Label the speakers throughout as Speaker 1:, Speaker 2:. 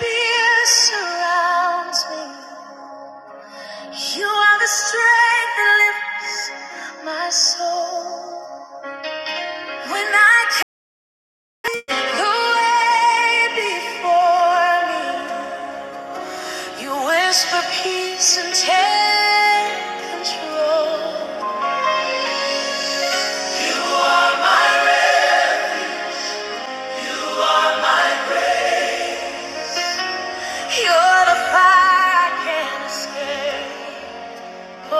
Speaker 1: Fear surrounds me. You are the strength that lifts my soul. When I can the before me, you whisper peace and take control. You're the fire I can't escape. Oh,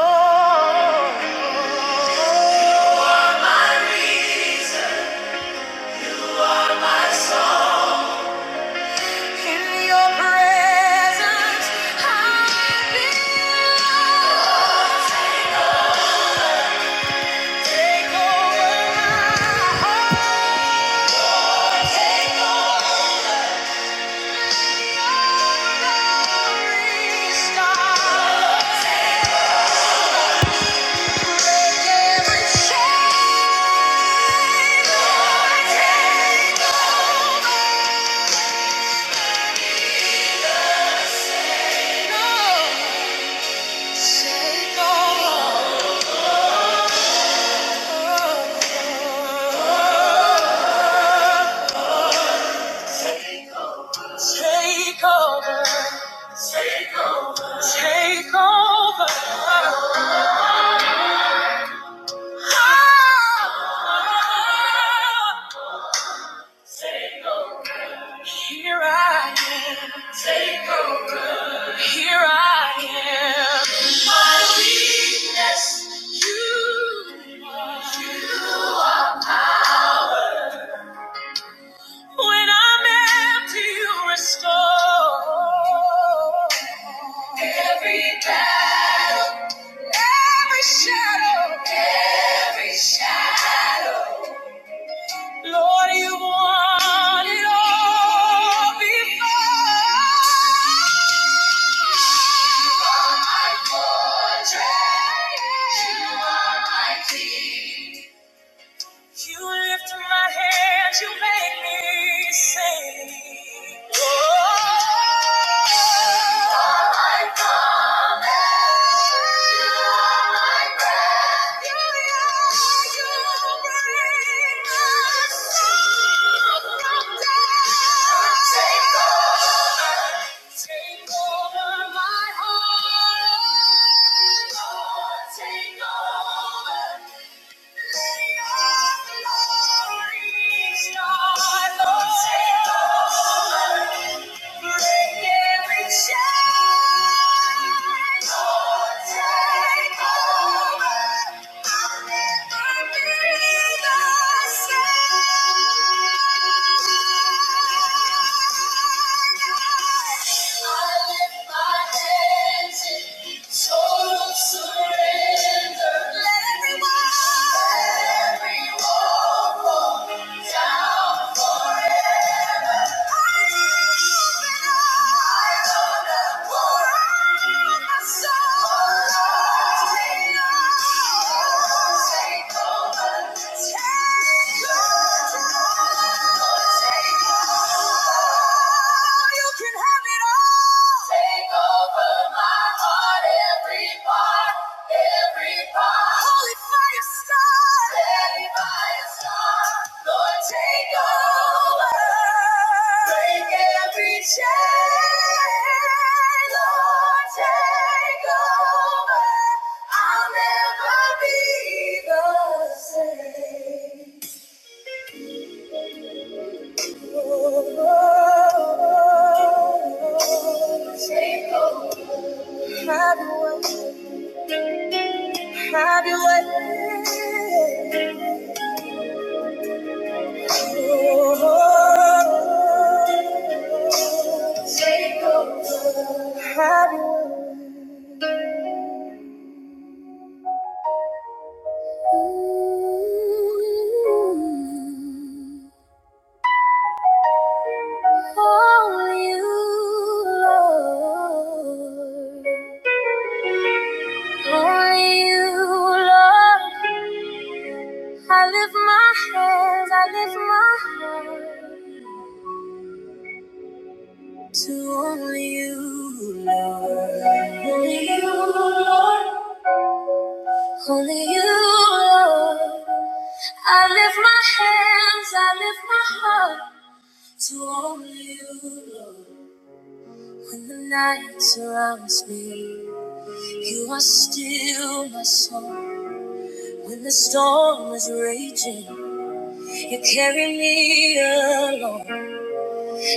Speaker 1: in your presence I belong. Take over my heart, restart. Take over. Ah, ah, ah. Here I am. Take over. Here I am. You, when I'm empty, you restore every shadow. Lord, you won it all before. You are my teacher. You lift my hands, you make me sing. Oh, my promise. You You you are are, my my my breath. soul. take take take over, over over. my heart. Lord, take over. Let your glory shine on earth. Break every chain. Lord, take over. I'll never be the same. I lift my hands in total surrender. Let everyone Every wall fall down forever. Take over. You can have it all. Take over my heart, every part, every part. Holy fire star, Holy fire star. Lord, take over. Break every chain, Lord, take over. I'll never be the same. Take over. Have your way. Have your way. Oh, Take over. Have your way. Only you, Lord. Only you, Lord. I lift my hands, I lift my hands. To only you, Lord. Only you, Lord. Only you, Lord. I lift my hands, I lift my heart to only you, Lord. When the night surrounds me, you are still my song. When the storm is raging, you carry me along.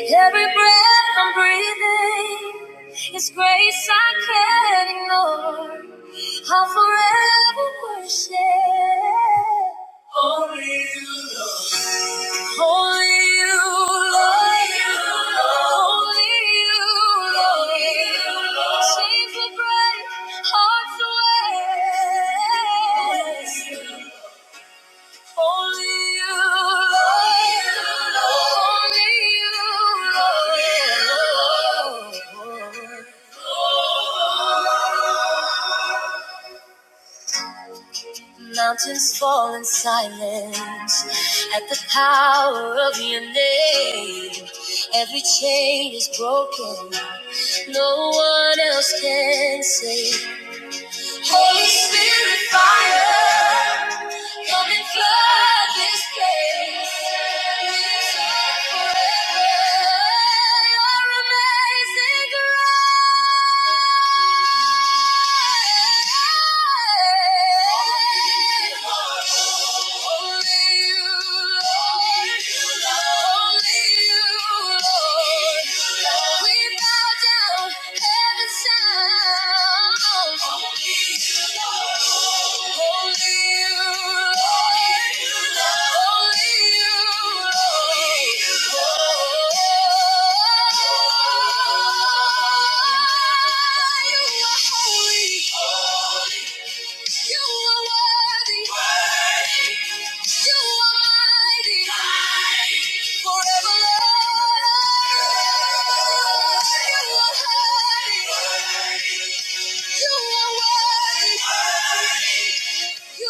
Speaker 1: Every breath I'm breathing is grace I can't ignore. I'll forever worship. Only you, Lord. Only you, Lord. Only you, Lord. Chains will break, hearts will rest. Only you, Lord. Only you, Lord. Mountains fall in silence at the power of your name. Every chain is broken. No one else can save. Holy Spirit, fire. Come and fly this place. Forever, You're amazing grace. Only you, Lord. You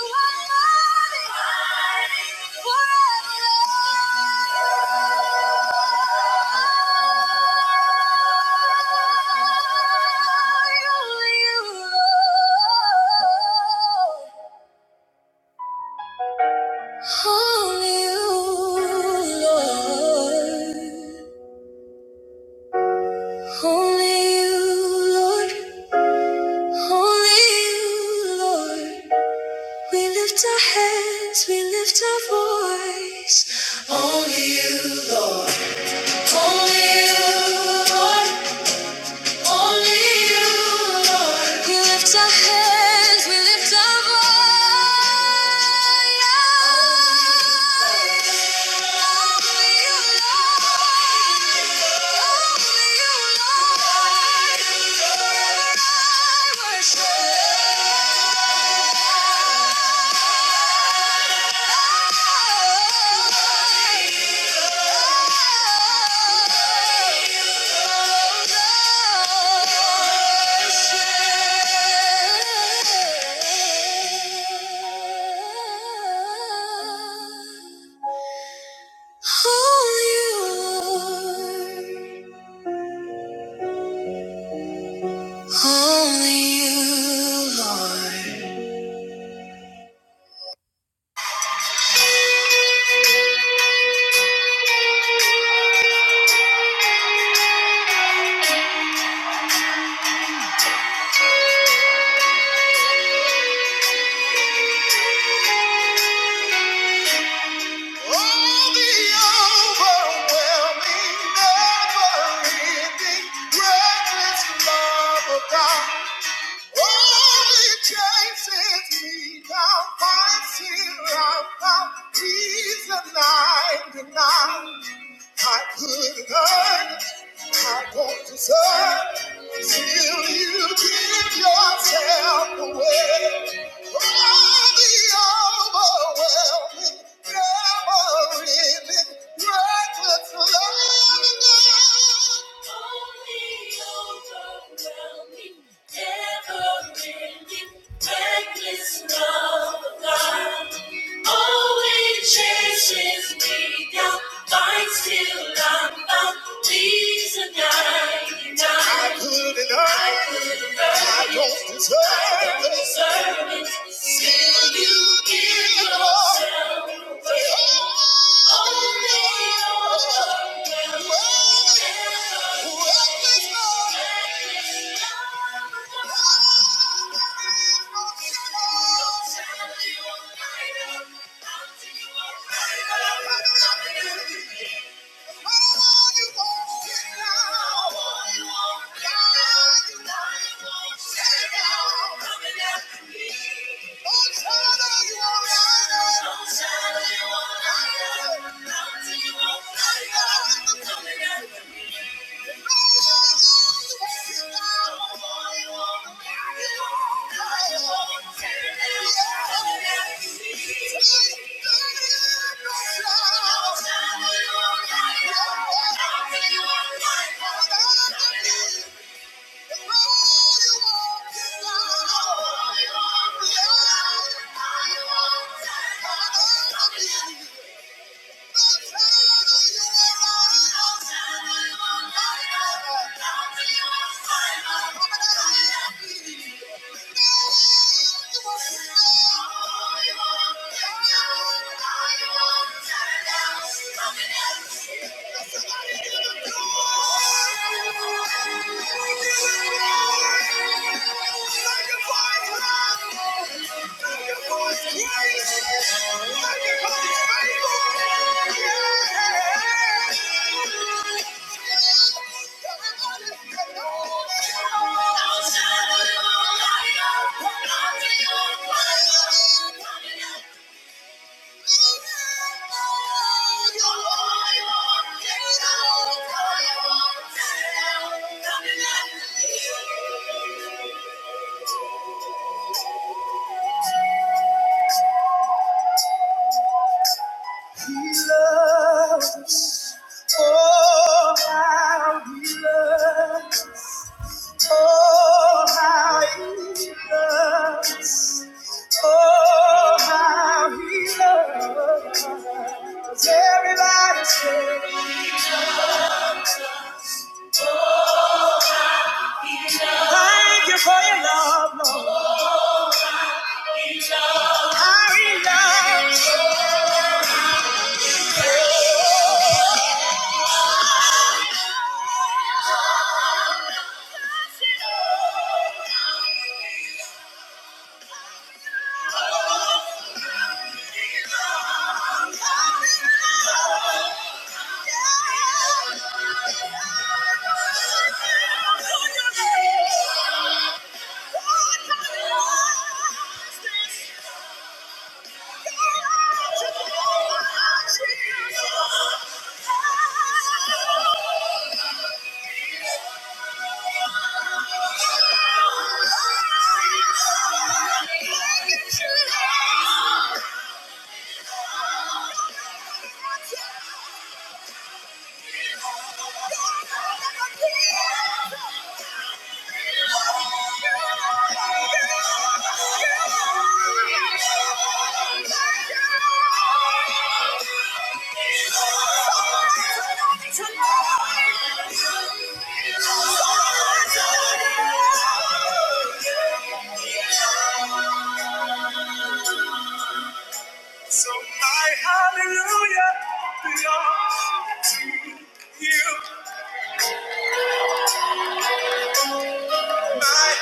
Speaker 1: are mighty forever. Only you, Lord. Only you, Lord. Only you, Lord. We lift our hands, we lift our voice. Only you, Lord. Only you, Lord. Only you, Lord. We lift our hands, we lift our voice. God. Oh, it chases me down, finds here I'm found. He's a nine to nine. I couldn't earn it, I don't deserve it. Till you give yourself away. Oh, the overwhelming, never-ending, reckless love. I couldn't earn, I don't deserve Still you give it all. Thank you. I'm Coming after me. Thank you. Thank you. Yeah. Thank you for your love, Lord. Thank you. Thank you. So my hallelujah belongs to you. My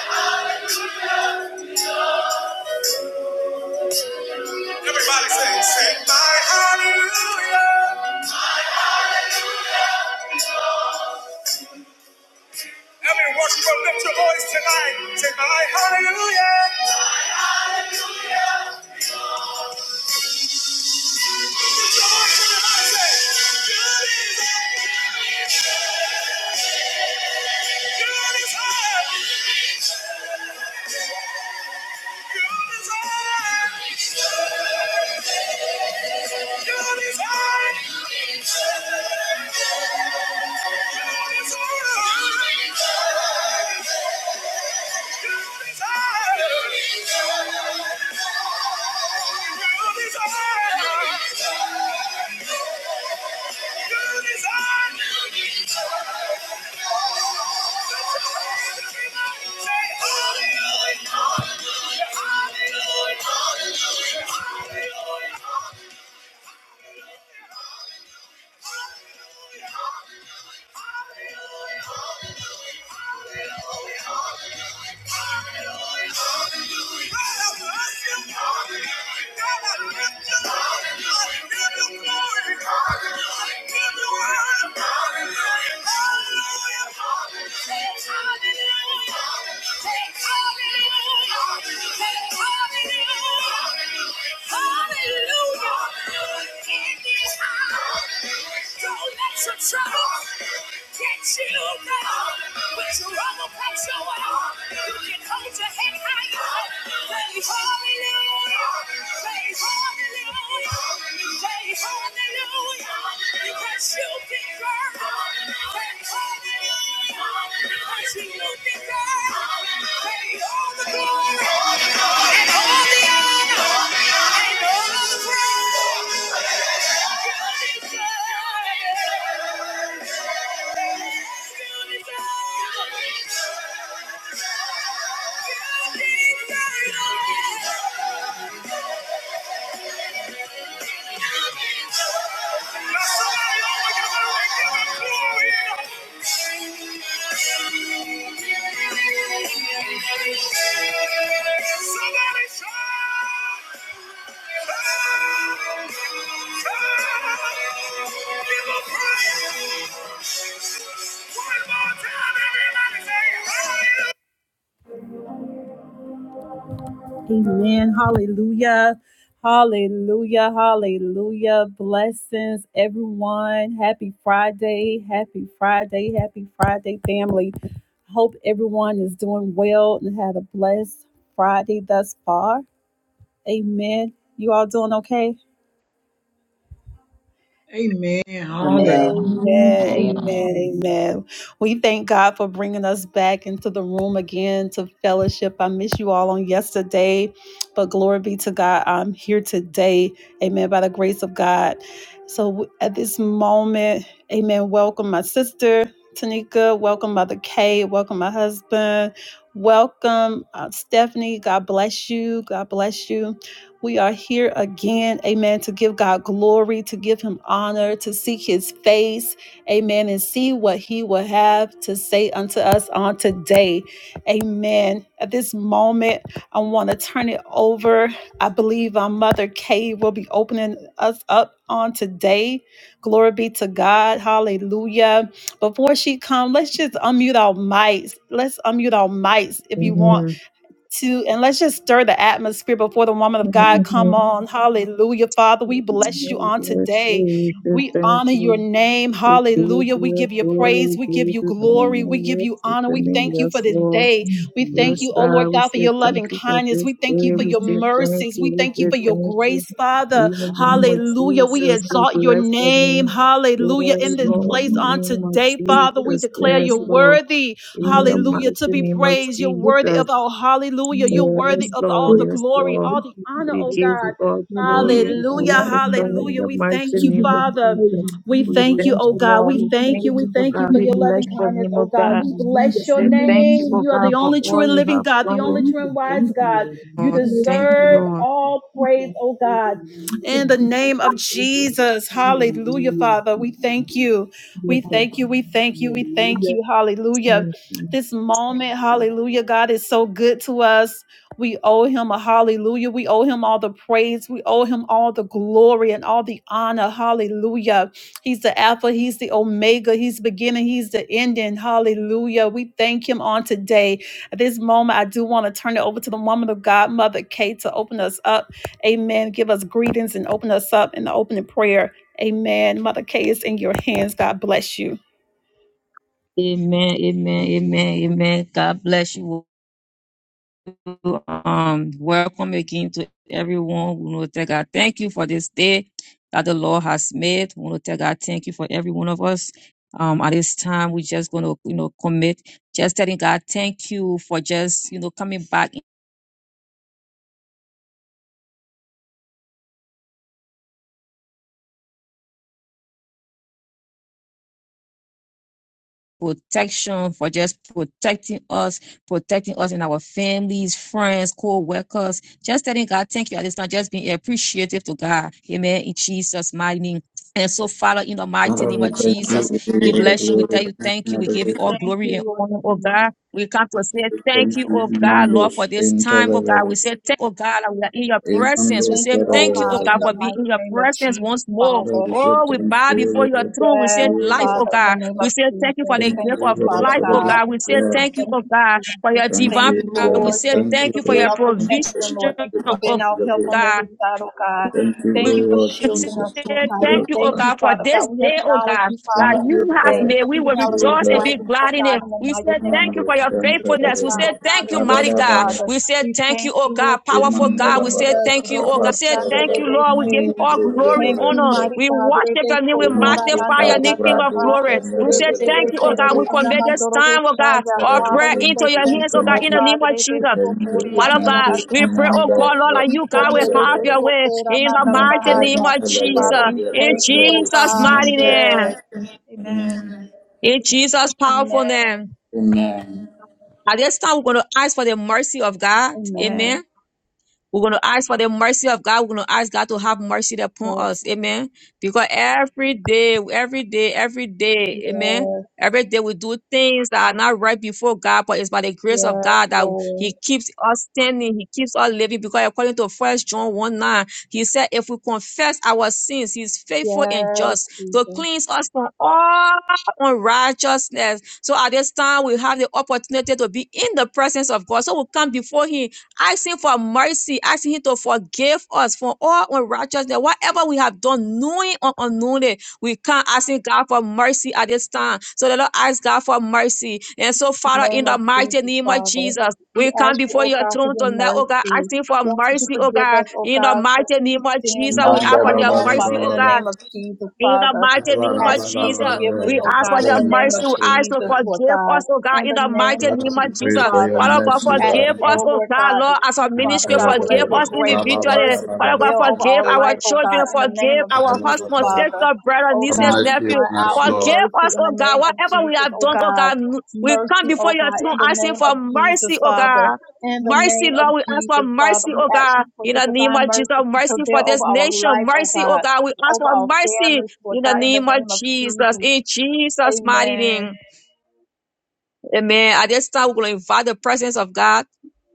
Speaker 1: Everybody say, say my hallelujah. Every worshiper, lift your voice tonight. Say my hallelujah. Lift your voice and everybody say, good is good God is high, good is high, good is high, good is high, good is high, good is high, good is high. God is high. Hallelujah, hallelujah, hallelujah, hallelujah. Hallelujah. Hallelujah! Hallelujah! Hallelujah. In this house, don't let your trouble get you down. When trouble comes your way, you can hold your head higher. hallelujah. hallelujah. Now somebody Somebody Give him praise! One more time, everybody say, hallelujah! Amen. Hallelujah. Hallelujah. Hallelujah. Blessings, everyone. Happy Friday. Happy Friday. Happy Friday, family. Hope everyone is doing well and had a blessed Friday thus far. Amen. You all doing okay?
Speaker 2: Amen. Hallelujah. Thank
Speaker 3: Amen.
Speaker 1: Amen, amen,
Speaker 3: Father,
Speaker 1: amen. We thank God for bringing us back into the room again to fellowship. I miss you all on yesterday, but glory be to God. I'm here today, amen, by the grace of God. So w- at this moment, amen, welcome my sister Tanika, welcome Mother Kay, welcome my husband, welcome uh, Stephanie. God bless you, God bless you. We are here again, amen, to give God glory, to give him honor, to seek his face, amen, and see what he will have to say unto us on today. Amen. At this moment, I want to turn it over. I believe our mother Kay will be opening us up on today. Glory be to God. Hallelujah. Before she comes, let's just unmute our mics. Let's unmute our mics if you want
Speaker 4: Amen.
Speaker 1: to and let's just stir the atmosphere before the woman of God
Speaker 4: Amen.
Speaker 1: come
Speaker 4: Amen.
Speaker 1: on. Hallelujah. Father, we bless you on
Speaker 4: Yes,
Speaker 1: today.
Speaker 4: we give
Speaker 1: We
Speaker 4: thank
Speaker 1: honor your
Speaker 4: you.
Speaker 1: name.
Speaker 4: We give
Speaker 1: Hallelujah. We
Speaker 4: you
Speaker 1: give you praise.
Speaker 4: glory,
Speaker 1: We give
Speaker 4: we give
Speaker 1: you
Speaker 4: you
Speaker 1: glory. We
Speaker 4: honor,
Speaker 1: give
Speaker 4: yes,
Speaker 1: you
Speaker 4: we
Speaker 1: honor. We
Speaker 4: commit
Speaker 1: thank you for
Speaker 4: yes,
Speaker 1: this
Speaker 4: Lord.
Speaker 1: day. We thank
Speaker 4: Yes,
Speaker 1: you, oh Lord
Speaker 4: God, we
Speaker 1: God, for
Speaker 4: say
Speaker 1: your
Speaker 4: thank
Speaker 1: loving
Speaker 4: you for
Speaker 1: kindness.
Speaker 4: this
Speaker 1: We thank you
Speaker 4: day,
Speaker 1: for
Speaker 4: we
Speaker 1: your
Speaker 4: say thank
Speaker 1: mercies. We
Speaker 4: you, we
Speaker 1: thank you for
Speaker 4: say
Speaker 1: your
Speaker 4: thank you.
Speaker 1: grace, Father.
Speaker 4: In the name of
Speaker 1: Hallelujah.
Speaker 4: Jesus,
Speaker 1: We
Speaker 4: we
Speaker 1: exalt your
Speaker 4: bless your
Speaker 1: name.
Speaker 4: name.
Speaker 1: Hallelujah. In
Speaker 4: Yes,
Speaker 1: this
Speaker 4: Lord,
Speaker 1: place
Speaker 4: in the
Speaker 1: on
Speaker 4: name of
Speaker 1: today, Father, we
Speaker 4: Jesus,
Speaker 1: declare
Speaker 4: yes,
Speaker 1: you're
Speaker 4: Lord.
Speaker 1: worthy.
Speaker 4: In the
Speaker 1: Hallelujah. To
Speaker 4: mighty
Speaker 1: be
Speaker 4: name of
Speaker 1: praised. You're worthy
Speaker 4: Jesus,
Speaker 1: of all. Hallelujah. You're worthy
Speaker 4: yes,
Speaker 1: of all
Speaker 4: Lord,
Speaker 1: the
Speaker 4: yes,
Speaker 1: glory,
Speaker 4: Lord.
Speaker 1: all the honor,
Speaker 4: We
Speaker 1: oh
Speaker 4: give
Speaker 1: God.
Speaker 4: you all glory and
Speaker 1: Hallelujah.
Speaker 4: honor, O God, in
Speaker 1: Hallelujah.
Speaker 4: the
Speaker 1: We
Speaker 4: mighty
Speaker 1: thank you,
Speaker 2: you
Speaker 4: name of
Speaker 2: about
Speaker 1: Father.
Speaker 4: Jesus.
Speaker 1: We
Speaker 4: We
Speaker 1: thank you,
Speaker 4: thank
Speaker 1: oh
Speaker 4: you,
Speaker 1: God.
Speaker 4: Lord.
Speaker 1: We
Speaker 4: We
Speaker 1: thank
Speaker 4: thank
Speaker 1: you. We
Speaker 4: you, O
Speaker 2: the
Speaker 1: thank you
Speaker 4: God.
Speaker 1: for
Speaker 4: We
Speaker 2: people.
Speaker 1: your
Speaker 4: bless
Speaker 1: loving
Speaker 4: your
Speaker 1: kindness,
Speaker 4: name,
Speaker 1: oh
Speaker 4: O
Speaker 1: God.
Speaker 4: God.
Speaker 1: We
Speaker 2: Hallelujah.
Speaker 4: We
Speaker 1: bless your
Speaker 2: In
Speaker 4: say
Speaker 2: the
Speaker 4: thank
Speaker 2: name
Speaker 4: you,
Speaker 1: name.
Speaker 2: of
Speaker 4: O
Speaker 1: You are
Speaker 4: God,
Speaker 1: the
Speaker 4: for
Speaker 1: only
Speaker 2: Jesus.
Speaker 1: true
Speaker 4: all
Speaker 1: and
Speaker 4: you
Speaker 1: living
Speaker 4: have
Speaker 1: God, the
Speaker 4: done,
Speaker 2: Lord,
Speaker 1: only
Speaker 4: O
Speaker 2: we
Speaker 1: true and
Speaker 2: just
Speaker 1: wise
Speaker 2: thank you,
Speaker 1: God.
Speaker 2: Lord.
Speaker 1: You
Speaker 2: God.
Speaker 4: God.
Speaker 2: Hallelujah.
Speaker 4: Thank you,
Speaker 1: deserve
Speaker 4: Lord.
Speaker 2: For
Speaker 1: all praise, oh God. In the
Speaker 2: speaking to
Speaker 1: name of
Speaker 2: us, Lord
Speaker 1: Jesus.
Speaker 2: We thank you for this, Lord God.
Speaker 1: Hallelujah,
Speaker 2: Hallelujah.
Speaker 1: Father. We
Speaker 2: Thank you.
Speaker 1: thank you.
Speaker 2: Yes,
Speaker 1: We
Speaker 2: Lord.
Speaker 1: thank you. We thank you. We thank
Speaker 2: Hallelujah.
Speaker 1: you. Hallelujah
Speaker 4: Thank you.
Speaker 1: this moment. Hallelujah. God is so good to us. We owe him a hallelujah. We owe him all the praise. We owe him all the glory and all the honor. Hallelujah. He's the Alpha. He's the Omega. He's beginning. He's the ending. Hallelujah. We thank him on today. At this moment, I do want to turn it over to the woman of God, Mother Kate, to open us up. Amen. Give us greetings and open us up in the opening prayer. Amen. Mother Kate is in your hands. God bless you.
Speaker 4: Amen, amen, amen, amen. God bless you. um, welcome again to everyone. We want to tell God thank you for this day that the Lord has made. We want to tell God thank you for every one of us. Um, at this time, we're just going to, you know, commit, just telling God thank you for just, you know, coming back protection, for just protecting us, protecting us and our families, friends, co-workers. Just telling God, thank you at this time, just being appreciative to God. Amen. In Jesus' mighty name. And so, Father, in the mighty name
Speaker 3: we
Speaker 4: of
Speaker 3: thank you, we
Speaker 4: Jesus,
Speaker 3: give
Speaker 4: we
Speaker 3: you the
Speaker 4: bless you. We
Speaker 3: glory
Speaker 4: tell you
Speaker 3: and
Speaker 4: thank you. We give you all
Speaker 3: adoration.
Speaker 4: glory and honor, oh God. We come to say
Speaker 3: We
Speaker 4: thank
Speaker 3: thank
Speaker 4: you,
Speaker 3: you,
Speaker 4: oh God, Lord,
Speaker 3: Mandos,
Speaker 4: for this
Speaker 3: in
Speaker 4: time, oh God. We
Speaker 3: Telebele,
Speaker 4: say thank, you, oh God, that we are in your
Speaker 3: in
Speaker 4: presence. We
Speaker 3: Mandos,
Speaker 4: say
Speaker 1: you, O
Speaker 4: thank you,
Speaker 3: whatever.
Speaker 4: oh
Speaker 1: God,
Speaker 4: God,
Speaker 1: in the
Speaker 4: for being in
Speaker 1: mighty
Speaker 4: your
Speaker 1: name of
Speaker 4: presence
Speaker 1: Jesus,
Speaker 4: once more.
Speaker 3: Father,
Speaker 1: Father.
Speaker 3: we say
Speaker 4: Oh, we
Speaker 3: thank
Speaker 4: bow before
Speaker 3: you,
Speaker 4: your
Speaker 3: Lord.
Speaker 4: throne. We
Speaker 3: Thank
Speaker 1: Yes,
Speaker 4: say
Speaker 3: you,
Speaker 4: life,
Speaker 3: Lord.
Speaker 4: oh
Speaker 1: Father, in the
Speaker 4: God.
Speaker 1: name
Speaker 4: We
Speaker 1: of
Speaker 4: say thank you for
Speaker 1: Jesus.
Speaker 4: the
Speaker 3: Thank
Speaker 1: Thank
Speaker 4: gift
Speaker 3: you,
Speaker 1: you,
Speaker 4: of
Speaker 3: Lord,
Speaker 1: Father
Speaker 4: life,
Speaker 3: for the
Speaker 4: oh
Speaker 1: God.
Speaker 3: gift
Speaker 4: God.
Speaker 3: of
Speaker 4: We say
Speaker 3: life.
Speaker 4: thank you,
Speaker 1: Thank
Speaker 4: oh
Speaker 1: you,
Speaker 4: God, for
Speaker 1: Jesus.
Speaker 4: your
Speaker 3: Thank
Speaker 1: Thank
Speaker 4: divine
Speaker 3: you,
Speaker 1: you,
Speaker 4: power. We
Speaker 1: Lord.
Speaker 3: Lord.
Speaker 4: say
Speaker 1: Thank
Speaker 3: Thank
Speaker 1: you
Speaker 3: you
Speaker 4: thank you
Speaker 1: for
Speaker 3: for
Speaker 4: for
Speaker 1: being
Speaker 4: your
Speaker 3: your
Speaker 1: our
Speaker 3: thank
Speaker 4: provision,
Speaker 3: you for
Speaker 1: protection,
Speaker 3: your
Speaker 1: Lord. Thank you for
Speaker 3: master
Speaker 1: being
Speaker 4: oh
Speaker 3: of
Speaker 1: our
Speaker 3: the
Speaker 1: help
Speaker 3: way.
Speaker 1: on
Speaker 4: God
Speaker 1: every side, oh God.
Speaker 3: Thank you, O
Speaker 1: Thank you for
Speaker 3: Lord
Speaker 1: shielding
Speaker 3: Jesus.
Speaker 1: us, Lord
Speaker 4: said,
Speaker 3: Thank
Speaker 1: God.
Speaker 3: you,
Speaker 1: We
Speaker 3: O
Speaker 4: Thank you, oh
Speaker 1: thank
Speaker 3: God.
Speaker 1: you,
Speaker 4: God, for
Speaker 1: Father
Speaker 4: this
Speaker 1: God. We
Speaker 4: day, oh
Speaker 1: acknowledge
Speaker 4: God,
Speaker 1: you,
Speaker 4: that
Speaker 1: Father,
Speaker 3: Thank
Speaker 1: in
Speaker 4: you
Speaker 3: you, O
Speaker 1: this
Speaker 4: have
Speaker 1: day.
Speaker 3: God.
Speaker 4: made. We
Speaker 1: We
Speaker 4: will
Speaker 3: Thank
Speaker 1: acknowledge
Speaker 3: you, O
Speaker 1: your
Speaker 4: rejoice and be
Speaker 3: God.
Speaker 1: presence, oh
Speaker 4: glad in
Speaker 1: God,
Speaker 4: it.
Speaker 1: in the
Speaker 4: We
Speaker 1: mighty
Speaker 4: said,
Speaker 1: name
Speaker 4: Thank
Speaker 1: of
Speaker 4: you
Speaker 3: Amen.
Speaker 4: for your
Speaker 1: Jesus, oh
Speaker 4: faithfulness. We
Speaker 3: Amen.
Speaker 1: God.
Speaker 4: said, Thank you, mighty
Speaker 1: Hallelujah,
Speaker 4: God.
Speaker 1: Father.
Speaker 4: We said,
Speaker 1: We
Speaker 4: Thank you,
Speaker 1: thank
Speaker 4: oh
Speaker 1: you, Lord
Speaker 4: God, powerful God. We said,
Speaker 1: Jesus.
Speaker 4: Thank you, oh
Speaker 1: Noble
Speaker 4: God. We said, Thank
Speaker 1: Shandele
Speaker 4: you, Lord. We give
Speaker 1: Bese.
Speaker 4: you all
Speaker 1: We
Speaker 4: glory,
Speaker 1: thank you,
Speaker 4: honor.
Speaker 1: mighty
Speaker 4: We
Speaker 1: God.
Speaker 4: worship your name. We
Speaker 1: Rebesokora
Speaker 4: magnify
Speaker 1: mandala
Speaker 4: your name, King of
Speaker 1: basata,
Speaker 4: glory. We said, Thank you, oh God.
Speaker 1: rebedebesete
Speaker 4: We commit this
Speaker 1: anamandoro
Speaker 4: time, oh God,
Speaker 1: goshaya.
Speaker 4: our
Speaker 1: Father,
Speaker 4: prayer
Speaker 1: we
Speaker 4: into
Speaker 1: say
Speaker 4: your
Speaker 1: thank
Speaker 4: hands, oh
Speaker 1: you,
Speaker 4: God,
Speaker 1: O
Speaker 4: in the name
Speaker 1: God.
Speaker 4: of Jesus.
Speaker 1: Rebesokori
Speaker 4: Father
Speaker 1: andala
Speaker 4: God, we pray, oh
Speaker 1: basataya.
Speaker 4: God, Lord, that you, God, will
Speaker 1: Ikandele
Speaker 4: have your way
Speaker 1: besokora
Speaker 4: in the
Speaker 1: mandala
Speaker 4: mighty name
Speaker 1: bahaya.
Speaker 4: of Jesus.
Speaker 1: Father, we
Speaker 4: In
Speaker 1: thank you, O
Speaker 4: Jesus'
Speaker 1: God.
Speaker 4: mighty name.
Speaker 1: Yes. Amen.
Speaker 4: In Jesus' powerful
Speaker 1: Amen.
Speaker 4: name.
Speaker 3: Amen.
Speaker 4: At this time, we're going to ask for the mercy of God. Amen.
Speaker 1: Amen.
Speaker 4: We're going to ask for the mercy of God. We're going to ask God to have mercy upon
Speaker 1: Yes.
Speaker 4: us. Amen. Because every day, every day, every day, amen.
Speaker 1: Yes.
Speaker 4: Every day we do things that are not right before God, but it's by the grace of
Speaker 1: Yes,
Speaker 4: God that He
Speaker 1: Lord.
Speaker 4: keeps us standing. He keeps us living. Because according to First John 1 9, He said, If we confess our sins, He's faithful and
Speaker 1: Yes,
Speaker 4: just to
Speaker 1: Jesus.
Speaker 4: cleanse us from all unrighteousness. So at this time, we have the opportunity to be in the presence of God. So we come before Him asking for mercy, asking Him to forgive us for all unrighteousness, whatever we have done, knowing or unknowingly. We can't asking God for mercy at this time. So let us ask God for mercy. And so,
Speaker 1: In the
Speaker 4: Father,
Speaker 1: name
Speaker 4: in the
Speaker 1: of
Speaker 4: mighty
Speaker 1: Jesus,
Speaker 4: name of
Speaker 1: Father,
Speaker 4: Jesus,
Speaker 1: we
Speaker 4: we come
Speaker 1: ask you,
Speaker 4: before
Speaker 1: O
Speaker 4: your
Speaker 1: God, for
Speaker 4: throne
Speaker 1: your
Speaker 4: tonight, oh God,
Speaker 1: mercy.
Speaker 4: asking for
Speaker 1: We ask that you
Speaker 4: mercy, oh
Speaker 1: forgive us,
Speaker 4: God.
Speaker 1: O
Speaker 4: In the
Speaker 1: God, for
Speaker 4: mighty
Speaker 1: any
Speaker 4: name of
Speaker 1: sin
Speaker 4: Jesus, we
Speaker 1: known and
Speaker 4: ask
Speaker 3: Manda
Speaker 4: for your
Speaker 1: unknown,
Speaker 4: mercy,
Speaker 1: Father, in
Speaker 4: oh
Speaker 1: the
Speaker 3: Rabadabada.
Speaker 4: God.
Speaker 1: name of Jesus,
Speaker 4: In the
Speaker 1: Father.
Speaker 3: Pray
Speaker 4: mighty
Speaker 1: We
Speaker 4: name of
Speaker 1: ask you
Speaker 3: for
Speaker 1: for
Speaker 4: Jesus,
Speaker 1: forgiveness,
Speaker 4: we
Speaker 1: O
Speaker 4: ask for
Speaker 1: God, in
Speaker 4: your
Speaker 1: the name of
Speaker 4: mercy. We ask to
Speaker 1: Jesus, Lord
Speaker 4: forgive
Speaker 1: God.
Speaker 4: us, oh God,
Speaker 1: In
Speaker 4: in
Speaker 1: the
Speaker 4: the
Speaker 1: name
Speaker 4: mighty
Speaker 1: of
Speaker 4: name of
Speaker 1: Jesus,
Speaker 4: Jesus.
Speaker 3: your
Speaker 1: Father,
Speaker 4: Father God,
Speaker 1: we
Speaker 3: mercy
Speaker 1: ask
Speaker 3: right
Speaker 4: forgive
Speaker 1: you,
Speaker 4: us,
Speaker 3: now.
Speaker 1: O
Speaker 4: oh
Speaker 1: Lord
Speaker 4: God,
Speaker 1: God,
Speaker 4: Lord,
Speaker 1: that
Speaker 4: as a
Speaker 1: you, Father
Speaker 4: ministry,
Speaker 3: Have
Speaker 1: God, will
Speaker 4: forgive
Speaker 1: let your
Speaker 4: us
Speaker 1: grace and your
Speaker 4: individually.
Speaker 1: mercy
Speaker 4: Father God,
Speaker 1: prevail over
Speaker 4: forgive
Speaker 1: our
Speaker 4: our
Speaker 1: life, O
Speaker 4: children,
Speaker 1: God, in the name
Speaker 4: forgive
Speaker 1: of
Speaker 4: our
Speaker 1: Jesus,
Speaker 4: husbands,
Speaker 1: Father.
Speaker 4: sister, brothers,
Speaker 1: O
Speaker 4: nieces,
Speaker 1: God, we
Speaker 3: mercy
Speaker 4: nephews.
Speaker 1: cry
Speaker 3: on
Speaker 1: out
Speaker 3: us,
Speaker 1: for
Speaker 3: Lord.
Speaker 4: Forgive
Speaker 1: mercy
Speaker 4: us,
Speaker 1: in
Speaker 4: oh
Speaker 1: the
Speaker 4: God,
Speaker 1: name of
Speaker 4: whatever we
Speaker 1: Jesus,
Speaker 4: have
Speaker 1: O
Speaker 4: done, oh
Speaker 1: God
Speaker 4: God. We come
Speaker 1: mercy,
Speaker 4: before
Speaker 1: oh
Speaker 4: your
Speaker 1: God,
Speaker 4: throne
Speaker 1: in the
Speaker 4: asking
Speaker 1: name
Speaker 4: for
Speaker 1: of
Speaker 4: mercy,
Speaker 1: Jesus,
Speaker 4: oh
Speaker 1: Father.
Speaker 4: God.
Speaker 1: In the
Speaker 4: Mercy,
Speaker 1: name of
Speaker 4: Lord, we ask for
Speaker 1: Jesus, Father,
Speaker 4: mercy,
Speaker 1: we
Speaker 4: oh
Speaker 1: ask
Speaker 4: God.
Speaker 1: you for
Speaker 4: In
Speaker 1: your
Speaker 4: the name
Speaker 1: divine
Speaker 4: of Jesus,
Speaker 1: mercy to
Speaker 4: mercy for
Speaker 1: prevail
Speaker 4: this
Speaker 1: over our
Speaker 4: nation.
Speaker 1: life, oh
Speaker 4: Mercy, oh
Speaker 1: God,
Speaker 4: God, we ask
Speaker 1: over
Speaker 4: for
Speaker 1: our
Speaker 4: mercy.
Speaker 1: families, Lord
Speaker 4: In
Speaker 1: God.
Speaker 4: the name of Jesus, in Jesus' mighty
Speaker 1: Amen.
Speaker 4: name. Amen. At this time, we're going to invite the presence of God.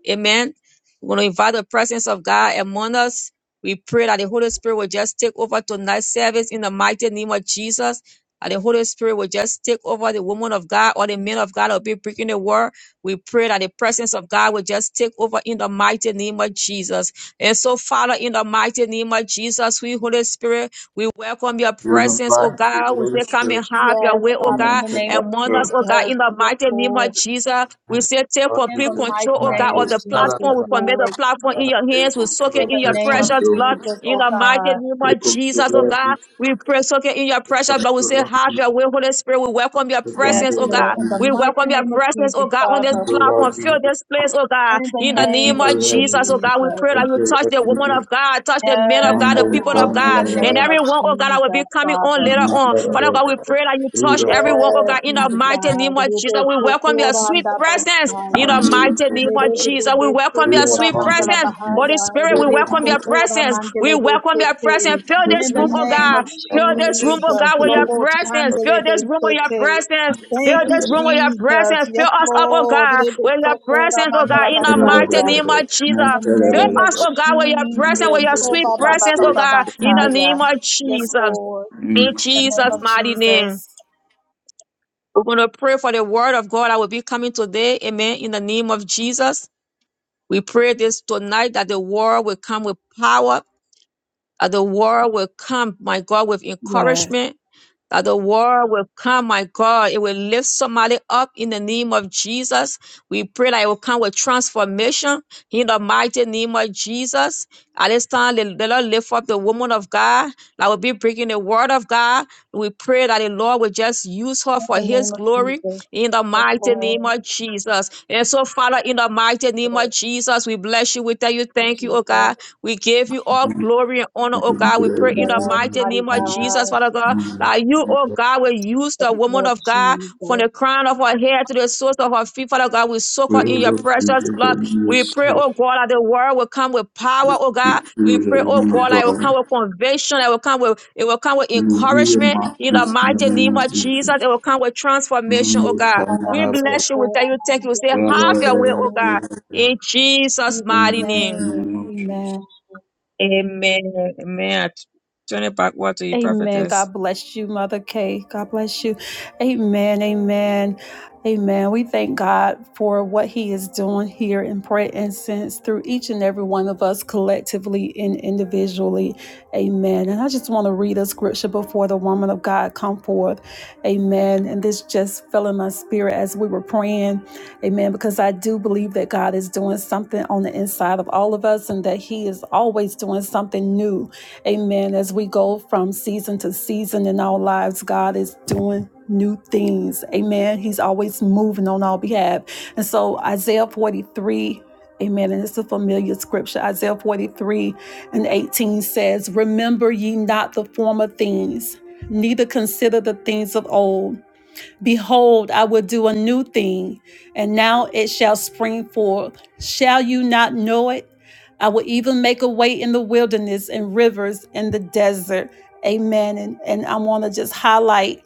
Speaker 4: Amen. We're going to invite the presence of God among us. We pray that the Holy Spirit will just take over tonight's service in the mighty name of Jesus. That the Holy Spirit will just take over the woman of God or the men of God will be breaking the word. We pray that the presence of God will just take over in the mighty name of Jesus. And so, Father, in the mighty name of Jesus, we Holy Spirit. We welcome your presence, oh
Speaker 3: Unify
Speaker 4: God.
Speaker 3: the
Speaker 4: We
Speaker 3: Holy
Speaker 4: say, come and
Speaker 3: Spirit.
Speaker 4: have your
Speaker 1: Yes,
Speaker 4: way, oh
Speaker 3: Come
Speaker 1: Father, in
Speaker 3: and
Speaker 4: God,
Speaker 1: the
Speaker 3: take
Speaker 1: name of
Speaker 4: among us,
Speaker 3: control.
Speaker 4: oh God,
Speaker 1: Jesus.
Speaker 4: in the
Speaker 1: Yes,
Speaker 4: mighty name
Speaker 1: Lord.
Speaker 4: of Jesus. We say, take
Speaker 3: Lord
Speaker 1: In
Speaker 4: complete
Speaker 1: the
Speaker 3: Jesus,
Speaker 4: control,
Speaker 1: mighty
Speaker 4: oh
Speaker 3: man,
Speaker 4: God,
Speaker 1: name of
Speaker 4: of
Speaker 3: Lord.
Speaker 4: the
Speaker 3: Father,
Speaker 4: platform.
Speaker 1: Jesus,
Speaker 4: We
Speaker 3: Father,
Speaker 4: commit the
Speaker 1: Lord.
Speaker 4: platform in
Speaker 3: Father,
Speaker 4: your
Speaker 3: take
Speaker 4: hands. We soak it
Speaker 3: control.
Speaker 1: In
Speaker 4: in
Speaker 1: the
Speaker 4: your
Speaker 3: Take
Speaker 1: name of
Speaker 4: precious
Speaker 3: control.
Speaker 4: blood.
Speaker 1: Jesus,
Speaker 4: In
Speaker 1: oh
Speaker 4: the mighty
Speaker 1: God.
Speaker 4: name of
Speaker 3: Take control,
Speaker 4: Jesus, oh
Speaker 3: Lord
Speaker 4: God,
Speaker 3: Jesus.
Speaker 4: we pray so okay, in your
Speaker 3: Take
Speaker 4: precious blood. We
Speaker 3: control,
Speaker 4: say,
Speaker 3: Lord
Speaker 4: Have your way, Holy Spirit. We welcome your
Speaker 3: Jesus. Take
Speaker 1: Yes,
Speaker 4: presence,
Speaker 3: control,
Speaker 4: oh
Speaker 3: Lord
Speaker 1: Lord.
Speaker 4: God.
Speaker 1: In the
Speaker 4: We
Speaker 3: Jesus.
Speaker 1: mighty
Speaker 4: welcome your
Speaker 1: name of
Speaker 4: presence, oh
Speaker 1: Jesus,
Speaker 4: God, on this
Speaker 3: take
Speaker 1: Father.
Speaker 3: control,
Speaker 4: platform.
Speaker 3: Lord
Speaker 4: Fill
Speaker 3: Jesus,
Speaker 4: this place, oh God.
Speaker 1: In the
Speaker 4: In the
Speaker 3: Mando
Speaker 1: name
Speaker 4: name
Speaker 1: of
Speaker 4: of Jesus, oh
Speaker 3: Shamala,
Speaker 4: God, we
Speaker 1: Jesus.
Speaker 4: pray that you touch the woman of God, touch the men of
Speaker 1: Yes,
Speaker 4: God, the
Speaker 1: oh
Speaker 4: people of
Speaker 1: God, in the
Speaker 4: God, and
Speaker 1: name of
Speaker 4: everyone, oh God, that will be
Speaker 1: Jesus,
Speaker 4: coming on
Speaker 1: Father.
Speaker 4: later on. Father God, we pray that you touch everyone, oh
Speaker 1: Yes,
Speaker 4: God, in the
Speaker 1: mighty
Speaker 4: mighty
Speaker 1: God.
Speaker 4: name of Jesus. We welcome your
Speaker 1: Rebekukura
Speaker 4: sweet presence. In the mighty name of
Speaker 1: Erede de
Speaker 4: Jesus,
Speaker 1: de
Speaker 4: we welcome your
Speaker 1: sukura
Speaker 4: sweet
Speaker 1: mandala
Speaker 4: presence. Holy
Speaker 1: bahaya.
Speaker 4: Spirit, we
Speaker 1: Erede
Speaker 4: welcome your
Speaker 1: sukura
Speaker 4: presence. We
Speaker 1: mandele de
Speaker 4: welcome your
Speaker 1: sete.
Speaker 4: presence. Fill this
Speaker 1: In the
Speaker 4: room, oh
Speaker 1: name
Speaker 4: God.
Speaker 1: of
Speaker 4: Fill this room, oh
Speaker 1: Jesus,
Speaker 4: God, with your
Speaker 1: Robo
Speaker 4: presence. Fill
Speaker 1: Chandele de
Speaker 4: this room with your
Speaker 1: sete.
Speaker 4: presence.
Speaker 1: Thank
Speaker 4: Fill
Speaker 1: you,
Speaker 4: this room with your
Speaker 1: Jesus.
Speaker 4: presence. Fill
Speaker 1: Yes,
Speaker 4: us up, oh
Speaker 1: Lord.
Speaker 4: God,
Speaker 1: Erede
Speaker 4: with your
Speaker 1: sukura
Speaker 4: presence, oh
Speaker 1: mandala
Speaker 4: God, in the mighty
Speaker 1: bahaya.
Speaker 4: name of
Speaker 1: In
Speaker 4: Jesus.
Speaker 1: the
Speaker 4: Fill
Speaker 1: name of
Speaker 4: us, oh God, with your
Speaker 1: Jesus.
Speaker 4: presence, with your
Speaker 1: Oh,
Speaker 4: sweet
Speaker 1: ba, ba, ba,
Speaker 4: presence,
Speaker 1: ba,
Speaker 4: oh
Speaker 1: ba, ba,
Speaker 4: God, in
Speaker 1: ta,
Speaker 4: the name
Speaker 1: yeah.
Speaker 4: of
Speaker 1: Yes,
Speaker 4: Jesus.
Speaker 1: Lord.
Speaker 4: In
Speaker 1: In the name
Speaker 4: Jesus'
Speaker 1: of
Speaker 4: mighty name.
Speaker 1: Jesus.
Speaker 4: We're going to pray for the word of God that will be coming today. Amen. In the name of Jesus. We pray this tonight that the word will come with power that the war will come, my God, with encouragement. That the war will come, my God. It will lift somebody up in the name of Jesus. We pray that it will come with transformation in the mighty name of Jesus. At this time, the, the Lord lift up the woman of God that will be bringing the word of God. We pray that the Lord will just use her
Speaker 1: In
Speaker 4: for
Speaker 1: the name
Speaker 4: his
Speaker 1: of
Speaker 4: glory
Speaker 1: Jesus.
Speaker 4: in the
Speaker 1: Yes,
Speaker 4: mighty name
Speaker 1: Lord.
Speaker 4: of Jesus. And so, Father, in the mighty name of
Speaker 1: Lord
Speaker 4: Jesus, we bless you. We tell you thank you, oh
Speaker 1: Jesus.
Speaker 4: God. We give you all glory and honor,
Speaker 3: We
Speaker 4: oh
Speaker 3: all love you, God,
Speaker 4: God. We pray in the
Speaker 1: Yes,
Speaker 4: mighty
Speaker 1: mighty
Speaker 4: name of Jesus,
Speaker 1: God.
Speaker 4: Father God, that you, oh God, will use the
Speaker 1: Yes,
Speaker 4: woman
Speaker 1: Lord
Speaker 4: of God from the
Speaker 1: Jesus.
Speaker 4: crown of her head to the soles of her feet, Father God. We soak her in your precious
Speaker 3: that
Speaker 4: blood.
Speaker 3: you are
Speaker 4: We
Speaker 3: so
Speaker 4: pray, oh God, that the word will come with power, oh God.
Speaker 3: true,
Speaker 4: We
Speaker 3: the
Speaker 4: pray, oh
Speaker 3: woman of
Speaker 4: God, that it will
Speaker 3: God.
Speaker 4: come with conviction, that it will come with it will come with
Speaker 3: You will be a
Speaker 4: encouragement in the
Speaker 3: mouthpiece in the
Speaker 4: mighty
Speaker 3: name
Speaker 4: name
Speaker 3: of
Speaker 4: of Jesus.
Speaker 3: Jesus.
Speaker 4: It will come with transformation,
Speaker 3: Mando
Speaker 4: oh God. We
Speaker 1: Amen.
Speaker 3: shamarabara,
Speaker 4: bless you. We thank you. Thank
Speaker 1: In
Speaker 4: you. We say, have your way, oh God.
Speaker 3: rabarabara,
Speaker 4: In Jesus'
Speaker 3: In the
Speaker 1: Jesus'
Speaker 4: mighty name.
Speaker 3: mighty
Speaker 1: name.
Speaker 3: name of
Speaker 1: Amen.
Speaker 3: Jesus.
Speaker 4: Amen. Amen. I turn it back over to you,
Speaker 1: Amen.
Speaker 4: prophetess.
Speaker 1: God bless you, Mother Kay. God bless you. Amen. Amen. Amen. We thank God for what He is doing here in prayer incense through each and every one of us collectively and individually. Amen. And I just want to read a scripture before the woman of God come forth. Amen. And this just fell in my spirit as we were praying. Amen. Because I do believe that God is doing something on the inside of all of us and that He is always doing something new Amen. As we go from season to season in our lives, God is doing new things. Amen. He's always moving on our behalf. And so Isaiah 43, amen. And it's a familiar scripture. Isaiah 43 and 18 says, Remember ye not the former things, neither consider the things of old. Behold, I will do a new thing, and now it shall spring forth. Shall you not know it? I will even make a way in the wilderness and rivers in the desert. Amen. And, and I want to just highlight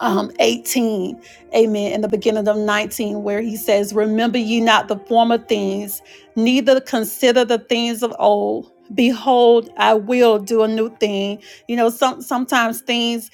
Speaker 1: um, 18, amen, in the beginning of 19, where he says, Remember ye not the former things, neither consider the things of old. Behold, I will do a new thing. You know, some sometimes things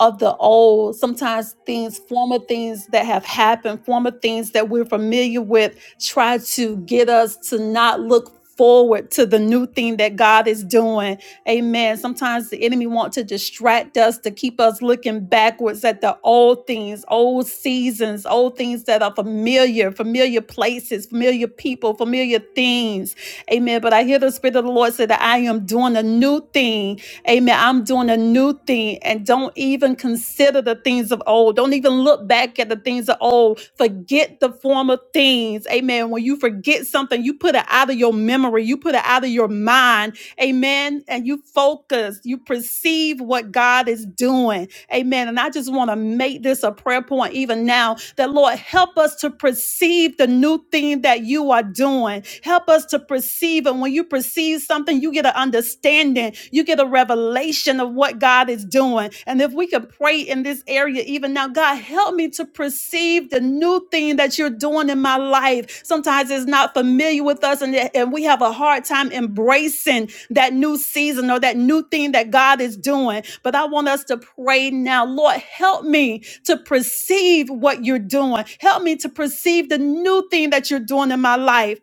Speaker 1: of the old, sometimes things, former things that have happened, former things that we're familiar with, try to get us to not look forward to the new thing that God is doing. Amen. Sometimes the enemy wants to distract us to keep us looking backwards at the old things, old seasons, old things that are familiar, familiar places, familiar people, familiar things. Amen. But I hear the spirit of the Lord say that I am doing a new thing Amen. I'm doing a new thing. And don't even consider the things of old. Don't even look back at the things of old. Forget the former things. Amen. When you forget something, you put it out of your memory, you put it out of your mind Amen. And you focus, you perceive what God is doing. Amen. And I just want to make this a prayer point even now that Lord, help us to perceive the new thing that you are doing. Help us to perceive. And when you perceive something, you get an understanding, you get a revelation of what God is doing. And if we could pray in this area, it even now. God, help me to perceive the new thing that you're doing in my life. Sometimes it's not familiar with us, and, and we have a hard time embracing that new season or that new thing that God is doing. But I want us to pray now, Lord, help me to perceive what you're doing. Help me to perceive the new thing that you're doing in my life.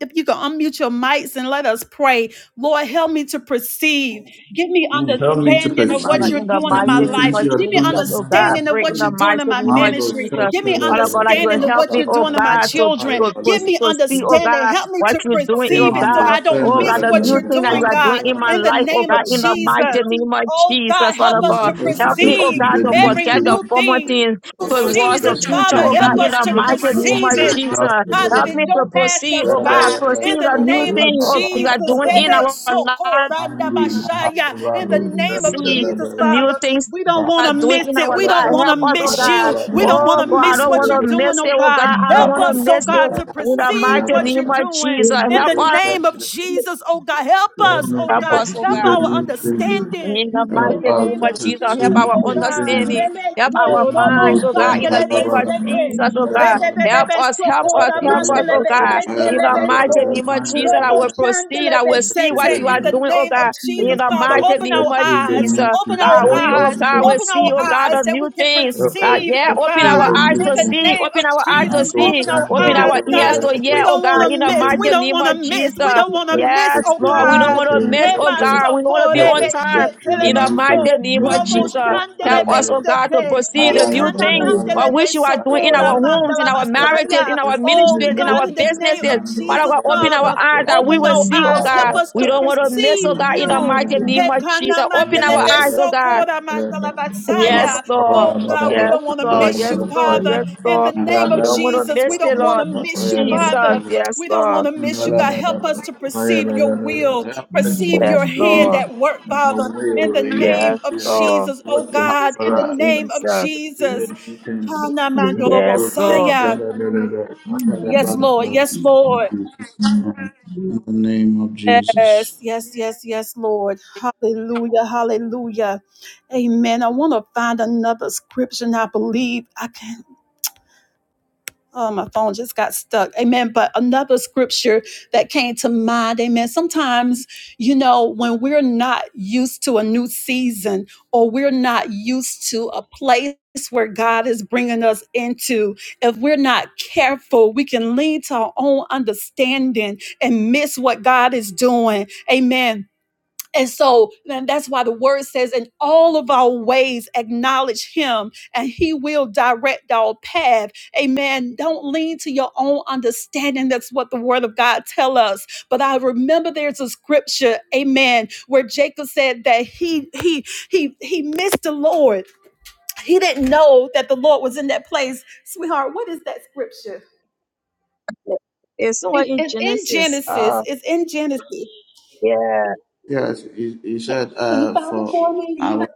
Speaker 1: If you can unmute your mics and let us pray, Lord, help me to perceive. Give me
Speaker 3: Lord, Help me to
Speaker 1: understanding of
Speaker 4: Father,
Speaker 1: what
Speaker 3: perceive
Speaker 1: you're
Speaker 4: in the
Speaker 1: doing
Speaker 3: the
Speaker 1: in
Speaker 4: mighty
Speaker 1: my
Speaker 3: new
Speaker 4: name
Speaker 1: life.
Speaker 3: things
Speaker 4: of
Speaker 3: you are
Speaker 1: Give me
Speaker 3: doing
Speaker 4: Jesus,
Speaker 3: in
Speaker 4: oh
Speaker 3: my
Speaker 4: God, I
Speaker 1: understanding
Speaker 3: life.
Speaker 1: of
Speaker 4: pray in
Speaker 1: what you're
Speaker 4: the
Speaker 1: doing
Speaker 2: Hallelujah.
Speaker 4: mighty
Speaker 1: in my
Speaker 4: name of
Speaker 3: Mando
Speaker 1: ministry.
Speaker 4: Jesus.
Speaker 1: Give me
Speaker 4: Father God, that you
Speaker 3: shamarabara,
Speaker 4: will
Speaker 1: understanding of
Speaker 4: help
Speaker 1: what
Speaker 4: me,
Speaker 1: you're
Speaker 4: oh
Speaker 1: doing
Speaker 3: rabarabara,
Speaker 1: in my
Speaker 4: God, to,
Speaker 1: children.
Speaker 4: to, to,
Speaker 1: Give
Speaker 3: rabarabara.
Speaker 1: me
Speaker 4: to see, oh
Speaker 2: Hallelujah.
Speaker 1: understanding.
Speaker 4: God,
Speaker 1: Help me to
Speaker 4: what you're doing,
Speaker 3: Hey,
Speaker 4: oh
Speaker 1: perceive it so
Speaker 3: Mando,
Speaker 4: God.
Speaker 1: I don't
Speaker 3: send
Speaker 4: Oh
Speaker 1: miss
Speaker 4: God, the
Speaker 1: what
Speaker 4: new
Speaker 1: you're
Speaker 2: Hallelujah.
Speaker 4: thing that you
Speaker 1: doing,
Speaker 4: are
Speaker 2: For
Speaker 4: doing
Speaker 1: God,
Speaker 4: in my
Speaker 1: in the
Speaker 4: life,
Speaker 3: that.
Speaker 4: oh
Speaker 1: name of
Speaker 4: God,
Speaker 2: keeping
Speaker 4: in the
Speaker 2: us and
Speaker 1: Jesus.
Speaker 4: mighty
Speaker 2: making
Speaker 4: name
Speaker 2: us,
Speaker 4: of
Speaker 1: Oh,
Speaker 4: Jesus,
Speaker 1: God, help
Speaker 4: Father
Speaker 1: us
Speaker 2: Lord
Speaker 1: to
Speaker 4: God.
Speaker 3: Help
Speaker 2: God,
Speaker 3: us to
Speaker 4: Help me, oh
Speaker 3: pursue
Speaker 1: perceive
Speaker 4: God,
Speaker 3: the
Speaker 4: to
Speaker 1: every
Speaker 4: forget
Speaker 3: new
Speaker 4: the
Speaker 1: new
Speaker 3: thing.
Speaker 4: former
Speaker 1: thing,
Speaker 4: things
Speaker 1: new
Speaker 3: Help us to
Speaker 4: towards the
Speaker 1: season.
Speaker 2: and for that.
Speaker 3: pursue
Speaker 4: future,
Speaker 3: the
Speaker 1: Father,
Speaker 4: oh
Speaker 2: We
Speaker 4: God,
Speaker 1: help
Speaker 3: new
Speaker 4: in
Speaker 1: us
Speaker 2: just
Speaker 4: the
Speaker 1: to
Speaker 2: thank you,
Speaker 4: mighty
Speaker 3: thing.
Speaker 2: Lord.
Speaker 4: name
Speaker 3: Not
Speaker 1: perceive
Speaker 4: of
Speaker 3: more
Speaker 1: it
Speaker 3: stuff,
Speaker 4: Jesus.
Speaker 3: but
Speaker 1: God, that
Speaker 4: Help
Speaker 3: other-
Speaker 1: it
Speaker 4: me
Speaker 2: Hallelujah. For
Speaker 4: to
Speaker 1: don't pass
Speaker 4: proceed,
Speaker 1: us
Speaker 3: Da,
Speaker 4: oh
Speaker 3: da,
Speaker 4: God,
Speaker 1: by.
Speaker 3: da, da,
Speaker 4: proceed
Speaker 1: In the
Speaker 4: the
Speaker 3: da, da, da,
Speaker 4: new
Speaker 1: name
Speaker 3: da.
Speaker 1: of
Speaker 2: being good
Speaker 4: thing,
Speaker 2: and
Speaker 3: Ba,
Speaker 4: oh
Speaker 2: for
Speaker 3: ba,
Speaker 4: God, you
Speaker 2: keeping
Speaker 3: ba,
Speaker 4: are
Speaker 3: ba, ba,
Speaker 1: Jesus,
Speaker 2: us
Speaker 4: doing
Speaker 2: and making
Speaker 4: in
Speaker 1: Rebe
Speaker 3: ba, ba.
Speaker 4: our
Speaker 1: Soko
Speaker 4: life
Speaker 1: Randa
Speaker 3: Man, we
Speaker 2: Hallelujah.
Speaker 3: na ha,
Speaker 1: Bashaya.
Speaker 3: ba, ba,
Speaker 1: in
Speaker 2: We
Speaker 3: lo,
Speaker 1: the
Speaker 2: really do
Speaker 3: da,
Speaker 1: name of
Speaker 3: da, da,
Speaker 4: see
Speaker 3: da, da,
Speaker 1: Jesus,
Speaker 4: the
Speaker 3: da.
Speaker 4: new
Speaker 1: Father,
Speaker 4: things
Speaker 1: we don't
Speaker 3: Ba, ba,
Speaker 1: want to
Speaker 4: God
Speaker 3: ba,
Speaker 4: doing
Speaker 3: ba,
Speaker 1: miss
Speaker 4: in
Speaker 1: it.
Speaker 3: ba,
Speaker 4: our
Speaker 1: We don't
Speaker 4: life.
Speaker 3: ba.
Speaker 1: want to
Speaker 4: Help us, oh
Speaker 3: Ba, ba,
Speaker 1: miss
Speaker 3: ba, ba,
Speaker 4: God.
Speaker 1: you.
Speaker 3: ba.
Speaker 1: We don't want
Speaker 3: Man,
Speaker 4: Oh
Speaker 1: to
Speaker 3: we
Speaker 4: God, I
Speaker 3: do,
Speaker 1: miss
Speaker 3: do,
Speaker 4: don't
Speaker 1: what
Speaker 4: want
Speaker 3: do,
Speaker 1: you're
Speaker 3: do,
Speaker 4: to
Speaker 3: do.
Speaker 1: doing,
Speaker 4: miss it,
Speaker 1: oh
Speaker 4: oh
Speaker 1: God.
Speaker 4: God. I don't
Speaker 1: Help
Speaker 3: Ba,
Speaker 4: want
Speaker 3: ba,
Speaker 1: us,
Speaker 4: to
Speaker 3: ba,
Speaker 2: thank
Speaker 1: oh
Speaker 3: ba,
Speaker 2: you.
Speaker 4: miss
Speaker 2: We
Speaker 4: it.
Speaker 1: God,
Speaker 3: ba,
Speaker 1: to
Speaker 4: In the
Speaker 1: perceive
Speaker 4: mighty
Speaker 3: ba.
Speaker 1: what
Speaker 3: Ba,
Speaker 1: you're
Speaker 4: name of
Speaker 1: doing.
Speaker 4: Jesus,
Speaker 2: thank
Speaker 1: In
Speaker 4: help
Speaker 2: you,
Speaker 1: the
Speaker 3: ba, ba,
Speaker 4: us,
Speaker 1: name of
Speaker 3: ba.
Speaker 2: Lord,
Speaker 1: Jesus, oh God, help
Speaker 2: for
Speaker 3: Help
Speaker 2: keeping
Speaker 1: us,
Speaker 3: me
Speaker 2: us
Speaker 1: oh
Speaker 3: to
Speaker 4: help
Speaker 1: God.
Speaker 4: us,
Speaker 2: and
Speaker 4: oh
Speaker 3: pursue
Speaker 1: Help
Speaker 4: God.
Speaker 3: the
Speaker 1: our
Speaker 2: making
Speaker 3: new things.
Speaker 2: us.
Speaker 1: understanding.
Speaker 4: In the
Speaker 1: In
Speaker 2: Lord
Speaker 1: the
Speaker 3: Help
Speaker 2: God, I
Speaker 4: mighty name
Speaker 3: us
Speaker 1: name
Speaker 3: to
Speaker 1: of
Speaker 4: of Jesus, help
Speaker 3: pursue
Speaker 1: Jesus,
Speaker 3: the
Speaker 4: our
Speaker 1: oh
Speaker 2: pray.
Speaker 3: new
Speaker 1: God,
Speaker 4: understanding,
Speaker 3: things.
Speaker 4: help
Speaker 2: We
Speaker 4: our
Speaker 1: Rebeso,
Speaker 2: trust in
Speaker 3: Remando
Speaker 1: Robo
Speaker 2: you
Speaker 4: minds, oh
Speaker 3: Sam
Speaker 4: God, in the
Speaker 1: Sandelebe
Speaker 4: name
Speaker 2: to carry
Speaker 4: of
Speaker 3: Halabalaba.
Speaker 2: you
Speaker 1: Seke,
Speaker 2: in
Speaker 4: Jesus,
Speaker 2: the
Speaker 4: oh
Speaker 2: name
Speaker 4: God.
Speaker 2: of
Speaker 3: Halabalaba.
Speaker 2: Jesus.
Speaker 4: Help
Speaker 1: Rebebebe
Speaker 4: us, help us,
Speaker 1: Sokora
Speaker 2: We
Speaker 4: help
Speaker 2: will
Speaker 4: us, oh
Speaker 2: go
Speaker 3: Halabalaba.
Speaker 1: Mandelebe
Speaker 2: forward
Speaker 4: God.
Speaker 1: Seke
Speaker 4: In
Speaker 3: Halabalaba.
Speaker 4: the
Speaker 2: with
Speaker 3: Halabalaba.
Speaker 2: your
Speaker 4: mighty
Speaker 1: Lebeso,
Speaker 4: name of
Speaker 3: Remando
Speaker 4: Jesus, I
Speaker 1: Robo
Speaker 4: will
Speaker 3: Sam.
Speaker 4: proceed. I
Speaker 3: To
Speaker 1: Sandelebe
Speaker 4: will
Speaker 2: strength.
Speaker 4: see
Speaker 3: pursue
Speaker 4: what
Speaker 2: We
Speaker 3: the
Speaker 1: Seke,
Speaker 4: you
Speaker 1: in
Speaker 4: are
Speaker 3: new
Speaker 1: the
Speaker 4: doing, oh
Speaker 3: things.
Speaker 1: name of
Speaker 4: God.
Speaker 1: Jesus,
Speaker 4: In
Speaker 2: will
Speaker 4: the
Speaker 2: see you
Speaker 1: Father,
Speaker 3: Help us
Speaker 4: mighty
Speaker 3: to
Speaker 1: open
Speaker 4: name
Speaker 1: our
Speaker 4: of
Speaker 3: pursue the
Speaker 1: eyes,
Speaker 4: Jesus,
Speaker 3: mission.
Speaker 1: open our
Speaker 4: God,
Speaker 2: in the
Speaker 3: Help
Speaker 4: we,
Speaker 3: us
Speaker 4: oh
Speaker 1: eyes,
Speaker 3: to
Speaker 4: God,
Speaker 2: name
Speaker 4: will
Speaker 2: of
Speaker 1: open
Speaker 3: pursue
Speaker 1: our
Speaker 4: see,
Speaker 3: the
Speaker 4: oh
Speaker 2: Jesus.
Speaker 4: God,
Speaker 3: mission.
Speaker 1: eyes
Speaker 4: the
Speaker 1: that we
Speaker 4: new
Speaker 1: can
Speaker 4: things.
Speaker 3: Help us
Speaker 4: God,
Speaker 1: perceive,
Speaker 3: to
Speaker 4: yeah,
Speaker 1: oh
Speaker 4: open
Speaker 3: pursue
Speaker 4: our
Speaker 1: God,
Speaker 3: the
Speaker 4: eyes
Speaker 1: in
Speaker 4: to
Speaker 2: Hallelujah.
Speaker 1: the
Speaker 4: see,
Speaker 3: mission.
Speaker 1: name of
Speaker 4: open our
Speaker 1: Jesus.
Speaker 4: eyes
Speaker 2: Thank
Speaker 4: to
Speaker 1: Jesus,
Speaker 2: you.
Speaker 3: Mambo
Speaker 4: see,
Speaker 1: open our
Speaker 2: We
Speaker 3: Santa
Speaker 4: open
Speaker 3: da
Speaker 2: give
Speaker 1: eyes,
Speaker 2: the
Speaker 4: our
Speaker 3: da da
Speaker 4: ears
Speaker 3: da.
Speaker 1: God.
Speaker 4: to
Speaker 3: Help
Speaker 1: We
Speaker 4: hear,
Speaker 3: us
Speaker 4: oh
Speaker 1: don't
Speaker 3: to
Speaker 1: want
Speaker 4: God, in
Speaker 1: to
Speaker 4: the
Speaker 3: pursue
Speaker 1: miss.
Speaker 3: the
Speaker 1: We
Speaker 4: mighty
Speaker 1: don't
Speaker 4: name
Speaker 1: want to
Speaker 4: of
Speaker 3: mission.
Speaker 1: miss. We
Speaker 4: Jesus.
Speaker 1: don't want
Speaker 3: Help
Speaker 1: to
Speaker 3: us to
Speaker 1: miss,
Speaker 4: Yes,
Speaker 1: oh
Speaker 3: pursue
Speaker 4: Lord,
Speaker 3: the
Speaker 4: we don't
Speaker 1: God.
Speaker 4: want
Speaker 3: mission.
Speaker 2: praise
Speaker 4: to miss, oh
Speaker 1: Heba
Speaker 4: God. We want to be
Speaker 3: Help
Speaker 1: sokore be
Speaker 4: on
Speaker 3: us
Speaker 2: to
Speaker 3: to
Speaker 2: you.
Speaker 4: time.
Speaker 3: pursue the
Speaker 1: shetele
Speaker 4: In
Speaker 1: be
Speaker 2: Thank
Speaker 4: the
Speaker 3: mission.
Speaker 4: mighty
Speaker 1: so.
Speaker 4: name of
Speaker 3: Mambo
Speaker 1: Robo
Speaker 2: you.
Speaker 4: Jesus,
Speaker 3: Santa da
Speaker 4: help
Speaker 1: shandele
Speaker 3: da
Speaker 1: be
Speaker 4: us,
Speaker 3: da.
Speaker 4: oh God, to
Speaker 1: sete.
Speaker 3: Ba
Speaker 4: proceed
Speaker 3: ba
Speaker 4: the
Speaker 2: We
Speaker 3: ba
Speaker 2: have
Speaker 4: new
Speaker 1: Ikana
Speaker 2: your
Speaker 3: ba
Speaker 4: thing
Speaker 3: ba
Speaker 2: way.
Speaker 3: ba
Speaker 1: mandele
Speaker 4: for
Speaker 3: ba.
Speaker 4: which
Speaker 1: be
Speaker 4: you are
Speaker 3: Ba ba
Speaker 4: doing in
Speaker 3: ba
Speaker 2: We
Speaker 1: sokora
Speaker 3: ba
Speaker 4: our
Speaker 2: thank
Speaker 3: ba.
Speaker 4: homes, in
Speaker 1: mandala
Speaker 4: our
Speaker 2: you.
Speaker 3: Help us
Speaker 4: marriages,
Speaker 3: to
Speaker 4: in
Speaker 1: basaya.
Speaker 4: our
Speaker 3: pursue
Speaker 2: We
Speaker 3: the
Speaker 2: give
Speaker 1: Oh
Speaker 4: ministries, in
Speaker 2: you
Speaker 1: God,
Speaker 4: our
Speaker 1: in the
Speaker 3: mission.
Speaker 1: name of
Speaker 4: businesses.
Speaker 2: all the
Speaker 3: Mambo
Speaker 4: Father
Speaker 1: Jesus,
Speaker 4: God,
Speaker 3: Santa
Speaker 4: open
Speaker 3: da
Speaker 4: our
Speaker 1: Father,
Speaker 3: da
Speaker 4: eyes that we
Speaker 1: open
Speaker 3: da.
Speaker 4: will
Speaker 1: our
Speaker 4: see, oh
Speaker 2: glory.
Speaker 1: eyes. Help
Speaker 4: God.
Speaker 1: us
Speaker 4: We
Speaker 1: to
Speaker 4: don't want to miss,
Speaker 2: We
Speaker 1: perceive
Speaker 4: oh God,
Speaker 2: want
Speaker 4: in
Speaker 2: to
Speaker 4: the
Speaker 2: thank
Speaker 1: you.
Speaker 4: mighty
Speaker 2: you
Speaker 4: name of
Speaker 2: for
Speaker 1: Hekana
Speaker 4: Jesus. Open
Speaker 2: this.
Speaker 4: our
Speaker 1: mandelebe
Speaker 4: eyes, oh God.
Speaker 1: sokora
Speaker 2: Hallelujah.
Speaker 4: Yes,
Speaker 1: mandalabatsaya.
Speaker 4: Lord.
Speaker 1: Oh God, we
Speaker 4: Yes,
Speaker 1: don't want to
Speaker 4: Lord.
Speaker 2: Yes,
Speaker 1: miss
Speaker 4: Yes,
Speaker 1: you,
Speaker 2: we
Speaker 4: Lord.
Speaker 1: Father.
Speaker 4: Yes,
Speaker 2: do.
Speaker 1: In the
Speaker 4: Lord.
Speaker 1: name of
Speaker 4: We don't want to
Speaker 1: Jesus, we
Speaker 4: miss
Speaker 1: don't
Speaker 4: it,
Speaker 1: want
Speaker 4: Lord.
Speaker 1: to miss you,
Speaker 3: Thank
Speaker 4: Jesus.
Speaker 1: Father.
Speaker 3: you.
Speaker 4: Yes,
Speaker 1: We don't want
Speaker 4: Lord.
Speaker 1: to
Speaker 3: Help us
Speaker 1: miss you, God. Help us to perceive your will, perceive your
Speaker 4: Yes,
Speaker 3: to
Speaker 2: In
Speaker 3: see
Speaker 1: hand
Speaker 2: the
Speaker 4: Lord.
Speaker 1: at work,
Speaker 3: and
Speaker 1: Father.
Speaker 3: aware
Speaker 1: In the
Speaker 3: your,
Speaker 1: name
Speaker 4: Yes,
Speaker 1: of
Speaker 3: your, your,
Speaker 4: Lord.
Speaker 1: Jesus, oh
Speaker 3: what you have
Speaker 1: God, in
Speaker 3: for
Speaker 2: name
Speaker 4: Oh,
Speaker 1: the
Speaker 3: us. Help
Speaker 1: name of
Speaker 3: us
Speaker 4: Jesus.
Speaker 3: to see
Speaker 2: Make us
Speaker 1: Jesus.
Speaker 3: that you can
Speaker 1: Hana
Speaker 2: the
Speaker 3: do
Speaker 4: Yes,
Speaker 3: those things.
Speaker 4: Lord.
Speaker 1: mandalobosaya. Yes, Lord. Yes, Lord.
Speaker 3: in Jesus' name. In the name of Jesus.
Speaker 1: Yes, yes, yes, yes, Lord. Hallelujah, hallelujah. Amen. I want to find another scripture. And I believe I can. Oh, my phone just got stuck. Amen. But another scripture that came to mind. Amen. Sometimes, you know, when we're not used to a new season or we're not used to a place where God is bringing us into, if we're not careful, we can lean to our own understanding and miss what God is doing. Amen and so and that's why the word says, in all of our ways, acknowledge him and he will direct our path. Amen. Don't lean to your own understanding. That's what the word of God tell us. But I remember there's a scripture, amen, where Jacob said that he he he he missed the Lord. He didn't know that the Lord was in that place. Sweetheart, what is that scripture?
Speaker 4: It's somewhere
Speaker 1: It's,
Speaker 4: in
Speaker 1: it's in
Speaker 4: Genesis.
Speaker 1: Genesis.
Speaker 4: Uh,
Speaker 1: It's in Genesis.
Speaker 4: yeah.
Speaker 3: Yes, he, he said uh, for our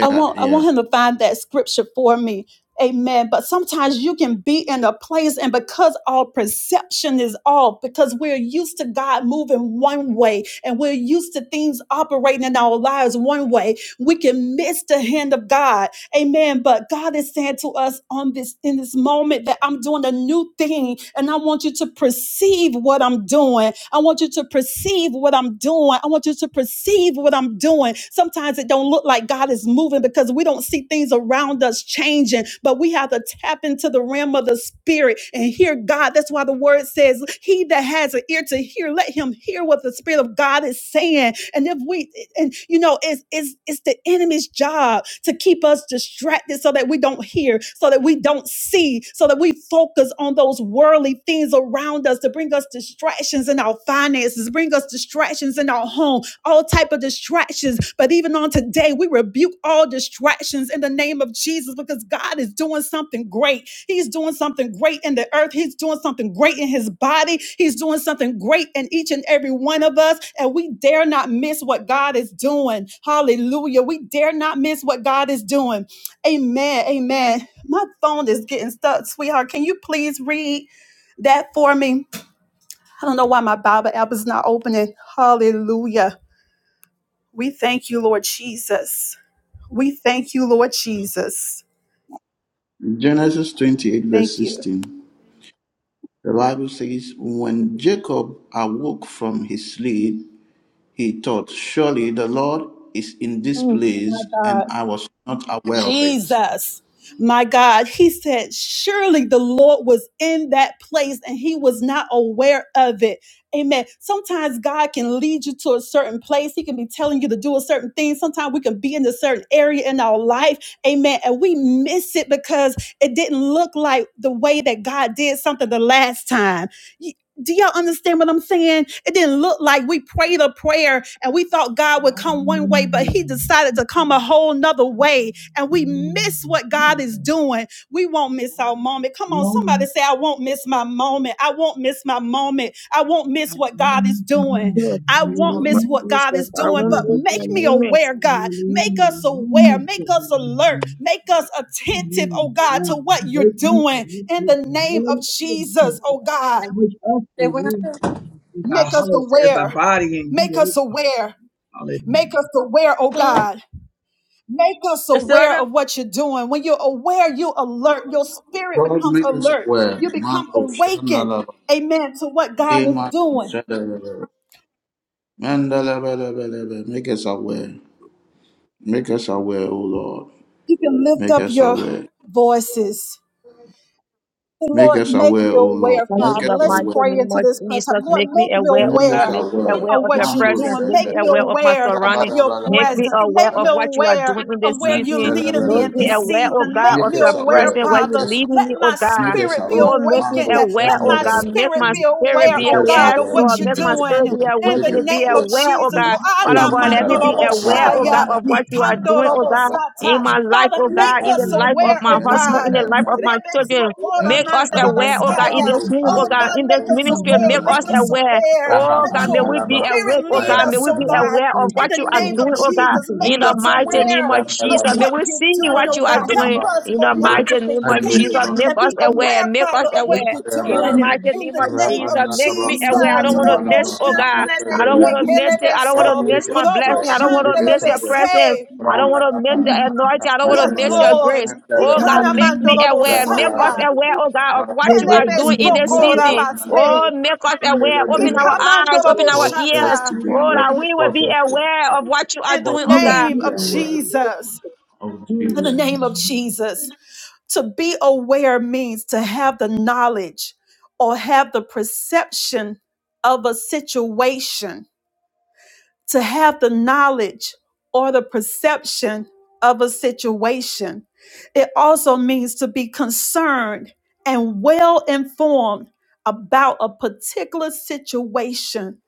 Speaker 1: I want I
Speaker 3: yeah
Speaker 1: want him to find that scripture for me. Amen. But sometimes you can be in a place, and because our perception is off, because we're used to God moving one way and we're used to things operating in our lives one way, we can miss the hand of God. Amen. But God is saying to us on this in this moment that I'm doing a new thing and I want you to perceive what I'm doing. I want you to perceive what I'm doing. I want you to perceive what I'm doing. Sometimes it don't look like God is moving because we don't see things around us changing, but we have to tap into the realm of the spirit and hear God. That's why the word says, "He that has an ear to hear, let him hear what the the Spirit of God is saying. And if we, and you know, it's it's it's the enemy's job to keep us distracted so that we don't hear, so that we don't see, so that we focus on those worldly things around us to bring us distractions in our finances, bring us distractions in our home, all type of distractions. But even on today, we rebuke all distractions in the name of Jesus because God is doing something great. He's doing something great in the earth. He's doing something great in his body. He's doing something great in each and every one of us. And we dare not miss what God is doing. Hallelujah. We dare not miss what God is doing. Amen. Amen. My phone is getting stuck, sweetheart. Can you please read that for me? I don't know why my Bible app is not opening. Hallelujah. We thank you, Lord Jesus. We thank you, Lord Jesus.
Speaker 3: Genesis twenty eight verse
Speaker 1: Thank you.
Speaker 3: sixteen. The Bible says when Jacob awoke from his sleep. He thought, Surely the Lord is in this
Speaker 1: Mm, my
Speaker 3: place,
Speaker 1: God.
Speaker 3: and I was not aware of it.
Speaker 1: Jesus. My God, he said, surely the Lord was in that place and he was not aware of it. Amen. Sometimes God can lead you to a certain place. He can be telling you to do a certain thing. Sometimes we can be in a certain area in our life. Amen. And we miss it because it didn't look like the way that God did something the last time. Y- Do y'all understand what I'm saying? It didn't look like we prayed a prayer and we thought God would come one way, but He decided to come a whole nother way and we miss what God is doing, we won't miss our moment. Come on, somebody say, I won't miss my moment. I won't miss my moment. I won't miss what God is
Speaker 4: I
Speaker 1: doing.
Speaker 4: did
Speaker 1: I won't
Speaker 4: my
Speaker 1: miss what God
Speaker 4: research.
Speaker 1: is
Speaker 4: I
Speaker 1: doing,
Speaker 4: won't
Speaker 1: but
Speaker 4: miss
Speaker 1: make
Speaker 4: a
Speaker 1: me
Speaker 4: moment.
Speaker 1: aware, God. Make us aware. Make us alert. Make us attentive, oh God, to what you're doing in the name of Jesus, oh God.
Speaker 5: They went out
Speaker 2: real people as a
Speaker 1: Make us
Speaker 2: house, as a
Speaker 1: aware.
Speaker 2: body in
Speaker 1: Make
Speaker 2: you.
Speaker 1: us aware.
Speaker 2: Hallelujah.
Speaker 1: Make us aware, oh God. Make us
Speaker 5: It's still out
Speaker 1: aware
Speaker 5: there?
Speaker 1: of what you're doing. When you're aware, you alert. Your spirit
Speaker 3: Lord,
Speaker 1: becomes
Speaker 3: make us
Speaker 1: alert.
Speaker 3: aware.
Speaker 1: You become
Speaker 3: Mando
Speaker 1: awakened,
Speaker 3: shandalaba.
Speaker 1: amen, to what
Speaker 3: Eh,
Speaker 1: God is
Speaker 3: mando
Speaker 1: doing.
Speaker 3: shandalaba. Mandalabalabala. Make us aware. Make us aware, O Lord.
Speaker 1: You can lift
Speaker 3: Make
Speaker 1: up
Speaker 3: us
Speaker 1: your
Speaker 3: aware.
Speaker 1: voices.
Speaker 3: Make
Speaker 1: Lord,
Speaker 3: us
Speaker 1: make me
Speaker 3: aware, O Lord.
Speaker 1: aware,
Speaker 4: Father,
Speaker 3: Make
Speaker 4: in
Speaker 3: us
Speaker 1: Father.
Speaker 4: the
Speaker 1: Let's
Speaker 4: mighty
Speaker 3: aware.
Speaker 1: pray
Speaker 4: name
Speaker 1: into
Speaker 4: of
Speaker 1: this prayer
Speaker 4: Jesus,
Speaker 1: time. Lord,
Speaker 4: make me
Speaker 1: make me
Speaker 4: aware, oh
Speaker 3: Make
Speaker 4: God,
Speaker 3: us
Speaker 1: aware.
Speaker 4: make me
Speaker 3: aware.
Speaker 4: aware
Speaker 1: of
Speaker 4: of your
Speaker 1: what you're
Speaker 3: Mando
Speaker 4: presence,
Speaker 1: doing.
Speaker 4: make
Speaker 1: Make
Speaker 4: me
Speaker 1: me
Speaker 3: shandalaba.
Speaker 4: aware of my
Speaker 1: aware of
Speaker 4: surroundings,
Speaker 1: your
Speaker 4: make
Speaker 3: Rabalabalaba.
Speaker 4: me
Speaker 1: presence.
Speaker 4: aware
Speaker 1: Make me
Speaker 4: of what you are
Speaker 1: aware
Speaker 4: doing in this
Speaker 1: of where you're
Speaker 4: season,
Speaker 1: leading me in
Speaker 4: make me
Speaker 3: Mandalabalaba.
Speaker 2: Make
Speaker 1: this
Speaker 2: us
Speaker 4: aware, oh
Speaker 1: season.
Speaker 2: the
Speaker 1: Make
Speaker 4: God, of
Speaker 3: Make
Speaker 1: me
Speaker 4: your
Speaker 3: us
Speaker 1: aware,
Speaker 3: aware.
Speaker 4: presence, where
Speaker 3: Make
Speaker 4: you're
Speaker 1: Father.
Speaker 3: us
Speaker 4: leading
Speaker 1: Let
Speaker 4: me,
Speaker 3: aware.
Speaker 4: oh
Speaker 1: my
Speaker 3: Make
Speaker 4: God.
Speaker 3: us
Speaker 1: spirit be
Speaker 3: aware.
Speaker 4: Oh, make me
Speaker 1: awakened.
Speaker 3: Mando
Speaker 1: Let
Speaker 4: aware, oh
Speaker 1: my
Speaker 2: real
Speaker 4: God,
Speaker 3: shandalaba.
Speaker 4: make
Speaker 1: spirit
Speaker 4: my
Speaker 1: be
Speaker 4: spirit
Speaker 2: people.
Speaker 1: aware,
Speaker 4: be
Speaker 3: Make
Speaker 1: oh
Speaker 4: aware,
Speaker 3: us our
Speaker 1: God,
Speaker 4: yes,
Speaker 1: of
Speaker 2: We
Speaker 3: work.
Speaker 1: what
Speaker 2: the
Speaker 4: Lord,
Speaker 1: you're
Speaker 4: make
Speaker 2: name
Speaker 3: Make
Speaker 4: my
Speaker 3: us
Speaker 1: doing.
Speaker 3: our
Speaker 4: spirit be
Speaker 3: work.
Speaker 2: of
Speaker 3: Make
Speaker 1: In the
Speaker 2: Jesus,
Speaker 4: awakened,
Speaker 3: us
Speaker 4: be
Speaker 3: our
Speaker 1: name of
Speaker 3: work.
Speaker 4: aware, oh
Speaker 1: Jesus, Oh,
Speaker 4: God. Father
Speaker 3: Amen.
Speaker 4: God, let
Speaker 3: Da,
Speaker 4: me
Speaker 3: da,
Speaker 4: be
Speaker 3: ba, ra,
Speaker 4: aware,
Speaker 3: ba,
Speaker 4: oh
Speaker 3: ba,
Speaker 1: Anamandoroboshaya,
Speaker 4: God,
Speaker 3: da,
Speaker 4: of
Speaker 2: we
Speaker 3: da,
Speaker 4: what you are doing,
Speaker 3: ba,
Speaker 4: oh
Speaker 3: ba,
Speaker 4: God,
Speaker 3: ba, ba,
Speaker 1: Ikandorobosata.
Speaker 4: in
Speaker 3: ba.
Speaker 4: my life,
Speaker 1: Father,
Speaker 4: oh
Speaker 3: We
Speaker 1: make
Speaker 4: God, in
Speaker 3: can
Speaker 1: us
Speaker 4: the
Speaker 3: do it.
Speaker 4: life of
Speaker 1: aware,
Speaker 4: my
Speaker 1: oh
Speaker 3: Eh, eh,
Speaker 4: husband,
Speaker 1: God.
Speaker 4: in the
Speaker 3: eh,
Speaker 4: life
Speaker 3: da,
Speaker 4: of my children.
Speaker 3: da, da,
Speaker 4: Make us
Speaker 3: da.
Speaker 4: aware, oh
Speaker 3: Ra,
Speaker 4: God,
Speaker 3: ba,
Speaker 4: in
Speaker 1: Rebeskoporamandalabasaya.
Speaker 3: fo,
Speaker 4: this
Speaker 3: fa,
Speaker 4: ministry, oh
Speaker 1: Oh
Speaker 3: li,
Speaker 4: God,
Speaker 3: ra,
Speaker 1: God,
Speaker 4: in this
Speaker 3: fo,
Speaker 1: make us
Speaker 4: ministry,
Speaker 3: sham, da,
Speaker 1: aware,
Speaker 4: make
Speaker 3: da,
Speaker 4: us
Speaker 1: make
Speaker 3: da.
Speaker 1: us
Speaker 4: aware.
Speaker 1: aware.
Speaker 3: Ra, ba,
Speaker 4: Oh
Speaker 1: Let
Speaker 3: ba,
Speaker 4: God, may
Speaker 3: da,
Speaker 4: we
Speaker 3: da,
Speaker 1: your
Speaker 3: ba,
Speaker 4: be
Speaker 3: fa,
Speaker 1: Spirit,
Speaker 4: awake,
Speaker 3: fa,
Speaker 4: oh
Speaker 1: lead
Speaker 3: ya,
Speaker 4: God,
Speaker 3: da,
Speaker 1: us,
Speaker 4: may we
Speaker 3: da,
Speaker 1: oh
Speaker 4: be
Speaker 3: da.
Speaker 1: God,
Speaker 4: aware of
Speaker 1: in
Speaker 4: what
Speaker 1: the
Speaker 4: you
Speaker 3: Our
Speaker 4: are
Speaker 1: name of
Speaker 3: work.
Speaker 4: doing, oh
Speaker 3: Make us
Speaker 4: God,
Speaker 1: Jesus. Make
Speaker 4: in the
Speaker 1: us
Speaker 3: Monday,
Speaker 4: mighty
Speaker 1: aware
Speaker 4: name of
Speaker 3: sham, da,
Speaker 1: of
Speaker 3: da,
Speaker 4: Jesus.
Speaker 3: da.
Speaker 4: May
Speaker 1: what
Speaker 4: we
Speaker 1: you're
Speaker 4: see
Speaker 3: Ra,
Speaker 1: doing,
Speaker 3: ba,
Speaker 4: what
Speaker 1: oh
Speaker 4: you
Speaker 3: ba,
Speaker 4: are
Speaker 1: God.
Speaker 3: ba, da,
Speaker 1: Help
Speaker 4: doing
Speaker 3: ba.
Speaker 1: us,
Speaker 4: in
Speaker 1: oh
Speaker 4: the
Speaker 1: God, to
Speaker 4: mighty
Speaker 3: Yes,
Speaker 4: name of
Speaker 3: Monday,
Speaker 4: Jesus.
Speaker 1: perceive
Speaker 3: sham.
Speaker 4: Make
Speaker 1: and be
Speaker 4: us aware,
Speaker 1: aware,
Speaker 4: make us
Speaker 1: Father, of what
Speaker 4: aware.
Speaker 1: you're
Speaker 4: In the
Speaker 1: doing
Speaker 3: Lord,
Speaker 4: mighty
Speaker 1: in
Speaker 4: name
Speaker 1: the
Speaker 4: of
Speaker 1: name of
Speaker 4: Jesus, make me aware. I
Speaker 1: Jesus.
Speaker 4: don't want to
Speaker 1: Robo
Speaker 4: miss, oh God.
Speaker 1: shandelebe
Speaker 4: I don't want to
Speaker 2: Thank
Speaker 4: miss
Speaker 2: you.
Speaker 4: it.
Speaker 1: sekelebe
Speaker 4: I don't
Speaker 1: so.
Speaker 4: want to
Speaker 2: that
Speaker 4: miss
Speaker 3: make us
Speaker 4: my
Speaker 1: Robo
Speaker 4: blessing. I
Speaker 3: aware,
Speaker 4: don't want
Speaker 3: make
Speaker 4: to
Speaker 3: us
Speaker 4: miss
Speaker 1: shandelebe
Speaker 2: Hallelujah.
Speaker 4: your
Speaker 3: aware.
Speaker 4: presence.
Speaker 1: se.
Speaker 4: I don't want to miss the
Speaker 3: Rabalabalaba,
Speaker 4: anointing. I don't want to
Speaker 1: Yes,
Speaker 4: miss your
Speaker 3: kapayabalabalaba,
Speaker 1: Lord.
Speaker 4: grace. Oh God,
Speaker 3: mandalabalaba,
Speaker 4: make
Speaker 1: Ikanamando
Speaker 4: me
Speaker 1: robo
Speaker 4: aware. Make us
Speaker 1: saya.
Speaker 3: rabalabalaba,
Speaker 4: aware, oh God, of what
Speaker 2: Your
Speaker 4: you are
Speaker 2: grace
Speaker 1: Kelebe
Speaker 3: kapalabalaba,
Speaker 2: and
Speaker 4: doing
Speaker 2: your
Speaker 4: in this
Speaker 1: soko
Speaker 2: mercy is
Speaker 4: season.
Speaker 1: rabase.
Speaker 3: rapandalabalaba,
Speaker 2: complete.
Speaker 4: Oh, make us aware.
Speaker 2: You
Speaker 4: Open our
Speaker 3: mandalabalaba.
Speaker 4: eyes,
Speaker 1: Ikamando
Speaker 4: open
Speaker 1: robo
Speaker 2: are
Speaker 4: our
Speaker 3: Cause us
Speaker 4: ears.
Speaker 1: shata.
Speaker 3: to be
Speaker 4: Oh, that
Speaker 3: aware,
Speaker 2: Hallelujah.
Speaker 4: we will
Speaker 3: cause
Speaker 4: be
Speaker 3: us to be
Speaker 4: aware
Speaker 3: aware,
Speaker 4: of what you are
Speaker 1: In the
Speaker 3: cause
Speaker 4: doing, oh
Speaker 2: You
Speaker 3: us
Speaker 2: are
Speaker 4: God.
Speaker 3: to
Speaker 1: name
Speaker 2: good
Speaker 3: be
Speaker 1: of
Speaker 2: and
Speaker 3: aware
Speaker 2: mighty
Speaker 1: Jesus.
Speaker 2: God.
Speaker 3: of
Speaker 1: in the
Speaker 3: Jesus.
Speaker 1: name of Jesus. To be aware means to have the knowledge or have the perception of a situation to have the knowledge or the perception of a situation. It also means to be concerned and well informed about a particular situation.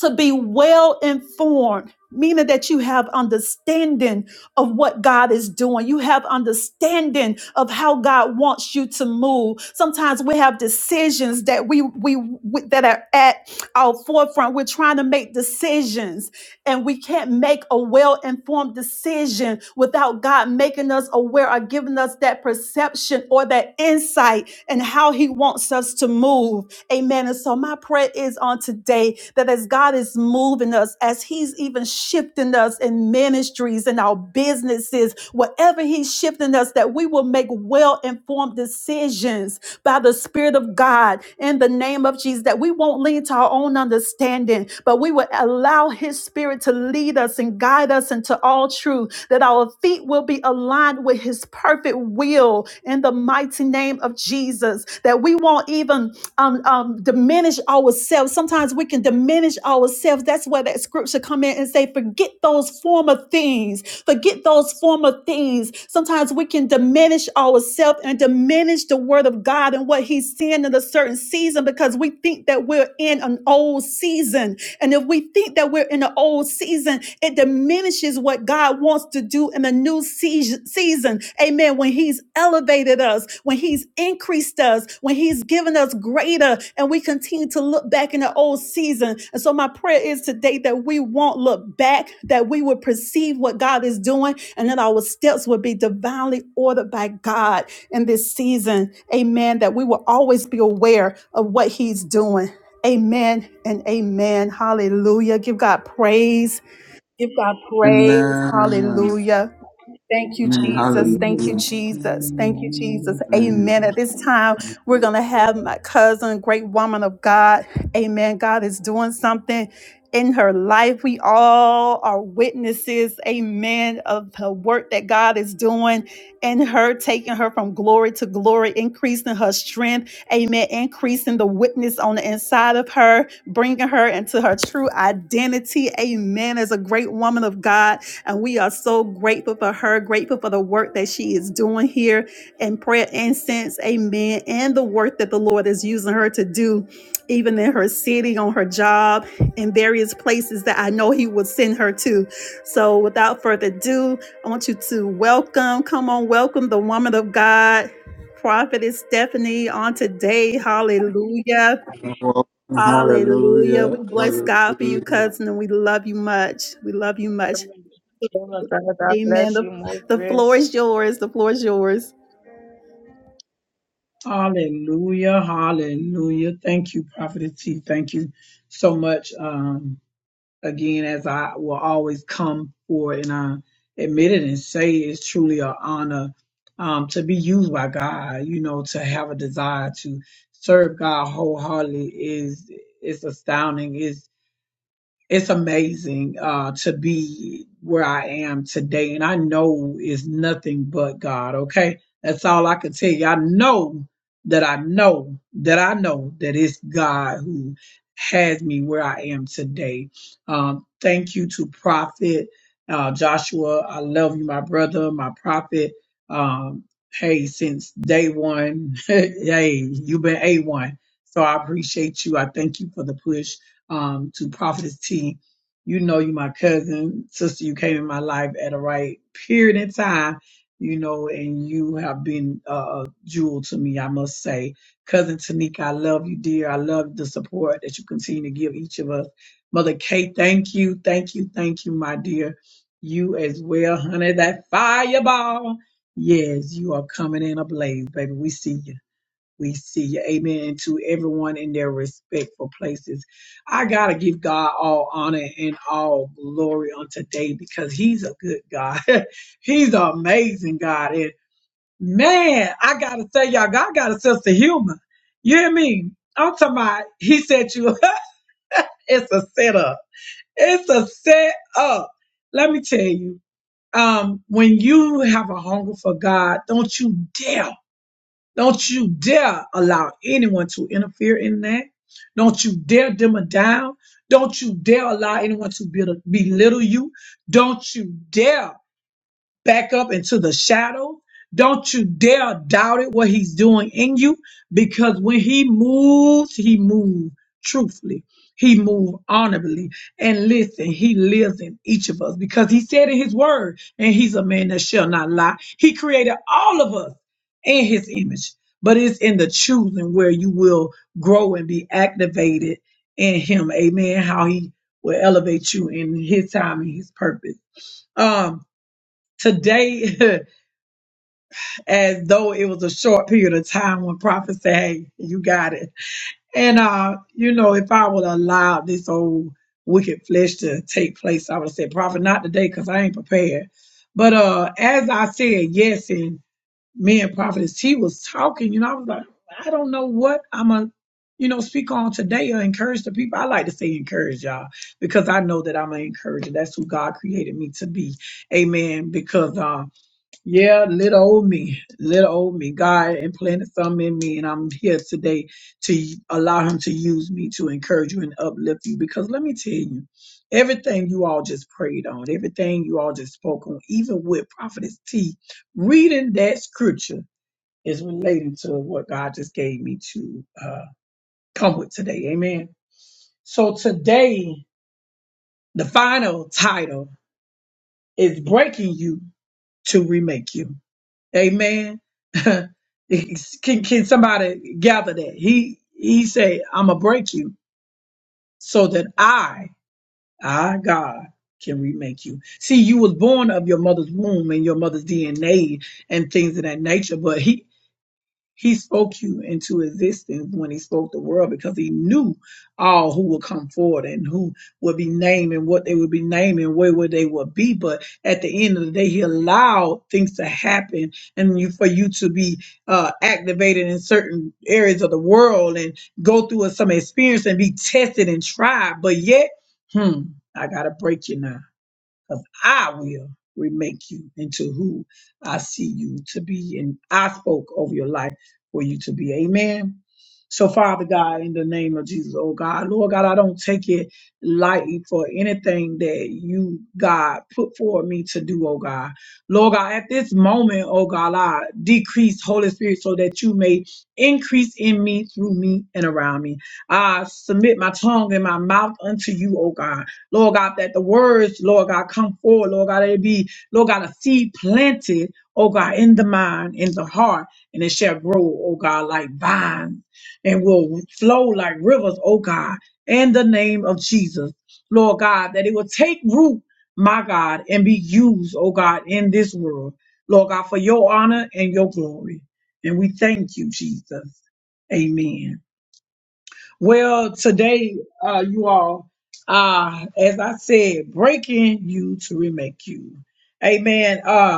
Speaker 1: To be well informed, meaning that you have understanding of what God is doing. You have understanding of how God wants you to move. Sometimes we have decisions that we, we, we that are at our forefront. We're trying to make decisions and we can't make a well informed decision without God making us aware or giving us that perception or that insight and how he wants us to move. Amen. And so my prayer is on today that as God is moving us, as he's even shifting us in ministries and our businesses, whatever he's shifting us, that we will make well-informed decisions by the Spirit of God in the name of Jesus, that we won't lean to our own understanding, but we will allow his spirit to lead us and guide us into all truth truth, that our feet will be aligned with His perfect will in the mighty name of Jesus, that we won't even um, um, diminish ourselves. Sometimes we can diminish ourselves. That's where that scripture come in and say, forget those former things. Forget those former things. Sometimes we can diminish ourselves and diminish the word of God and what he's saying in a certain season because we think that we're in an old season. And if we think that we're in an old season, it diminishes what God wants to do in a new seas- season. Amen. When He's elevated us, when He's increased us, when He's given us greater, and we continue to look back in the old season. And so, my prayer is today that we won't look back, that we will perceive what God is doing, and that our steps will be divinely ordered by God in this season. Amen. That we will always be aware of what He's doing. Amen and amen. Hallelujah. Give God praise. Give God praise.
Speaker 3: Amen.
Speaker 1: Hallelujah. Thank you,
Speaker 3: Amen.
Speaker 1: Jesus. Thank
Speaker 2: Hallelujah. Hallelujah.
Speaker 1: you,
Speaker 3: Hallelujah.
Speaker 1: Jesus. Thank you, Jesus.
Speaker 3: Amen.
Speaker 1: Amen. At this time, we're going to
Speaker 6: through
Speaker 1: have my cousin, great woman of God. Amen. God is doing something in her life. We all are witnesses, amen, of the work that God is doing in her, taking her from glory to glory, increasing her strength, amen, increasing the witness on the inside of her, bringing her into her true identity, amen, as a great woman of God. And we are so grateful for her, grateful for the work that she is doing here in prayer incense. Amen. And the work that the Lord is using her to do, even in her city, on her job, in various places that I know He will send her to. So without further ado, I want you to welcome, come on, welcome the woman of God. Prophetess Stephanie on today. Hallelujah.
Speaker 3: You're Welcome.
Speaker 1: Hallelujah.
Speaker 3: Hallelujah.
Speaker 1: We bless God for you,
Speaker 3: Hallelujah.
Speaker 1: cousin, and we love you much. We love you much.
Speaker 4: Oh God, I
Speaker 1: Amen.
Speaker 4: bless you more
Speaker 1: The, the floor
Speaker 4: grace.
Speaker 1: is yours. The floor is yours.
Speaker 2: Hallelujah. Hallelujah. Hallelujah. Thank you, Prophetess T. Thank you so much. Um, again, as I will always come forward and I admit it and say it's truly an honor um, to be used by God, you know, to have a desire to serve God wholeheartedly is it's astounding. Is it's amazing uh, to be where I am today. And I know it's nothing but God, okay? That's all I can tell you. I know that I know that I know that it's God who has me where I am today. Um, thank you to Prophet uh, Joshua. I love you, my brother, my prophet. Um, hey, since day one, hey, you've been A1. So I appreciate you. I thank you for the push um, to Prophetess T. You know, you my cousin, sister. You came in my life at a right period in time, you know, and you have been uh, a jewel to me, I must say. Cousin Tanika, I love you, dear. I love the support that you continue to give each of us. Mother Kate, thank you, thank you, thank you, my dear. You as well, honey. That fireball. Yes, you are coming in ablaze, baby. We see you we see. Amen. And To everyone in their respectful places. I got to give God all honor and all glory on today because He's a good God. he's an amazing God. And man, I got to say, y'all, God got a sense of humor. You hear me? I'm talking about, He said you, it's a setup. It's a setup. Let me tell you. Um, when you have a hunger for God, don't you dare. Don't you dare allow anyone to interfere in that. Don't you dare dimmer down. Don't you dare allow anyone to be- belittle you. Don't you dare back up into the shadow. Don't you dare doubt it, what he's doing in you, because when he moves, he moves truthfully. He moves honorably. And listen, he lives in each of us because he said in his word, and he's a man that shall not lie. He created all of us in his image, but it's in the choosing where you will grow and be activated in him. Amen. How he will elevate you in his time and his purpose. Um today as though it was a short period of time when prophet said, Hey, you got it. And uh, you know, if I would allow this old wicked flesh to take place, I would have said, Prophet, not today, because I ain't prepared. But uh as I said yes, and me and Prophetess T was talking, you know, I was like, I don't know what I'm a you know, speak on today or encourage the people. I like to say encourage y'all because I know that I'm an encourager. That's who God created me to be. Amen. Because um yeah, little old me, little old me. God implanted something in me, and I'm here today to allow Him to use me to encourage you and uplift you. Because let me tell you, everything you all just prayed on, everything you all just spoke on, even with Prophetess T, reading that scripture is relating to what God just gave me to uh, come with today. Amen. So today, the final title is Breaking You to Remake You Amen. can can somebody gather that? He he said, I'm gonna break you so that I, I God, can remake you. See, you was born of your mother's womb and your mother's DNA and things of that nature, but he he spoke you into existence when he spoke the world because he knew all who would come forward and who would be named and what they would be named and where would they would be. But at the end of the day, he allowed things to happen and you for you to be uh, activated in certain areas of the world and go through some experience and be tested and tried. But yet, hmm, I gotta break you now because I will remake you into who I see you to be. And I spoke over your life for you to be. Amen. So, Father God, in the name of Jesus, oh God, Lord God, I don't take it lightly for anything that you, God, put for me to do, oh God. Lord God, at this moment, oh God, I decrease Holy Spirit so that you may increase in me, through me, and around me. I submit my tongue and my mouth unto you, oh God. Lord God, that the words, Lord God, come forward, Lord God, it be, Lord God, a seed planted, oh God, in the mind, in the heart, and it shall grow, oh God, like vines and will flow like rivers, oh God, in the name of Jesus. Lord God, that it will take root, my God, and be used, oh God, in this world. Lord God, for your honor and your glory. And we thank you, Jesus. Amen. Well, today, uh, you all, uh, as I said, breaking you to remake you. Amen. Uh,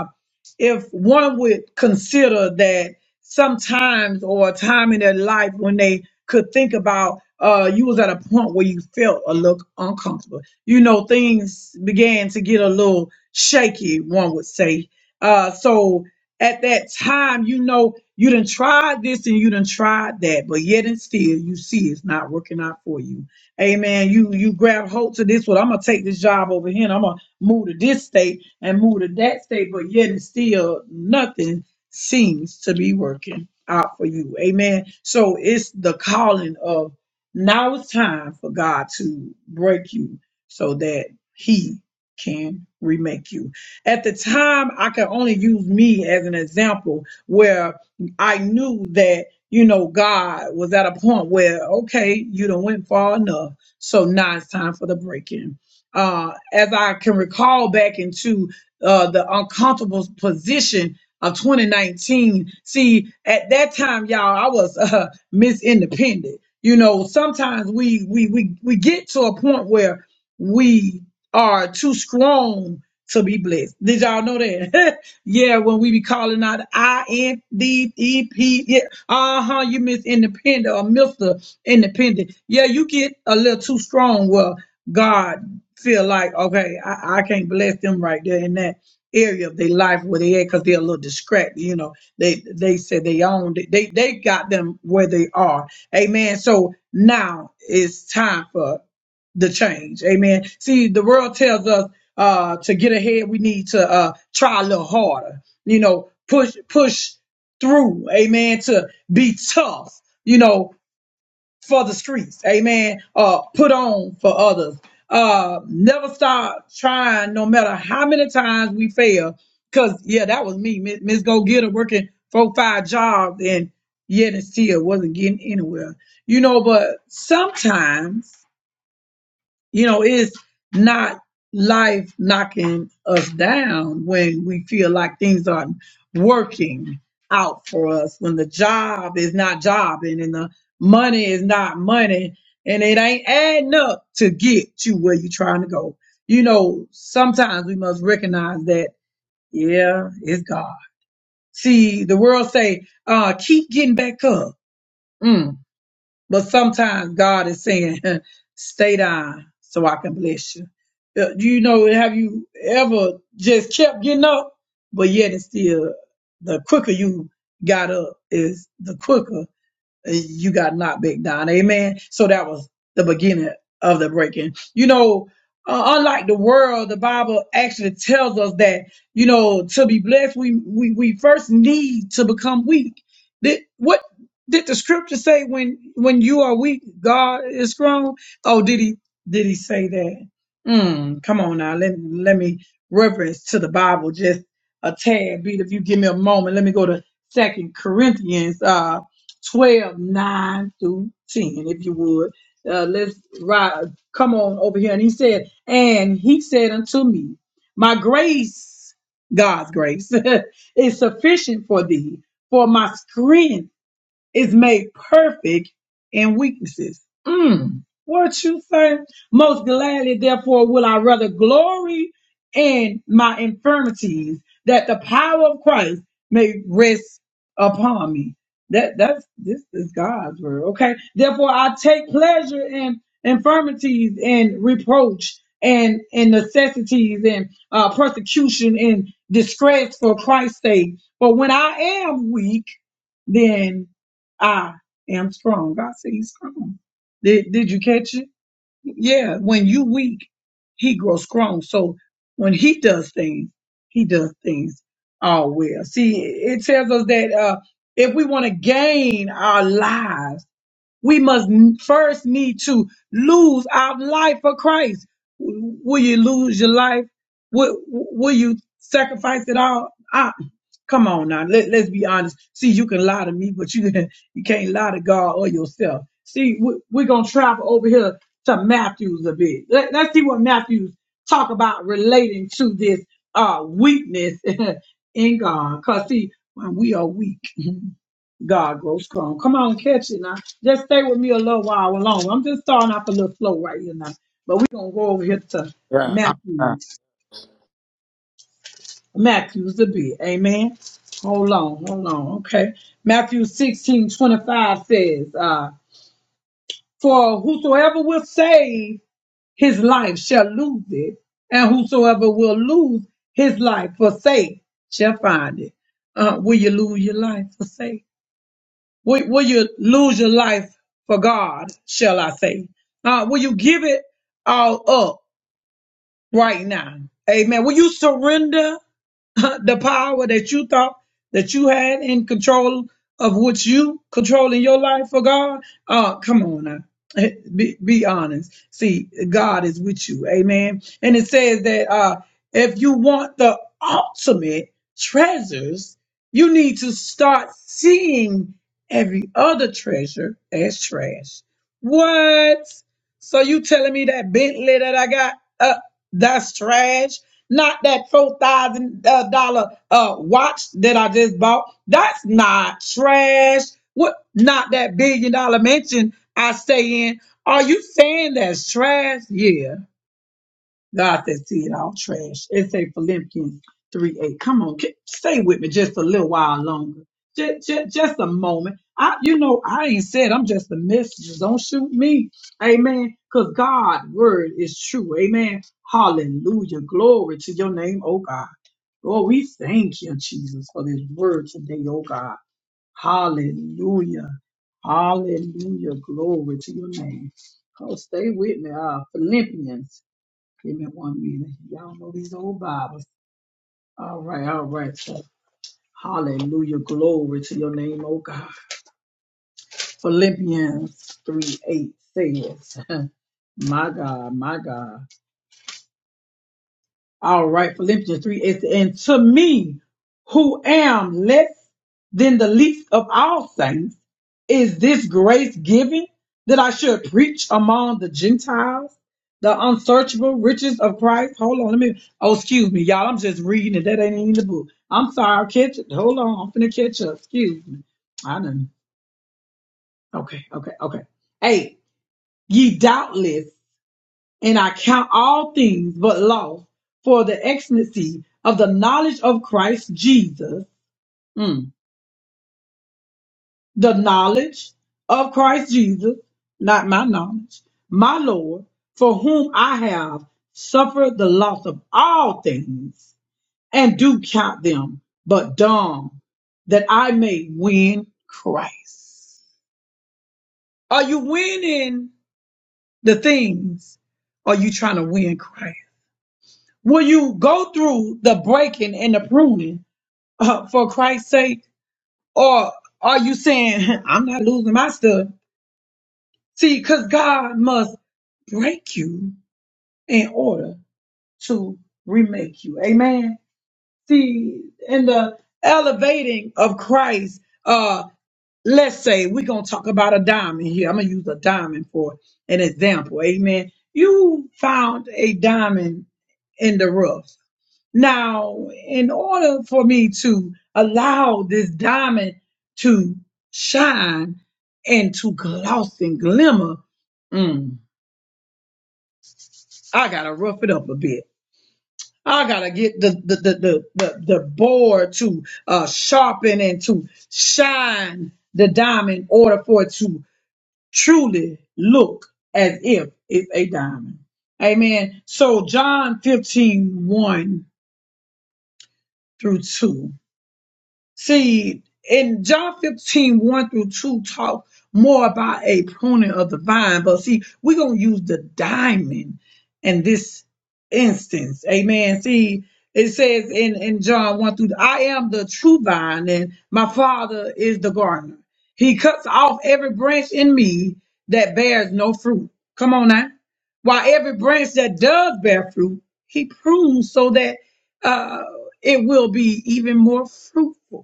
Speaker 2: if one would consider that sometimes or a time in their life when they could think about uh you was at a point where you felt a look uncomfortable you know things began to get a little shaky one would say uh so at that time you know you done tried this and you done tried that but yet and still you see it's not working out for you amen you you grab hold to this one i'm gonna take this job over here and i'm gonna move to this state and move to that state, but yet and still nothing seems to be working out for you. Amen. So it's the calling of now it's time for God to break you so that He can remake you. At the time, I can only use me as an example where I knew that, you know, God was at a point where, okay, you done went far enough. So now it's time for the breaking uh, as I can recall back into uh, the uncomfortable position of 2019. See, at that time, y'all, I was uh, Miss Independent. You know, sometimes we we we we get to a point where we are too strong to be blessed. Did y'all know that? yeah, when we be calling out I N D E P, yeah, uh huh, you Miss Independent or Mister Independent. Yeah, you get a little too strong. Well, God feel like, okay, I, I can't bless them right there in that area of their life where they at because they're a little distracted. You know, they they said they owned it. They they got them where they are. Amen. So now it's time for the change. Amen. See, the world tells us uh to get ahead, we need to uh try a little harder, you know, push push through, amen, to be tough, you know, for the streets. Amen. Uh, put on for others. Uh, never stop trying, no matter how many times we fail. Cause yeah, that was me, Miss Miss Go Getter, working four, five jobs, and yet and still wasn't getting anywhere. You know, but sometimes you know, it's not life knocking us down when we feel like things aren't working out for us, when the job is not jobbing and the money is not money and it ain't adding up to get you where you're trying to go. You know, sometimes we must recognize that, yeah, it's God. See, the world say, uh, keep getting back up. Mm. But sometimes God is saying, stay down so I can bless you. Uh, You know, have you ever just kept getting up? But yet it's still the quicker you got up is the quicker you got knocked back down. Amen. So that was the beginning of the breaking. You know, uh, unlike the world, the Bible actually tells us that, you know, to be blessed, we, we, we first need to become weak. Did, what did the scripture say when, when you are weak, God is strong? Oh, did he, did he say that? Mm, come on now. Let, let me reference to the Bible just a tad bit. If you give me a moment, let me go to second Corinthians, Uh, 12, 9 through 10, if you would. Uh, let's ride. Come on over here. And he said, And he said unto me, My grace, God's grace, is sufficient for thee, for my strength is made perfect in weaknesses. Mm. What you say? Most gladly, therefore, will I rather glory in my infirmities, that the power of Christ may rest upon me. That that's this is God's word. Okay. Therefore, I take pleasure in infirmities and reproach and and necessities and uh, persecution and distress for Christ's sake. For when I am weak, then I am strong. God said he's strong. Did, did you catch it? Yeah. When you weak, he grows strong. So when he does things, he does things all well. See, it tells us that, uh, if we want to gain our lives, we must n- first need to lose our life for Christ. W- Will you lose your life? Will, will you sacrifice it all? I, come on now. Let, let's be honest. See, you can lie to me, but you, you can't lie to God or yourself. See, we, we're going to travel over here to Matthews a bit. Let, let's see what Matthews talk about relating to this uh, weakness in God. Because, see, when we are weak, God grows come. Come on, catch it now. Just stay with me a little while longer. I'm just starting off a little slow right here now. But we're gonna go over here to
Speaker 3: Yeah. uh, uh,
Speaker 2: Matthew's Matthew's the bit. Amen. Hold on, hold on. Okay. Matthew 16:25 says, uh, for whosoever will save his life shall lose it, and whosoever will lose his life for sake shall find it. Uh, will you lose your life for sake? Will, will you lose your life for God, shall I say? Uh, will you give it all up right now? Amen. Will you surrender the power that you thought that you had in control of which you control in your life for God. Uh, come on now. Eh, Be, be honest. See, God is with you. Amen. And it says that uh, if you want the ultimate treasures, you need to start seeing every other treasure as trash. What? So you telling me that Bentley that I got? uh, that's trash. Not that four thousand uh, dollar uh, watch that I just bought. That's not trash. What? Not that billion dollar mansion I stay in. Are you saying that's trash? Yeah. God that see it all trash. It say Philippians 3 8. Come on, ki- stay with me just a little while longer. Just, just, just a moment. I, you know, I ain't said I'm just a messenger. Don't shoot me. Amen. Because God's word is true. Amen. Hallelujah. Glory to your name, oh God. Lord, we thank you, Jesus, for this word today, oh God. Hallelujah. Hallelujah. Glory to your name. Oh, stay with me. Uh, Philippians Give me one minute. Y'all know these old Bibles. All right, all right. So, Hallelujah. Glory to your name, oh God. Philippians 3 8 says, My God, my God. All right, Philippians 3 is and to me who am less than the least of all saints, is this grace given that I should preach among the Gentiles the unsearchable riches of Christ? Hold on, let me oh excuse me, y'all. I'm just reading it. That ain't in the book. I'm sorry, I'll catch it. Hold on, I'm finna catch up. Excuse me. I done okay, okay, okay. Hey, ye doubtless and I count all things but loss for the excellency of the knowledge of Christ Jesus. Mm. The knowledge of Christ Jesus, not my knowledge, my Lord, for whom I have suffered the loss of all things and do count them but dumb that I may win Christ. Are you winning the things? Or Are you trying to win Christ? Will you go through the breaking and the pruning uh, for Christ's sake? Or are you saying, I'm not losing my stuff? See, because God must break you in order to remake you. Amen. See, in the elevating of Christ, uh, let's say we're going to talk about a diamond here. I'm going to use a diamond for an example. Amen. You found a diamond in the rough. Now, in order for me to allow this diamond to shine and to gloss and glimmer, mm, I gotta rough it up a bit. I gotta get the the the the, the, the board to uh, sharpen and to shine the diamond in order for it to truly look as if it's a diamond. Amen. So John fifteen one through 2. See, in John fifteen one through 2 talk more about a pruning of the vine. But see, we're going to use the diamond in this instance. Amen. See, it says in, in John 1 through, I am the true vine and my father is the gardener. He cuts off every branch in me that bears no fruit. Come on now. While every branch that does bear fruit, he prunes so that uh, it will be even more fruitful.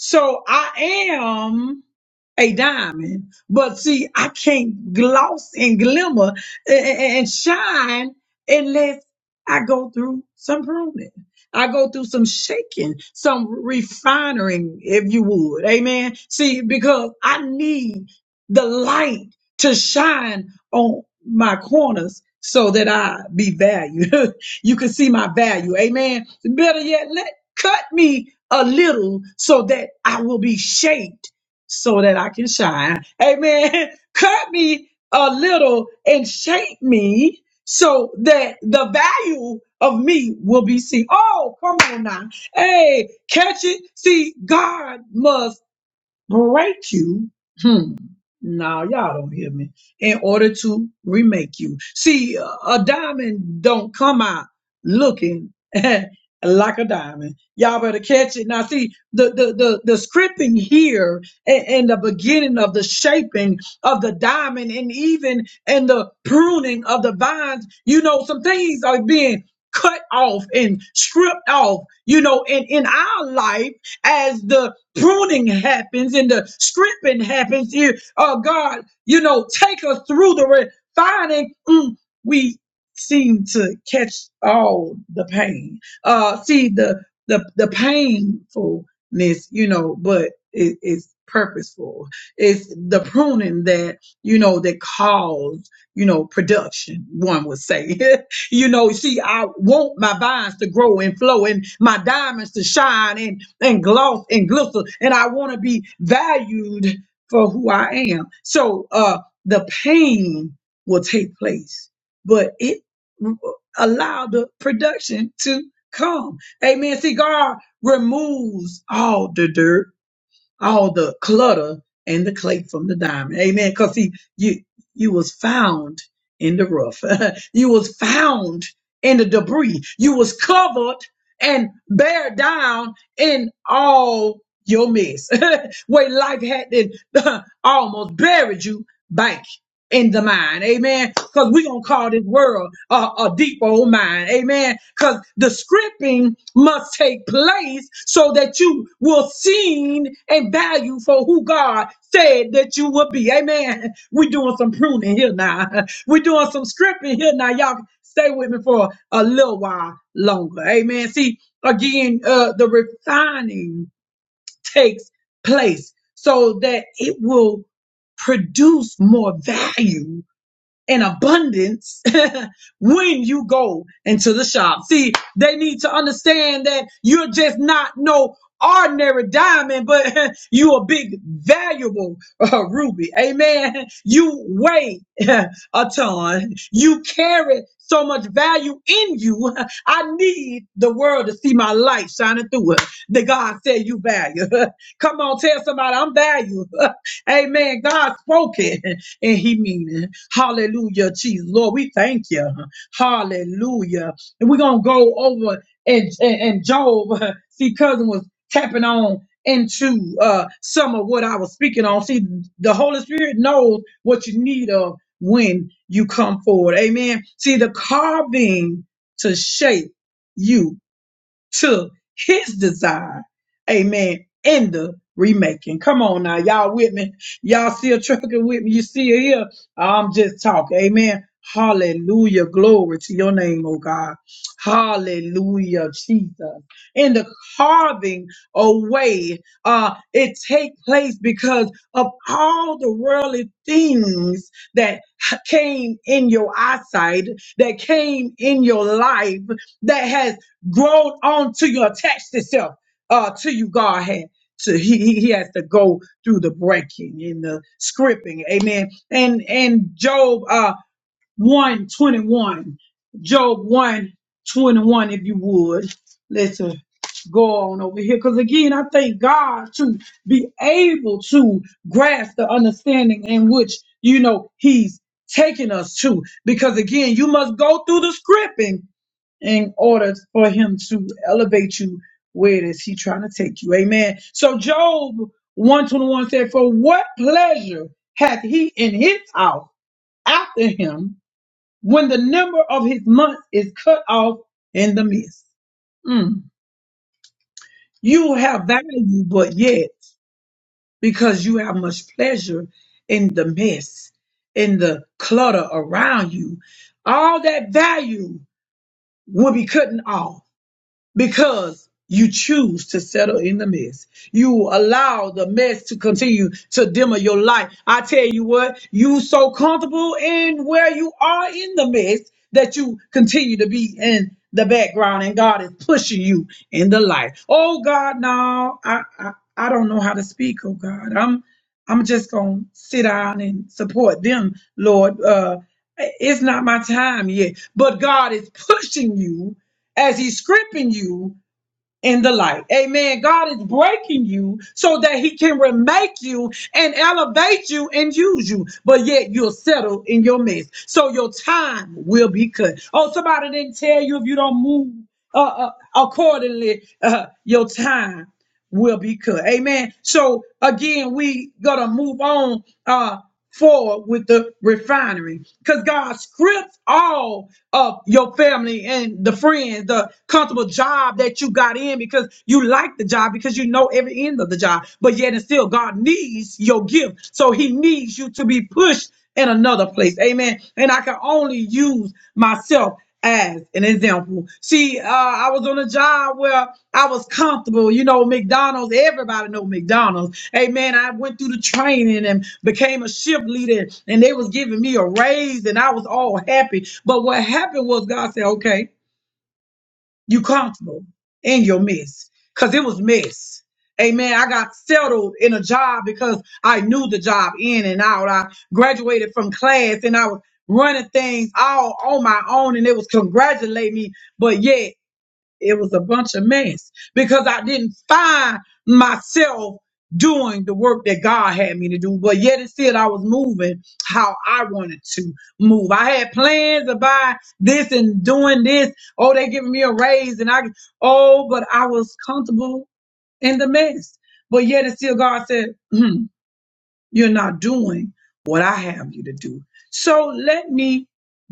Speaker 2: So I am a diamond. But see, I can't gloss and glimmer a- a- and shine unless I go through some pruning. I go through some shaking, some refining, if you would. Amen. See, because I need the light to shine on my corners so that I be valued. you can see my value. Amen. Better yet, let cut me a little so that I will be shaped so that I can shine. Amen. Cut me a little and shape me so that the value of me will be seen. Oh, come on now. Hey, catch it. See, God must break you. Hmm. Now y'all don't hear me. In order to remake you. See, a a diamond don't come out looking like a diamond. Y'all better catch it. Now see, the the the, the scripting here and, and the beginning of the shaping of the diamond and even and the pruning of the vines, you know, some things are being cut off and stripped off, you know, in, in our life as the pruning happens and the stripping happens here. Oh God, you know, take us through the refining. Mm, we seem to catch all the pain. Uh, see the the the painfulness, you know, but it, it's purposeful. It's the pruning that you know that caused you know production. One would say, you know, see, I want my vines to grow and flow and my diamonds to shine, and and gloss and glitter, and I want to be valued for who I am. So uh, the pain will take place, but it allow the production to come. Amen. See, God removes all the dirt all the clutter and the clay from the diamond. Amen. Because see, you you was found in the rough. you was found in the debris. You was covered and bare down in all your mess. Where life had it, almost buried you in the mind. Amen. Because we're going to call this world a, a deep old mind. Amen. Because the scripting must take place so that you will seen and value for who God said that you would be. Amen. We're doing some pruning here now. We're doing some scripting here now. Y'all stay with me for a little while longer. Amen. See, again, uh, the refining takes place so that it will produce more value in abundance when you go into the shop. See, they need to understand that you're just not no ordinary diamond, but you a big valuable uh, ruby. Amen. You weigh a ton. You carry so much value in you. I need the world to see my light shining through it. That God said you value. Come on, tell somebody I'm value. Amen. God spoke it and he meaning. Hallelujah, Jesus. Lord, we thank you. Hallelujah. And we're gonna go over and and, and Job. See, cousin was tapping on into uh some of what I was speaking on. See, the Holy Spirit knows what you need of when you come forward. Amen. See, the carving to shape you to his desire. Amen. In the remaking. Come on now. Y'all with me? Y'all still trucking with me? You still here? I'm just talking. Amen. Hallelujah. Glory to your name, oh God. Hallelujah, Jesus. In the carving away, uh, it take place because of all the worldly things that came in your eyesight, that came in your life, that has grown on to your attached itself uh to you godhead so he, he he has to go through the breaking and the scripting amen and and job uh 121 job 121 if you would let's uh, go on over here because again i thank god to be able to grasp the understanding in which you know he's taking us to because again you must go through the scripting in order for him to elevate you where is he trying to take you. Amen. So Job 121 said, For what pleasure hath he in his house after him when the number of his months is cut off in the midst? Mm. You have value, but yet, because you have much pleasure in the mess, in the clutter around you, all that value will be cutting off because you choose to settle in the mess. You allow the mess to continue to dimmer your light. I tell you what, you so comfortable in where you are in the mess that you continue to be in the background and God is pushing you in the light. Oh God, no, I, I, I don't know how to speak. Oh God, I'm, I'm just going to sit down and support them, Lord. Uh, it's not my time yet, but God is pushing you as he's stripping you in the light. Amen. God is breaking you so that he can remake you and elevate you and use you, but yet you'll settle in your mess. So your time will be cut. Oh, somebody didn't tell you if you don't move uh, uh, accordingly, uh, your time will be cut. Amen. So again, we gotta move on uh forward with the refinery because God strips all of your family and the friends, the comfortable job that you got in because you like the job because you know every end of the job, but yet and still God needs your gift. So he needs you to be pushed in another place. Amen. And I can only use myself as an example. See, uh, I was on a job where I was comfortable. You know, McDonald's. Everybody know McDonald's. Hey, man, I went through the training and became a shift leader, and they was giving me a raise, and I was all happy. But what happened was God said, "Okay." You comfortable in your mess. Cause it was mess. Amen. I got settled in a job because I knew the job in and out. I graduated from class and I was running things all on my own and it was congratulating me. But yet it was a bunch of mess because I didn't find myself doing the work that God had me to do. But yet and still, I was moving how I wanted to move. I had plans about this and doing this. Oh, they giving me a raise, and I oh, but I was comfortable in the mess. But yet and still, God said. hmm, you're not doing what I have you to do. So let me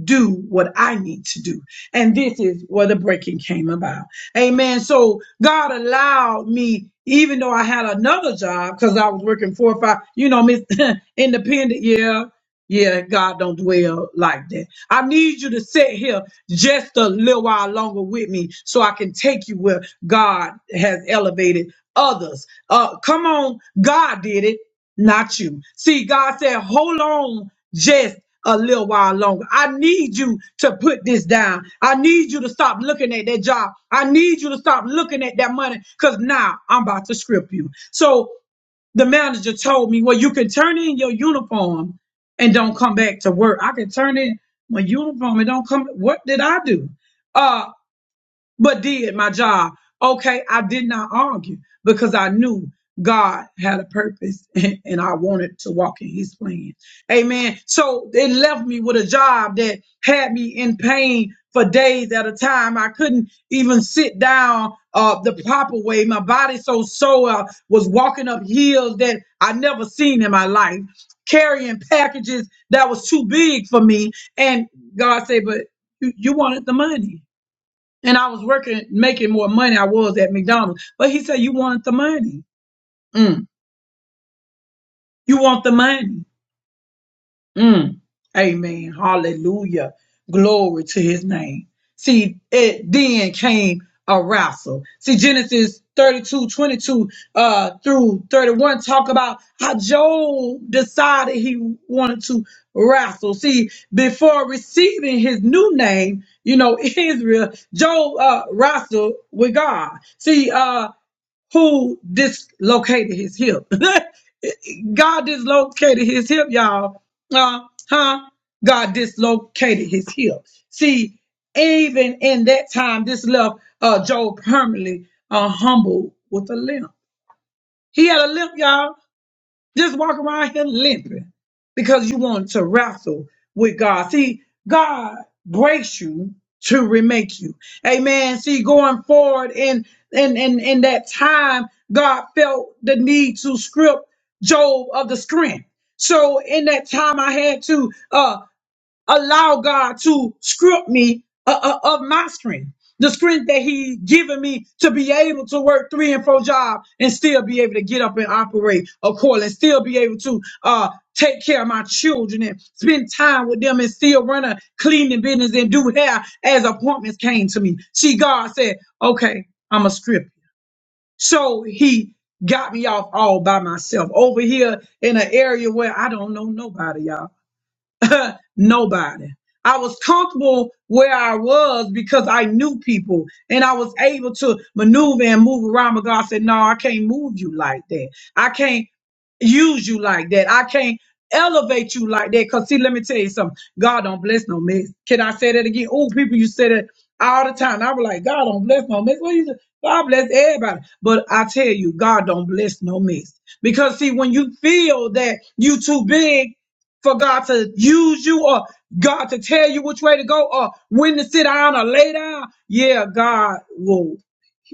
Speaker 2: do what I need to do. And this is where the breaking came about. Amen. So God allowed me, even though I had another job, because I was working four or five, you know, Miss Independent, yeah. Yeah, God don't dwell like that. I need you to sit here just a little while longer with me so I can take you where God has elevated others. Uh, come on, God did it not you. See, God said, hold on just a little while longer. I need you to put this down. I need you to stop looking at that job. I need you to stop looking at that money because now I'm about to script you. So the manager told me, well, you can turn in your uniform and don't come back to work. I can turn in my uniform and don't come. What did I do? Uh, but did my job. Okay, I did not argue because I knew God had a purpose and, I wanted to walk in his plan. Amen. So it left me with a job that had me in pain for days at a time. I couldn't even sit down uh, the proper way. My body so sore I was walking up hills that I never seen in my life, carrying packages that was too big for me. And God said, but you, you wanted the money and I was working, making more money. I was at McDonald's, but he said, "You want the money? Mm. You want the money? Mm. Amen. Hallelujah. Glory to His name." See, it then came arousal. See, Genesis 32 22 uh, through 31 talk about how Job decided he wanted to wrestle. See, before receiving his new name, you know, Israel, Job uh, wrestled with God. See, uh, who dislocated his hip. God dislocated his hip, y'all. Uh, huh? God dislocated his hip. See, even in that time, this left uh, Job permanently uh, humble with a limp. He had a limp, y'all. Just walk around here limping because you want to wrestle with God. See, God breaks you to remake you. Amen. See, going forward in in in, in that time, God felt the need to strip Job of the strength. So in that time, I had to. uh allow God to script me uh, uh, of my strength, the strength that He given me to be able to work three and four jobs and still be able to get up and operate accordingly, and still be able to uh, take care of my children and spend time with them and still run a cleaning business and do hair as appointments came to me. See, God said, okay, I'm a script. So He got me off all by myself over here in an area where I don't know nobody, y'all. Nobody. I was comfortable where I was because I knew people and I was able to maneuver and move around. But God said, No, I can't move you like that. I can't use you like that. I can't elevate you like that. Cause see, let me tell you something. God don't bless no mess. Can I say that again? Oh, people, you say that all the time. I was like, God don't bless no mess. What you say? God bless everybody. But I tell you, God don't bless no mess. Because see, when you feel that you too big for God to use you or God to tell you which way to go or when to sit down or lay down. Yeah, God will.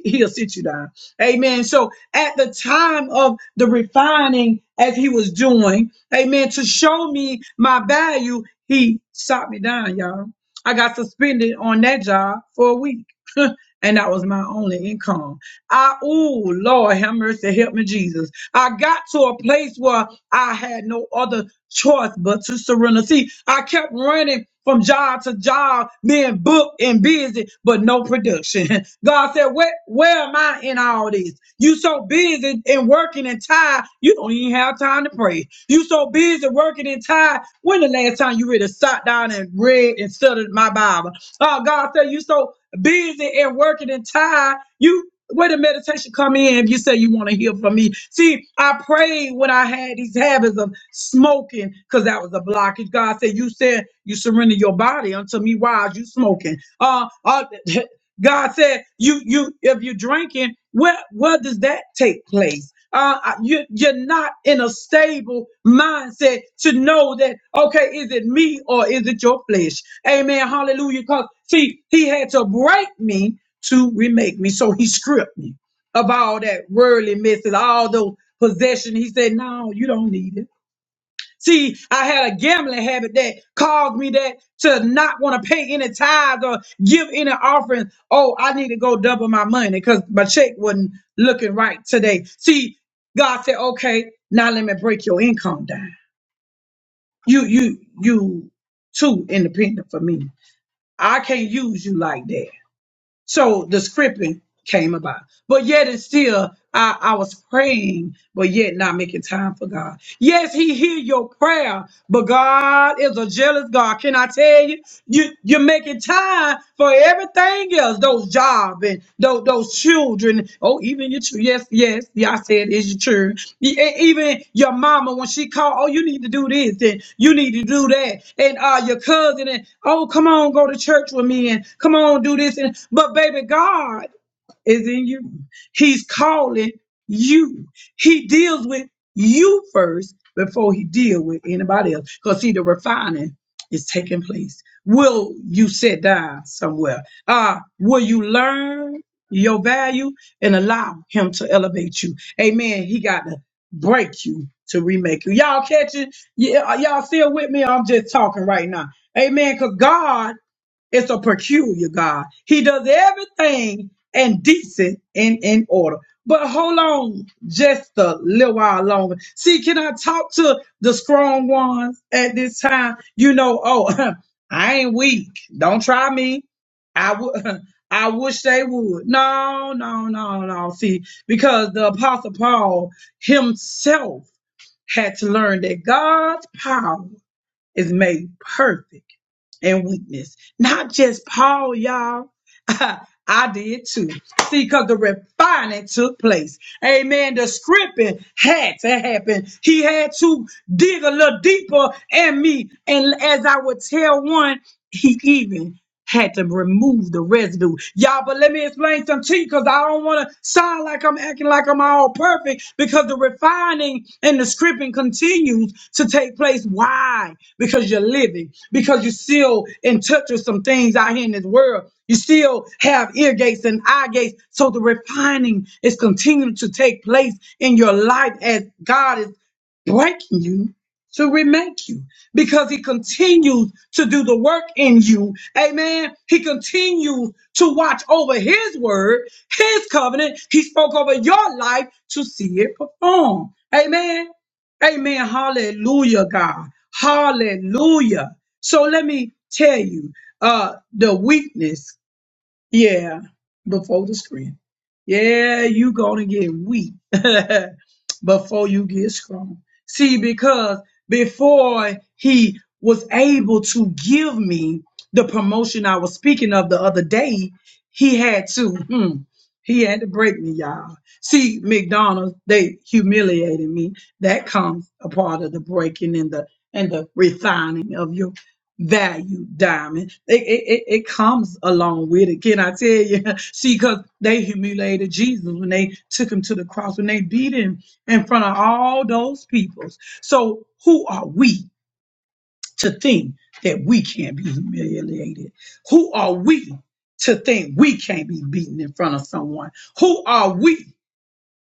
Speaker 2: He'll sit you down. Amen. So at the time of the refining, as he was doing, amen, to show me my value, he shot me down, y'all. I got suspended on that job for a week, and that was my only income. I, oh Lord, have mercy, help me, Jesus. I got to a place where I had no other choice but to surrender. See, I kept running from job to job, being booked and busy, but no production. God said, where, where am I in all this? You so busy and working and tired, you don't even have time to pray. You so busy working and tired. When the last time you really sat down and read and studied my Bible? Oh, God said, you so busy and working and tired. You where the meditation come in if you say you want to hear from me. See, I prayed when I had these habits of smoking because that was a blockage. God said, You said you surrender your body unto me. Why are you smoking? Uh, uh God said, "You, you, if you're drinking, where, where does that take place? Uh, I- you, you're not in a stable mindset to know that. Okay, is it me or is it your flesh? Amen. Hallelujah. Because see, He had to break me to remake me, so He stripped me of all that worldly messes, all those possession. He said, "No, you don't need it." See, I had a gambling habit that caused me that to not want to pay any tithes or give any offering. Oh, I need to go double my money because my check wasn't looking right today. See, God said, okay, now let me break your income down. You, you, you too independent for me. I can't use you like that. So the scripting came about. But yet and still, I, I was praying, but yet not making time for God. Yes, He hear your prayer, but God is a jealous God. Can I tell you? you you're making time for everything else, those jobs job and those, those children. Oh, even your chil- yes, yes, yeah, I said it's your children. E- e- Even your mama when she called, oh, you need to do this and you need to do that, and uh, your cousin and oh, come on, go to church with me and come on, do this and but baby God is in you. He's calling you. He deals with you first before he deal with anybody else. Because see, the refining is taking place. Will you sit down somewhere? Uh, will you learn your value and allow him to elevate you? Amen. He got to break you to remake you. Y'all catching? Yeah, y'all still with me? I'm just talking right now. Amen. Because God it's a peculiar God. He does everything and decent and in order. But hold on just a little while longer. See, can I talk to the strong ones at this time? You know, oh, I ain't weak. Don't try me. I would. I wish they would. No, no, no, no. See, because the apostle Paul himself had to learn that God's power is made perfect and weakness. Not just Paul, y'all. I did too. See, because the refining took place. Amen. The scripting had to happen. He had to dig a little deeper in me. And as I would tell one, he even had to remove the residue. Y'all, but let me explain something to you because I don't want to sound like like I'm acting like I'm all perfect because the refining and the scripting continues to take place. Why? Because you're living, because you're still in touch with some things out here in this world. You still have ear gates and eye gates. So the refining is continuing to take place in your life as God is breaking you to remake you because he continued to do the work in you. Amen. He continued to watch over his word, his covenant. He spoke over your life to see it performed. Amen. Amen. Hallelujah, God. Hallelujah. So let me tell you, uh, the weakness yeah, before the strength. Yeah, you gonna get weak before you get strong. See, because before he was able to give me the promotion I was speaking of the other day, he had to, hmm, he had to break me, y'all. See, McDonald's, they humiliated me. That comes a part of the breaking and the and the refining of your value, Diamond. It, it, it, it comes along with it. Can I tell you? See, because they humiliated Jesus when they took him to the cross, when they beat him in front of all those peoples. So who are we to think that we can't be humiliated? Who are we to think we can't be beaten in front of someone? Who are we?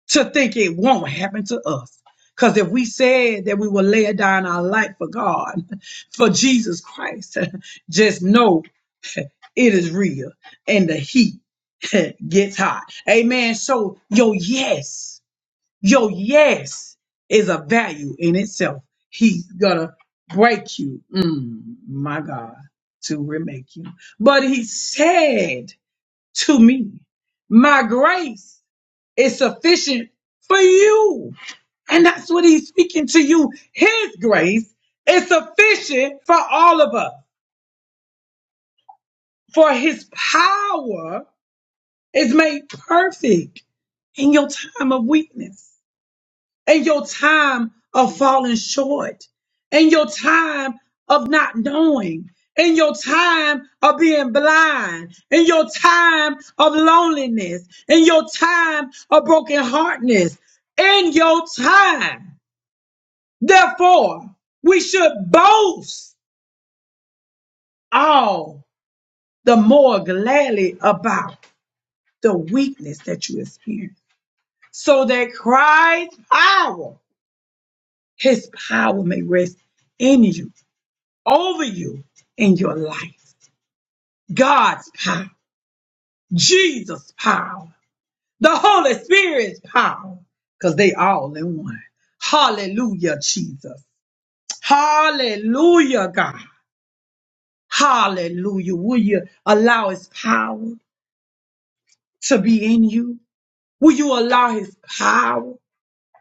Speaker 2: to think it won't happen to us. Because if we said that we will lay down our life for God, for Jesus Christ, just know it is real and the heat gets hot. Amen. So your yes, your yes is a value in itself. He's gonna break you, mm, my God, to remake you. But he said to me, My grace is sufficient for you. And that's what he's speaking to you. His grace is sufficient for all of us, for his power is made perfect in your time of weakness, in your time of falling short, in your time of not knowing, in your time of being blind, in your time of loneliness, in your time of broken heartness, in your time. Therefore, we should boast all the more gladly about the weakness that you experience, so that Christ's power, his power may rest in you, over you, in your life. God's power, Jesus' power, the Holy Spirit's power, because they all in one. Hallelujah, Jesus. Hallelujah, God. Hallelujah. Will you allow his power? to be in you? Will you allow his power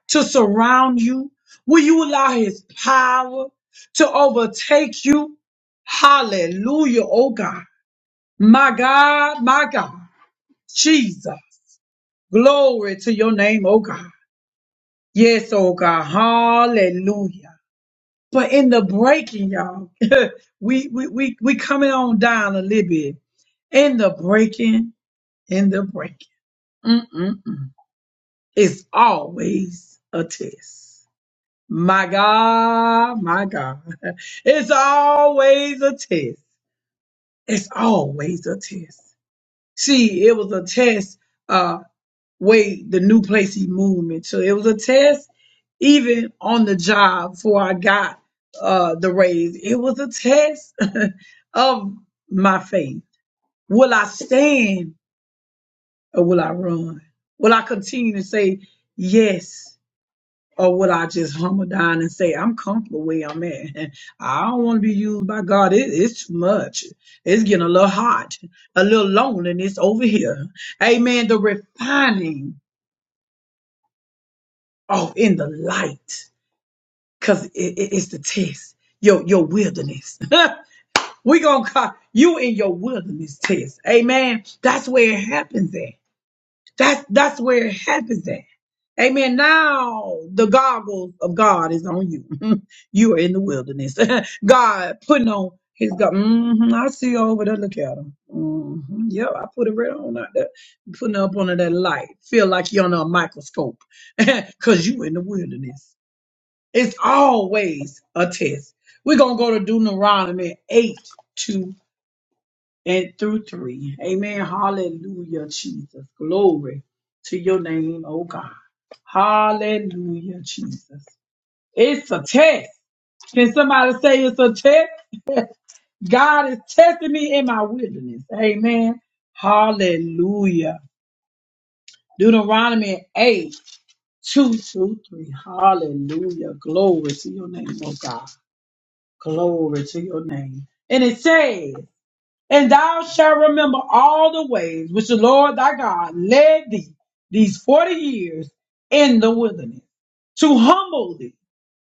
Speaker 2: to surround you? Will you allow his power to overtake you? Hallelujah, oh God. My God, my God. Jesus. Glory to your name, oh God. Yes, oh God. Hallelujah. But in the breaking, y'all, we, we, we, we coming on down a little bit. In the breaking, in the breaking. Mm-mm-mm. It's always a test. My God, my God. It's always a test. It's always a test. See, it was a test, uh, way the new place he moved me to. It was a test even on the job before I got, uh, the raise. It was a test of my faith. Will I stand or will I run? Will I continue to say yes? Or would I just humble down and say, I'm comfortable where I'm at? I don't want to be used by God. It, it's too much. It's getting a little hot, a little lonely, and it's over here. Amen. The refining of in the light, because it, it- it's the test, your, your wilderness. we going to call you in your wilderness test. Amen. That's where it happens at. That's that's where it happens at. Amen. Now the goggles of God is on you. you are in the wilderness. God putting on his God. hmm I see you over there. Look at him. hmm Yep, I put it right on out there. Putting up under that light. Feel like you're under a microscope. Cause you in the wilderness. It's always a test. We're gonna go to Deuteronomy 8 2 and through three. Amen. Hallelujah, Jesus. Glory to your name, oh God. Hallelujah, Jesus. It's a test. Can somebody say it's a test? God is testing me in my wilderness. Amen. Hallelujah. Deuteronomy 8, 2 through 3. Hallelujah. Glory to your name, oh God. Glory to your name. And it says, And thou shalt remember all the ways which the Lord thy God led thee these forty years in the wilderness, to humble thee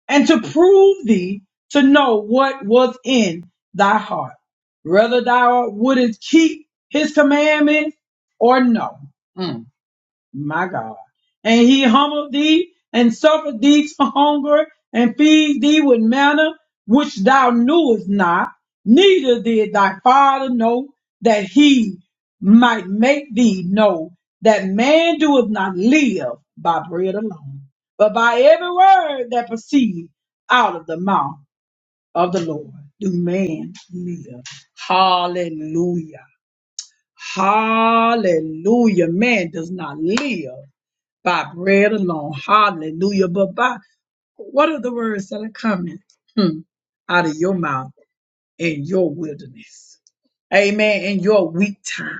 Speaker 2: and to prove thee to know what was in thy heart, whether thou wouldest keep his commandments or no my God. And he humbled thee and suffered thee to hunger and feed thee with manna which thou knewest not, neither did thy father know that he might make thee know that man doeth not live by bread alone, but by every word that proceeds out of the mouth of the Lord do man live. Hallelujah. Hallelujah. Man does not live by bread alone. Hallelujah. But by what are the words that are coming hmm, out of your mouth in your wilderness? Amen. In your weak time.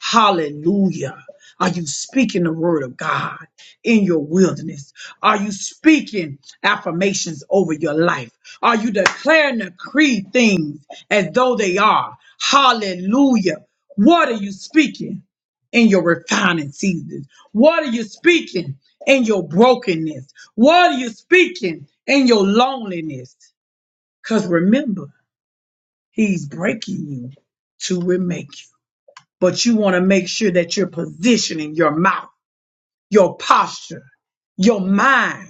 Speaker 2: Hallelujah. Are you speaking the word of God in your wilderness? Are you speaking affirmations over your life? Are you declaring the creed things as though they are? Hallelujah. What are you speaking in your refining seasons? What are you speaking in your brokenness? What are you speaking in your loneliness? Because remember, he's breaking you to remake you but you want to make sure that you're positioning your mouth, your posture, your mind,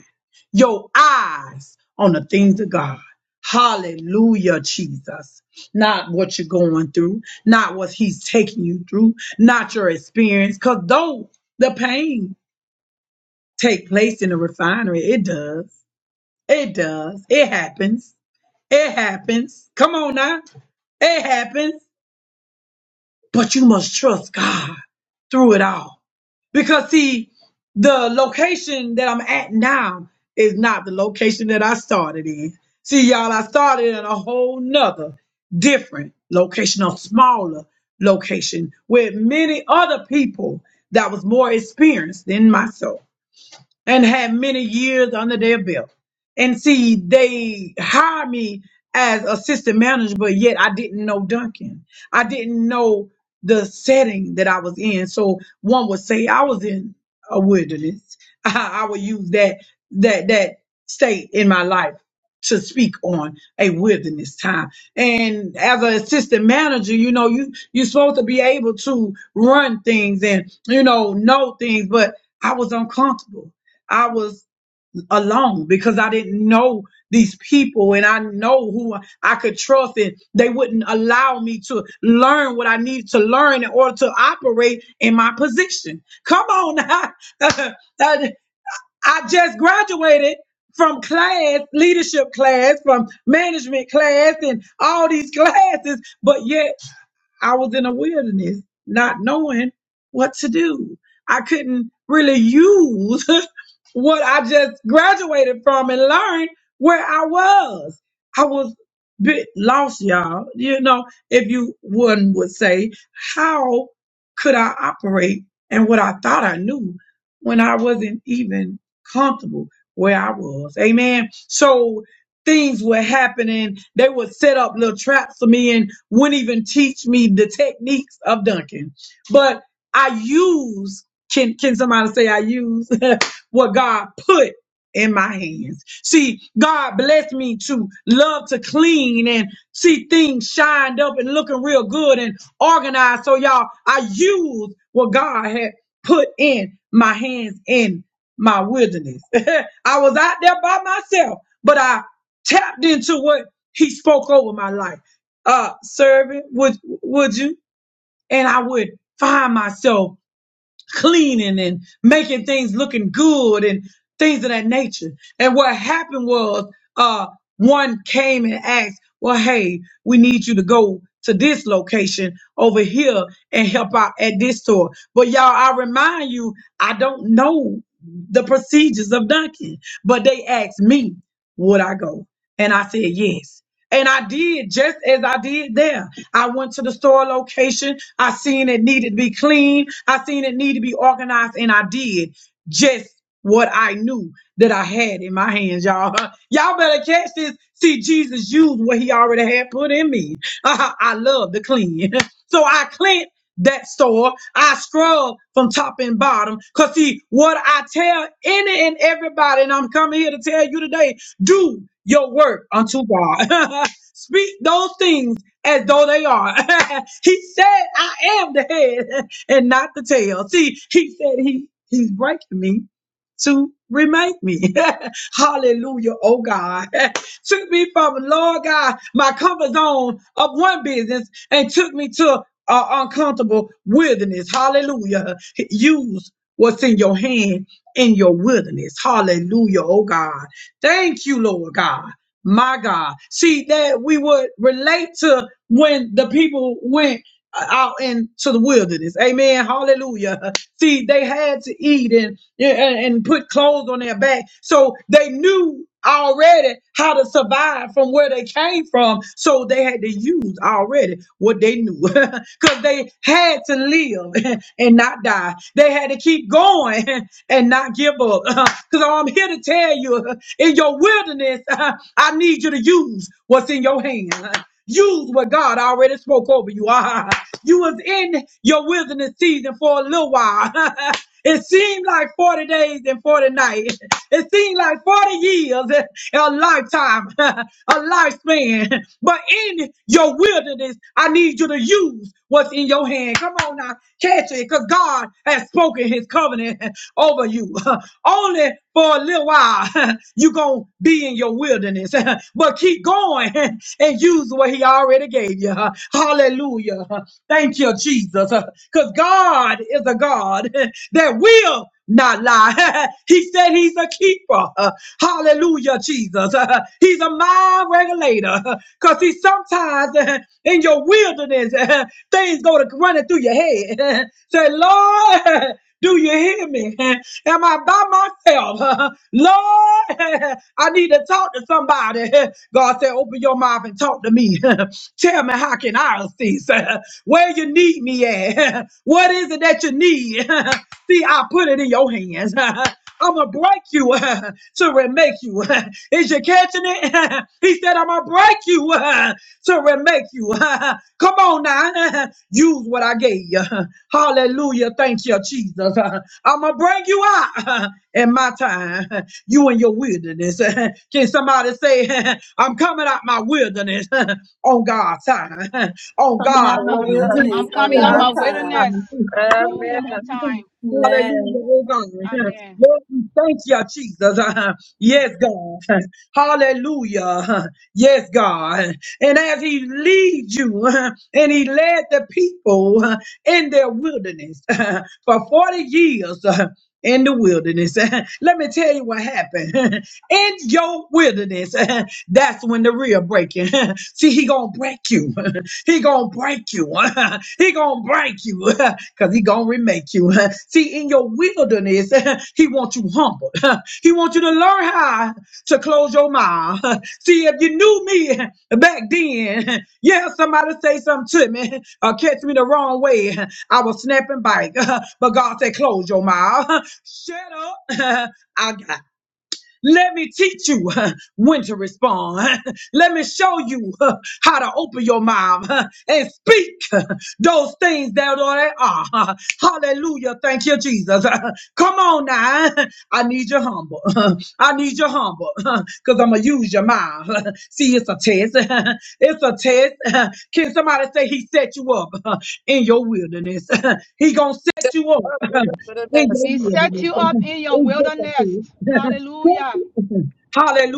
Speaker 2: your eyes on the things of God. Hallelujah, Jesus. Not what you're going through, not what He's taking you through, not your experience. Because though the pain take place in the refinery, it does. It does. It happens. It happens. Come on now. It happens. But you must trust God through it all Because see, the location that I'm at now is not the location that I started in. See, y'all, I started in a whole nother different location, a smaller location with many other people that was more experienced than myself and had many years under their belt. And see, they hired me as assistant manager, but yet I didn't know Duncan. I didn't know the setting that I was in. So one would say I was in a wilderness. I, I would use that that that state in my life to speak on a wilderness time. And as an assistant manager, you know, you you're supposed to be able to run things and you know know things, but I was uncomfortable. I was alone because I didn't know these people and I know who I could trust and they wouldn't allow me to learn what I needed to learn in order to operate in my position. Come on now. I I just graduated from class, leadership class, from management class and all these classes, but yet I was in a wilderness, not knowing what to do. I couldn't really use what I just graduated from and learned where I was. I was bit lost, y'all. You know, if you one would say, how could I operate and what I thought I knew when I wasn't even comfortable where I was? Amen. So things were happening. They would set up little traps for me and wouldn't even teach me the techniques of dunking. But I use, can, can somebody say I use what God put in my hands? See, God blessed me to love to clean and see things shined up and looking real good and organized. So y'all, I use what God had put in my hands in my wilderness. I was out there by myself, but I tapped into what he spoke over my life. Uh, serving, would, would you? And I would find myself cleaning and making things looking good and things of that nature. And what happened was, uh, one came and asked, well, hey, we need you to go to this location over here and help out at this store. But y'all, I remind you, I don't know the procedures of Dunkin', but they asked me, would I go? And I said, yes. And I did just as I did there. I went to the store location. I seen it needed to be clean. I seen it needed to be organized. And I did just what I knew that I had in my hands, y'all. Y'all better catch this. See, Jesus used what he already had put in me. I love to clean. So I cleaned that store. I scrub from top and bottom. Cause see, what I tell any and everybody, and I'm coming here to tell you today, do your work unto God. Speak those things as though they are. he said, I am the head and not the tail. See, he said he he's breaking me to remake me. Hallelujah, oh God. took me from, Lord God, my comfort zone of one business and took me to uh, uncomfortable wilderness. Hallelujah. Use what's in your hand in your wilderness. Hallelujah, oh God. Thank you, Lord God. My God. See, that we would relate to when the people went out into the wilderness. Amen. Hallelujah. See, they had to eat and, and, and put clothes on their back. So they knew already how to survive from where they came from. So they had to use already what they knew because they had to live and not die. They had to keep going and not give up. Because I'm here to tell you In your wilderness, I need you to use what's in your hand. Use what God already spoke over you. You was in your wilderness season for a little while. It seemed like 40 days and 40 nights. It seemed like 40 years, a lifetime, a lifespan. But in your wilderness, I need you to use what's in your hand. Come on now, catch it, because God has spoken his covenant. over you. Only for a little while you're going to be in your wilderness, but keep going and use what he already gave you. Hallelujah. Thank you, Jesus. Because God is a God that will not lie. he said he's a keeper. Hallelujah, Jesus. He's a mind regulator. Because He sometimes in your wilderness, things go to running through your head. Say, Lord. Do you hear me? Am I by myself? Lord, I need to talk to somebody. God said, open your mouth and talk to me. Tell me how can I assist? Where you need me at? What is it that you need? See, I put it in your hands. I'm gonna break you to remake you. Is you catching it? he said, I'm gonna break you to remake you. Come on now. Use what I gave you. Hallelujah. Thank you, Jesus. I'm going to bring you out in my time. You in your wilderness. Can somebody say, I'm coming out my wilderness on God's time? On
Speaker 1: Coming
Speaker 2: God's
Speaker 1: out my
Speaker 7: I'm,
Speaker 4: Oh,
Speaker 2: time.
Speaker 1: wilderness
Speaker 4: God,
Speaker 1: on
Speaker 7: coming
Speaker 2: On
Speaker 7: out
Speaker 4: I
Speaker 2: God's
Speaker 7: my
Speaker 1: God's
Speaker 4: bless you.
Speaker 1: time.
Speaker 7: wilderness.
Speaker 2: time. Come
Speaker 7: Hallelujah.
Speaker 2: on
Speaker 7: On
Speaker 4: Amen.
Speaker 2: now.
Speaker 7: time.
Speaker 2: Hallelujah,
Speaker 1: Amen.
Speaker 2: oh God.
Speaker 7: Amen.
Speaker 2: Lord, we thank you, Jesus.
Speaker 7: Mm.
Speaker 2: Yes, God. Hallelujah. Yes, God. And as he leads you, and he led the people in their wilderness for 40 years in the wilderness. Let me tell you what happened. In your wilderness, that's when the real breaking. See, he gonna break you. He gonna break you. He gonna break you because he gonna remake you. See, in your wilderness, he wants you humble. He wants you to learn how to close your mouth. See, if you knew me, Back then, yeah, somebody say something to me or catch me the wrong way. I was snapping back, but God said, close your mouth. Shut up. I got let me teach you when to respond. Let me show you how to open your mouth and speak those things that already are. Hallelujah. Thank you, Jesus. Come on now. I need you humble. I need you humble because I'm going to use your mouth. See, it's a test. It's a test. Can somebody say he set you up in your wilderness? He going to
Speaker 4: Step
Speaker 2: set you up
Speaker 4: up into the
Speaker 2: in your
Speaker 4: next.
Speaker 7: He set
Speaker 2: wilderness.
Speaker 7: you up in your
Speaker 2: It's just a
Speaker 7: wilderness.
Speaker 2: test.
Speaker 7: Hallelujah.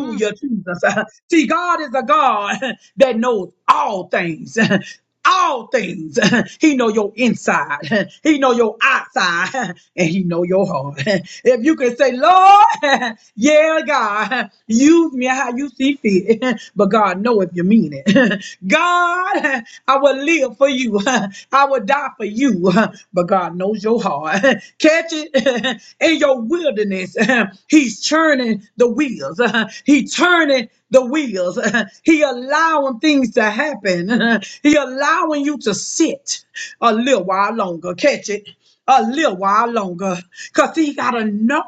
Speaker 7: Mm.
Speaker 2: Jesus. See, God is a God that knows all things. All things. He know your inside. He know your outside. And he know your heart. If you can say, Lord, yeah, God, use me how you see fit. But God know if you mean it. God, I will live for you. I will die for you. But God knows your heart. Catch it in your wilderness. time, He's turning the wheels. Uh, He turning the wheels. Uh, He allowing things to happen. Uh, He allowing you to sit a little while longer. Catch it. A little while longer, cause he gotta know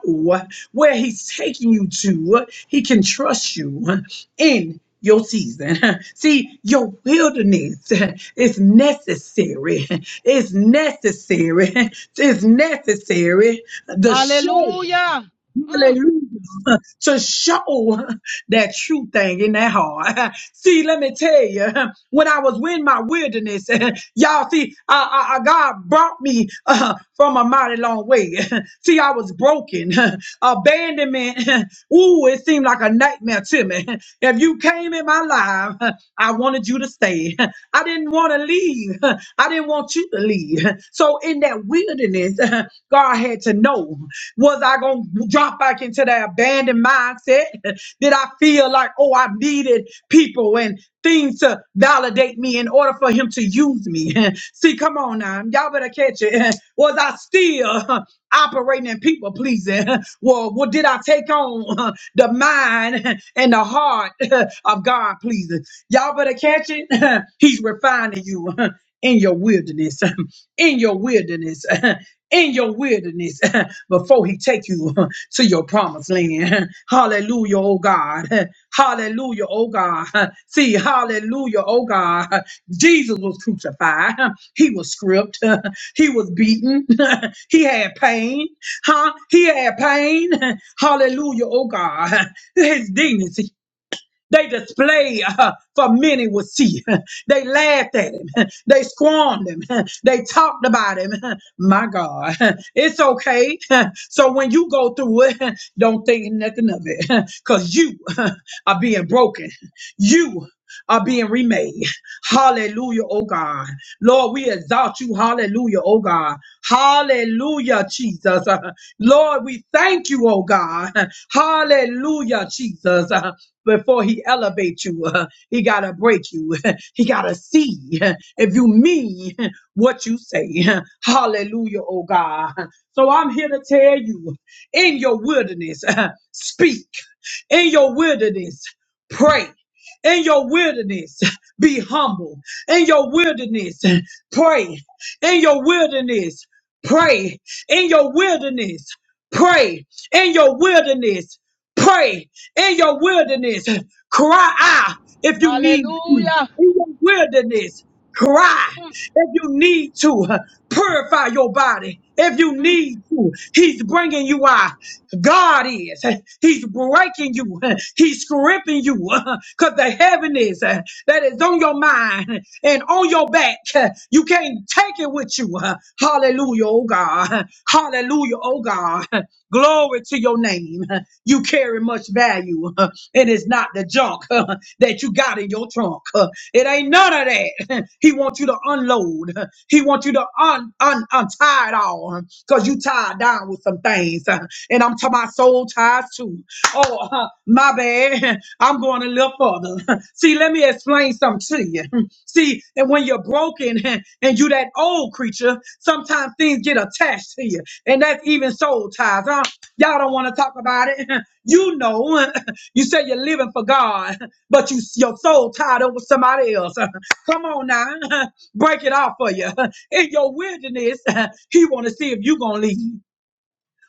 Speaker 2: where he's taking you to. He can trust you in your season. See, your wilderness is necessary. It's necessary. It's necessary. The show
Speaker 7: Hallelujah. Mm.
Speaker 2: Hallelujah. To show that true thing in that heart. See, let me tell you, when I was in my wilderness, y'all see, I, I, I- God brought me uh, from a mighty long way. See, I was broken, abandonment. Ooh, it seemed like a nightmare to me. If you came in my life, I wanted you to stay. I didn't want to leave. I didn't want you to leave. So in that wilderness, God had to know. Was I going to drop back into that abandoned mindset? Did I feel like, oh, I needed people and things to validate me in order for him to use me? See, come on now. Y'all better catch it. Was I still operating in people pleasing? Well, what did I take on the mind and the heart of God pleasing? Y'all better catch it. He's refining you in your wilderness, in your wilderness. in your wilderness before he take you to your promised land. Hallelujah, oh God. Hallelujah, oh God. See, hallelujah, oh God. Jesus was crucified. He was stripped. He was beaten. He had pain. Huh? He had pain. Hallelujah, oh God. His dignity. They display uh, for many would see. They laughed at him. They squirmed him. They talked about him. My God, it's okay. So when you go through it, don't think nothing of it because you are being broken. You are being remade. Hallelujah, oh God. Lord, we exalt you. Hallelujah, oh God. Hallelujah, Jesus. Lord, we thank you, oh God. Hallelujah, Jesus. Before he elevates you, uh, he gotta break you. he gotta see if you mean what you say. Hallelujah, oh God. So I'm here to tell you, in your wilderness, speak. In your wilderness, pray. In your wilderness, be humble. In your wilderness, pray. In your wilderness, pray. In your wilderness, pray. In your wilderness, pray. In your wilderness, cry out if you need to.
Speaker 7: Hallelujah.
Speaker 2: In your wilderness, cry
Speaker 7: Mm.
Speaker 2: if you need to. Purify your body if you
Speaker 7: Mm.
Speaker 2: need to. He's bringing you out. God is. He's breaking you. He's gripping you because the heaviness that is on your mind and on your back, you can't take it with you. Hallelujah, oh God. Hallelujah, oh God. Glory to your name. You carry much value, and it's not the junk that you got in your trunk. It ain't none of that. He wants you to unload. He wants you to un, un, untie it all because you tied down with some things. uh, and I'm to my soul ties too. Oh, uh, my bad. I'm going a little further. See, let me explain something to you. See, and when you're broken and you that old creature, sometimes things get attached to you. And that's even soul ties. Huh? Y'all don't want to talk about it. You know, you say you're living for God, but you your soul tied over somebody else. Come on now, break it off for you. In your wilderness, he want to see if you gonna leave.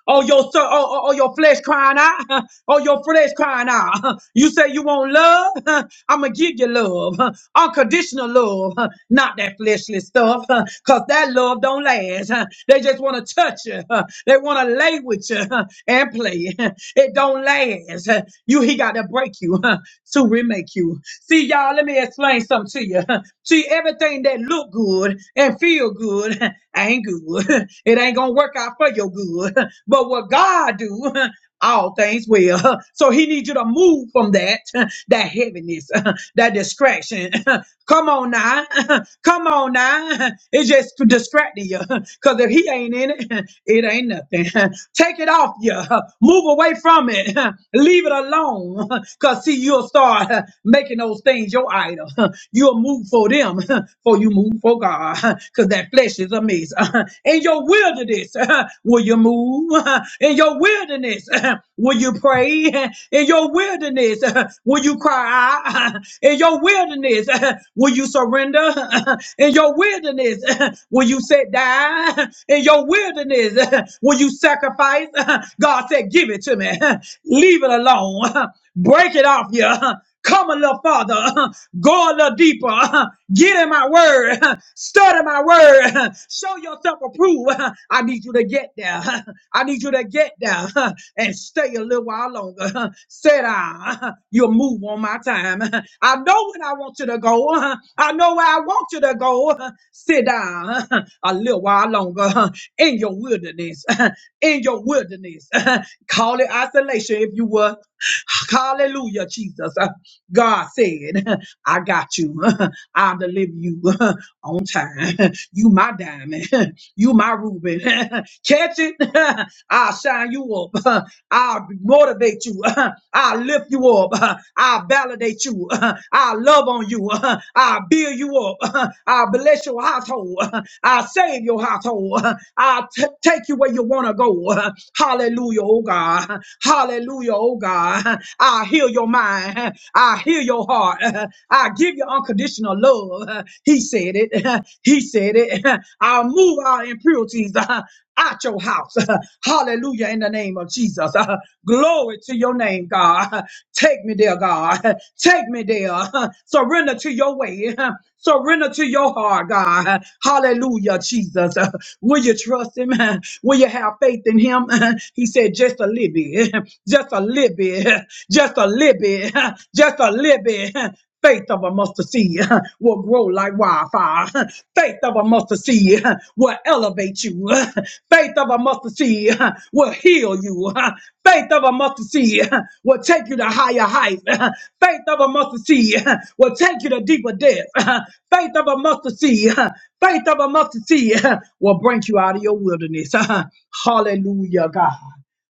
Speaker 2: Oh your so, oh, oh, oh, your flesh crying out, oh your flesh crying out. You say you want love, I'm gonna give you love, unconditional love, not that fleshly stuff, cause that love don't last. They just want to touch you, they want to lay with you and play. It don't last. You he got to break you to remake you. See y'all, let me explain something to you. See, everything that look good and feel good ain't good. It ain't gonna work out for your good. But what God do, all things well. So He needs you to move from that, that heaviness, that distraction. Come on now, come on now. It's just distracting you. Cause if He ain't in it, it ain't nothing. Take it off you. Move away from it. Leave it alone. Cause see, you'll start making those things your idol. You'll move for them, for you move for God, because that flesh is a mess. In your wilderness, will you move? In your wilderness, will you pray? In your wilderness, will you cry? In your wilderness, will you surrender? In your wilderness, will you sit down? In your wilderness, will you sacrifice? God said, Give it to me. Leave it alone. Break it off you. Come a little farther. Go a little deeper. Get in my word. Study my word. Show yourself approved. I need you to get there. I need you to get there and stay a little while longer. Sit down. You'll move on my time. I know when I want you to go. I know where I want you to go. Sit down a little while longer in your wilderness. In your wilderness. Call it isolation if you will. Hallelujah, Jesus. Uh, God said. I got you. I'll deliver you on time. You my diamond. You my Reuben. Catch it. I'll shine you up. I'll motivate you. I'll lift you up. I'll validate you. I'll love on you. I'll build you up. I'll bless your household. I'll save your household. I'll t- take you where you want to go. Hallelujah, oh God. Hallelujah, oh God. I'll heal your mind. I'll heal your heart. I'll give you unconditional love. He said it. He said it. I'll move our impurities out your house. Hallelujah, in the name of Jesus. Glory to your name, God. Take me there, God. Take me there. Surrender to your way. Surrender to your heart, God. Hallelujah, Jesus. Uh, Will you trust him? Uh, Will you have faith in him? Uh, He said, just a little bit, just a little bit, just a little bit, just a little bit faith of a mustard seed will grow like wildfire. Faith of a mustard seed will elevate you. Faith of a mustard seed will heal you. Faith of a mustard seed will take you to higher heights. Faith of a mustard seed will take you to deeper depths. Faith of a mustard seed, faith of a mustard seed will bring you out of your wilderness. Hallelujah, God.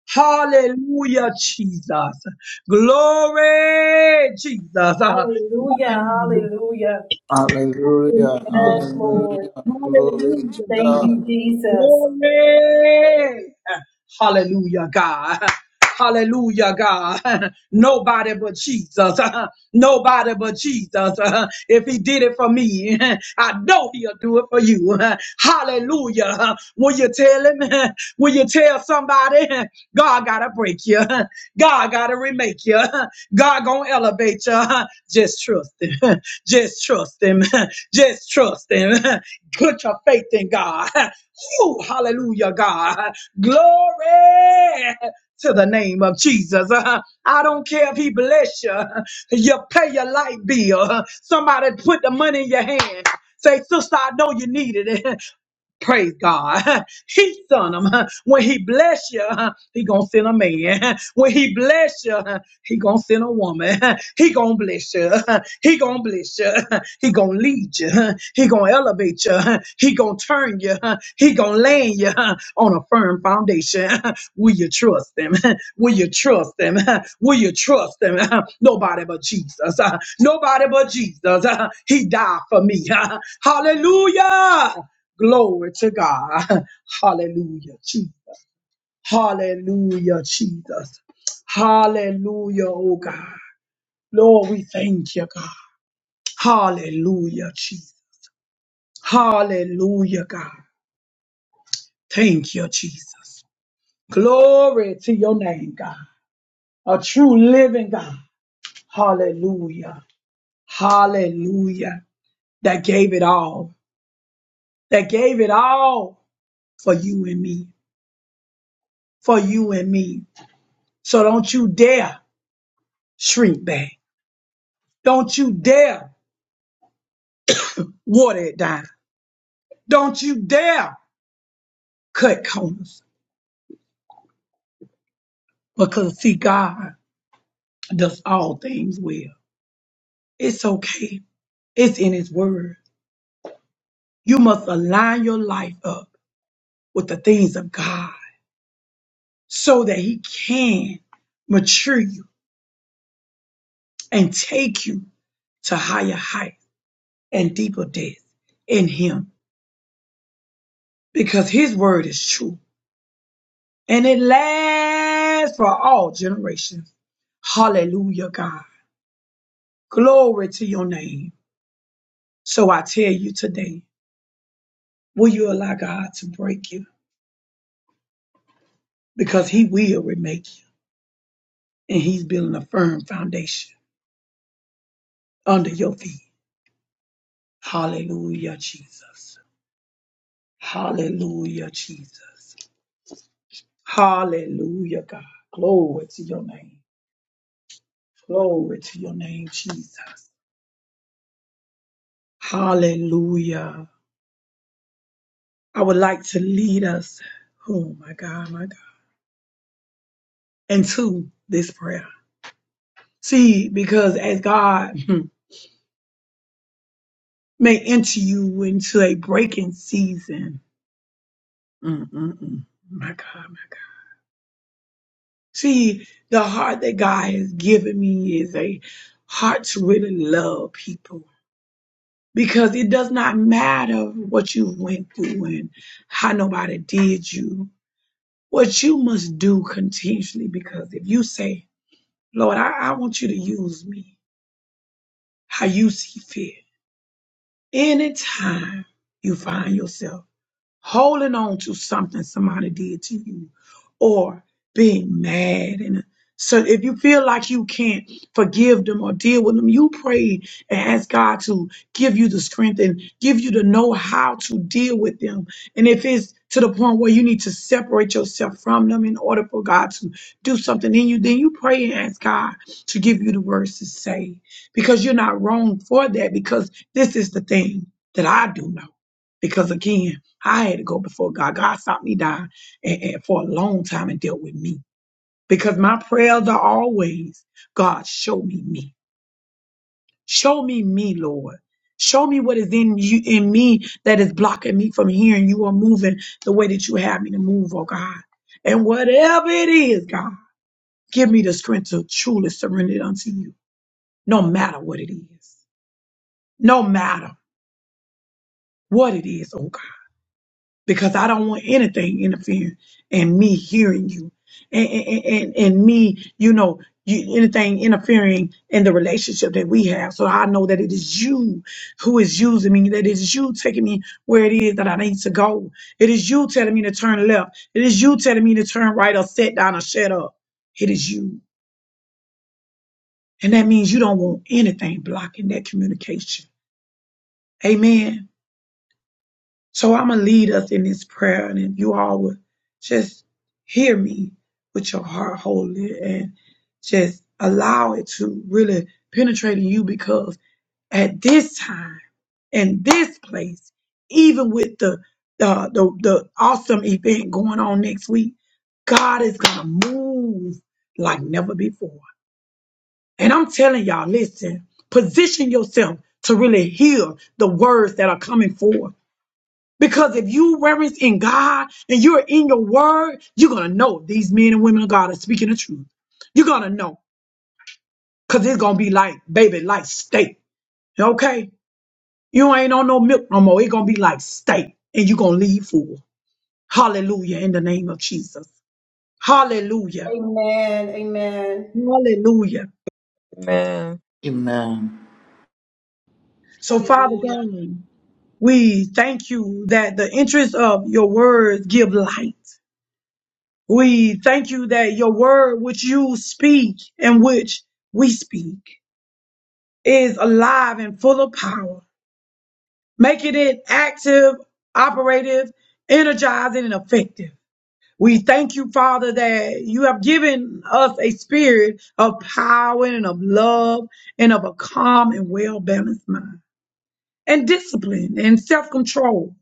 Speaker 2: Hallelujah, Jesus. Glory, Jesus. Hallelujah.
Speaker 1: Hallelujah. Hallelujah.
Speaker 3: Hallelujah.
Speaker 1: Yes,
Speaker 2: Hallelujah.
Speaker 1: Lord.
Speaker 3: Hallelujah. Glory
Speaker 2: Hallelujah.
Speaker 3: to
Speaker 1: Thank you,
Speaker 3: God.
Speaker 1: Jesus.
Speaker 2: Glory. Hallelujah, God. Hallelujah, God. Nobody but Jesus. Nobody but Jesus. If he did it for me, I know he'll do it for you. Hallelujah. Will you tell him? Will you tell somebody? God gotta break you. God gotta remake you. God gonna elevate you. Just trust him. Just trust him. Just trust him. Put your faith in God. Whew, hallelujah, God. Glory to the name of Jesus. Uh, I don't care if he bless you. You pay your light bill. Somebody put the money in your hand. Say, sister, I know you need it. Praise God. He sent him. When he bless you, he gonna send a man. When he bless you, he gonna send a woman. He gonna bless you. He gonna bless you. He gonna lead you. He gonna elevate you. He gonna turn you. He gonna land you on a firm foundation. Will you trust him? Will you trust him? Will you trust him? Nobody but Jesus. Nobody but Jesus. He died for me. Hallelujah. Glory to God. Hallelujah, Jesus. Hallelujah, Jesus. Hallelujah, oh God. Lord, we thank you, God. Hallelujah, Jesus. Hallelujah, God. Thank you, Jesus. Glory to your name, God. A true living God. Hallelujah. Hallelujah. That gave it all. That gave it all for you and me. For you and me. So don't you dare. shrink back. Don't you dare water it down. Don't you dare cut corners. Because see, God does all things well. It's okay. It's in his word. You must align your life up with the things of God so that he can mature you and take you to higher heights and deeper depths in him because his word is true and it lasts for all generations. Hallelujah, God. Glory to your name. So I tell you today, will you allow God to break you? Because he will remake you. And he's building a firm foundation under your feet. Hallelujah, Jesus. Hallelujah, Jesus. Hallelujah, God. Glory to your name. Glory to your name, Jesus. Hallelujah. I would like to lead us, oh my God, my God, into this prayer. See, because as God, hmm, may enter you into a breaking season. Mm-mm-mm. My God, my God. See, the heart that God has given me is a heart to really love people because it does not matter what you went through and how nobody did you. What you must do continuously because if you say, Lord, I, I want you to use me how you see fit, anytime you find yourself holding on to something somebody did to you or being mad and so if you feel like you can't forgive them or deal with them you pray and ask god to give you the strength and give you the know how to deal with them and if it's to the point where you need to separate yourself from them in order for god to do something in you then you pray and ask god to give you the words to say because you're not wrong for that because this is the thing that i do know because again I had to go before God. God stopped me down and, and for a long time and dealt with me because my prayers are always, God, show me me. Show me me, Lord. Show me what is in you, in me that is blocking me from hearing you or moving the way that you have me to move, oh God. And whatever it is, God, give me the strength to truly surrender it unto you, no matter what it is, no matter what it is, oh God. because I don't want anything interfering and me hearing you and, and, and, and me, you know, you, anything interfering in the relationship that we have. So I know that it is you who is using me, that it is you taking me where it is that I need to go. It is you telling me to turn left. It is you telling me to turn right or sit down or shut up. It is you. And that means you don't want anything blocking that communication. Amen. So I'm going to lead us in this prayer, and if you all would just hear me with your heart wholly and just allow it to really penetrate in you because at this time and this place, even with the the, the the awesome event going on next week, God is gonna move like never before. And I'm telling y'all, listen, position yourself to really hear the words that are coming forth because if you reverence in God and you're in your word, you're gonna know these men and women of God are speaking the truth. You're gonna know. Cause it's gonna be like, baby, like steak. Okay? You ain't on no milk no more. It's gonna be like steak. And you're gonna leave full. Hallelujah in the name of Jesus. Hallelujah.
Speaker 1: Amen. Amen.
Speaker 2: Hallelujah.
Speaker 4: Amen.
Speaker 3: Amen.
Speaker 2: So, Father
Speaker 7: Hallelujah.
Speaker 2: God, we thank you that the interest of your words give light. We thank you that your word, which you speak and which we speak, is alive and full of power, making it active, operative, energizing, and effective. We thank you, Father, that you have given us a spirit of power and of love and of a calm and well balanced mind and discipline and self control.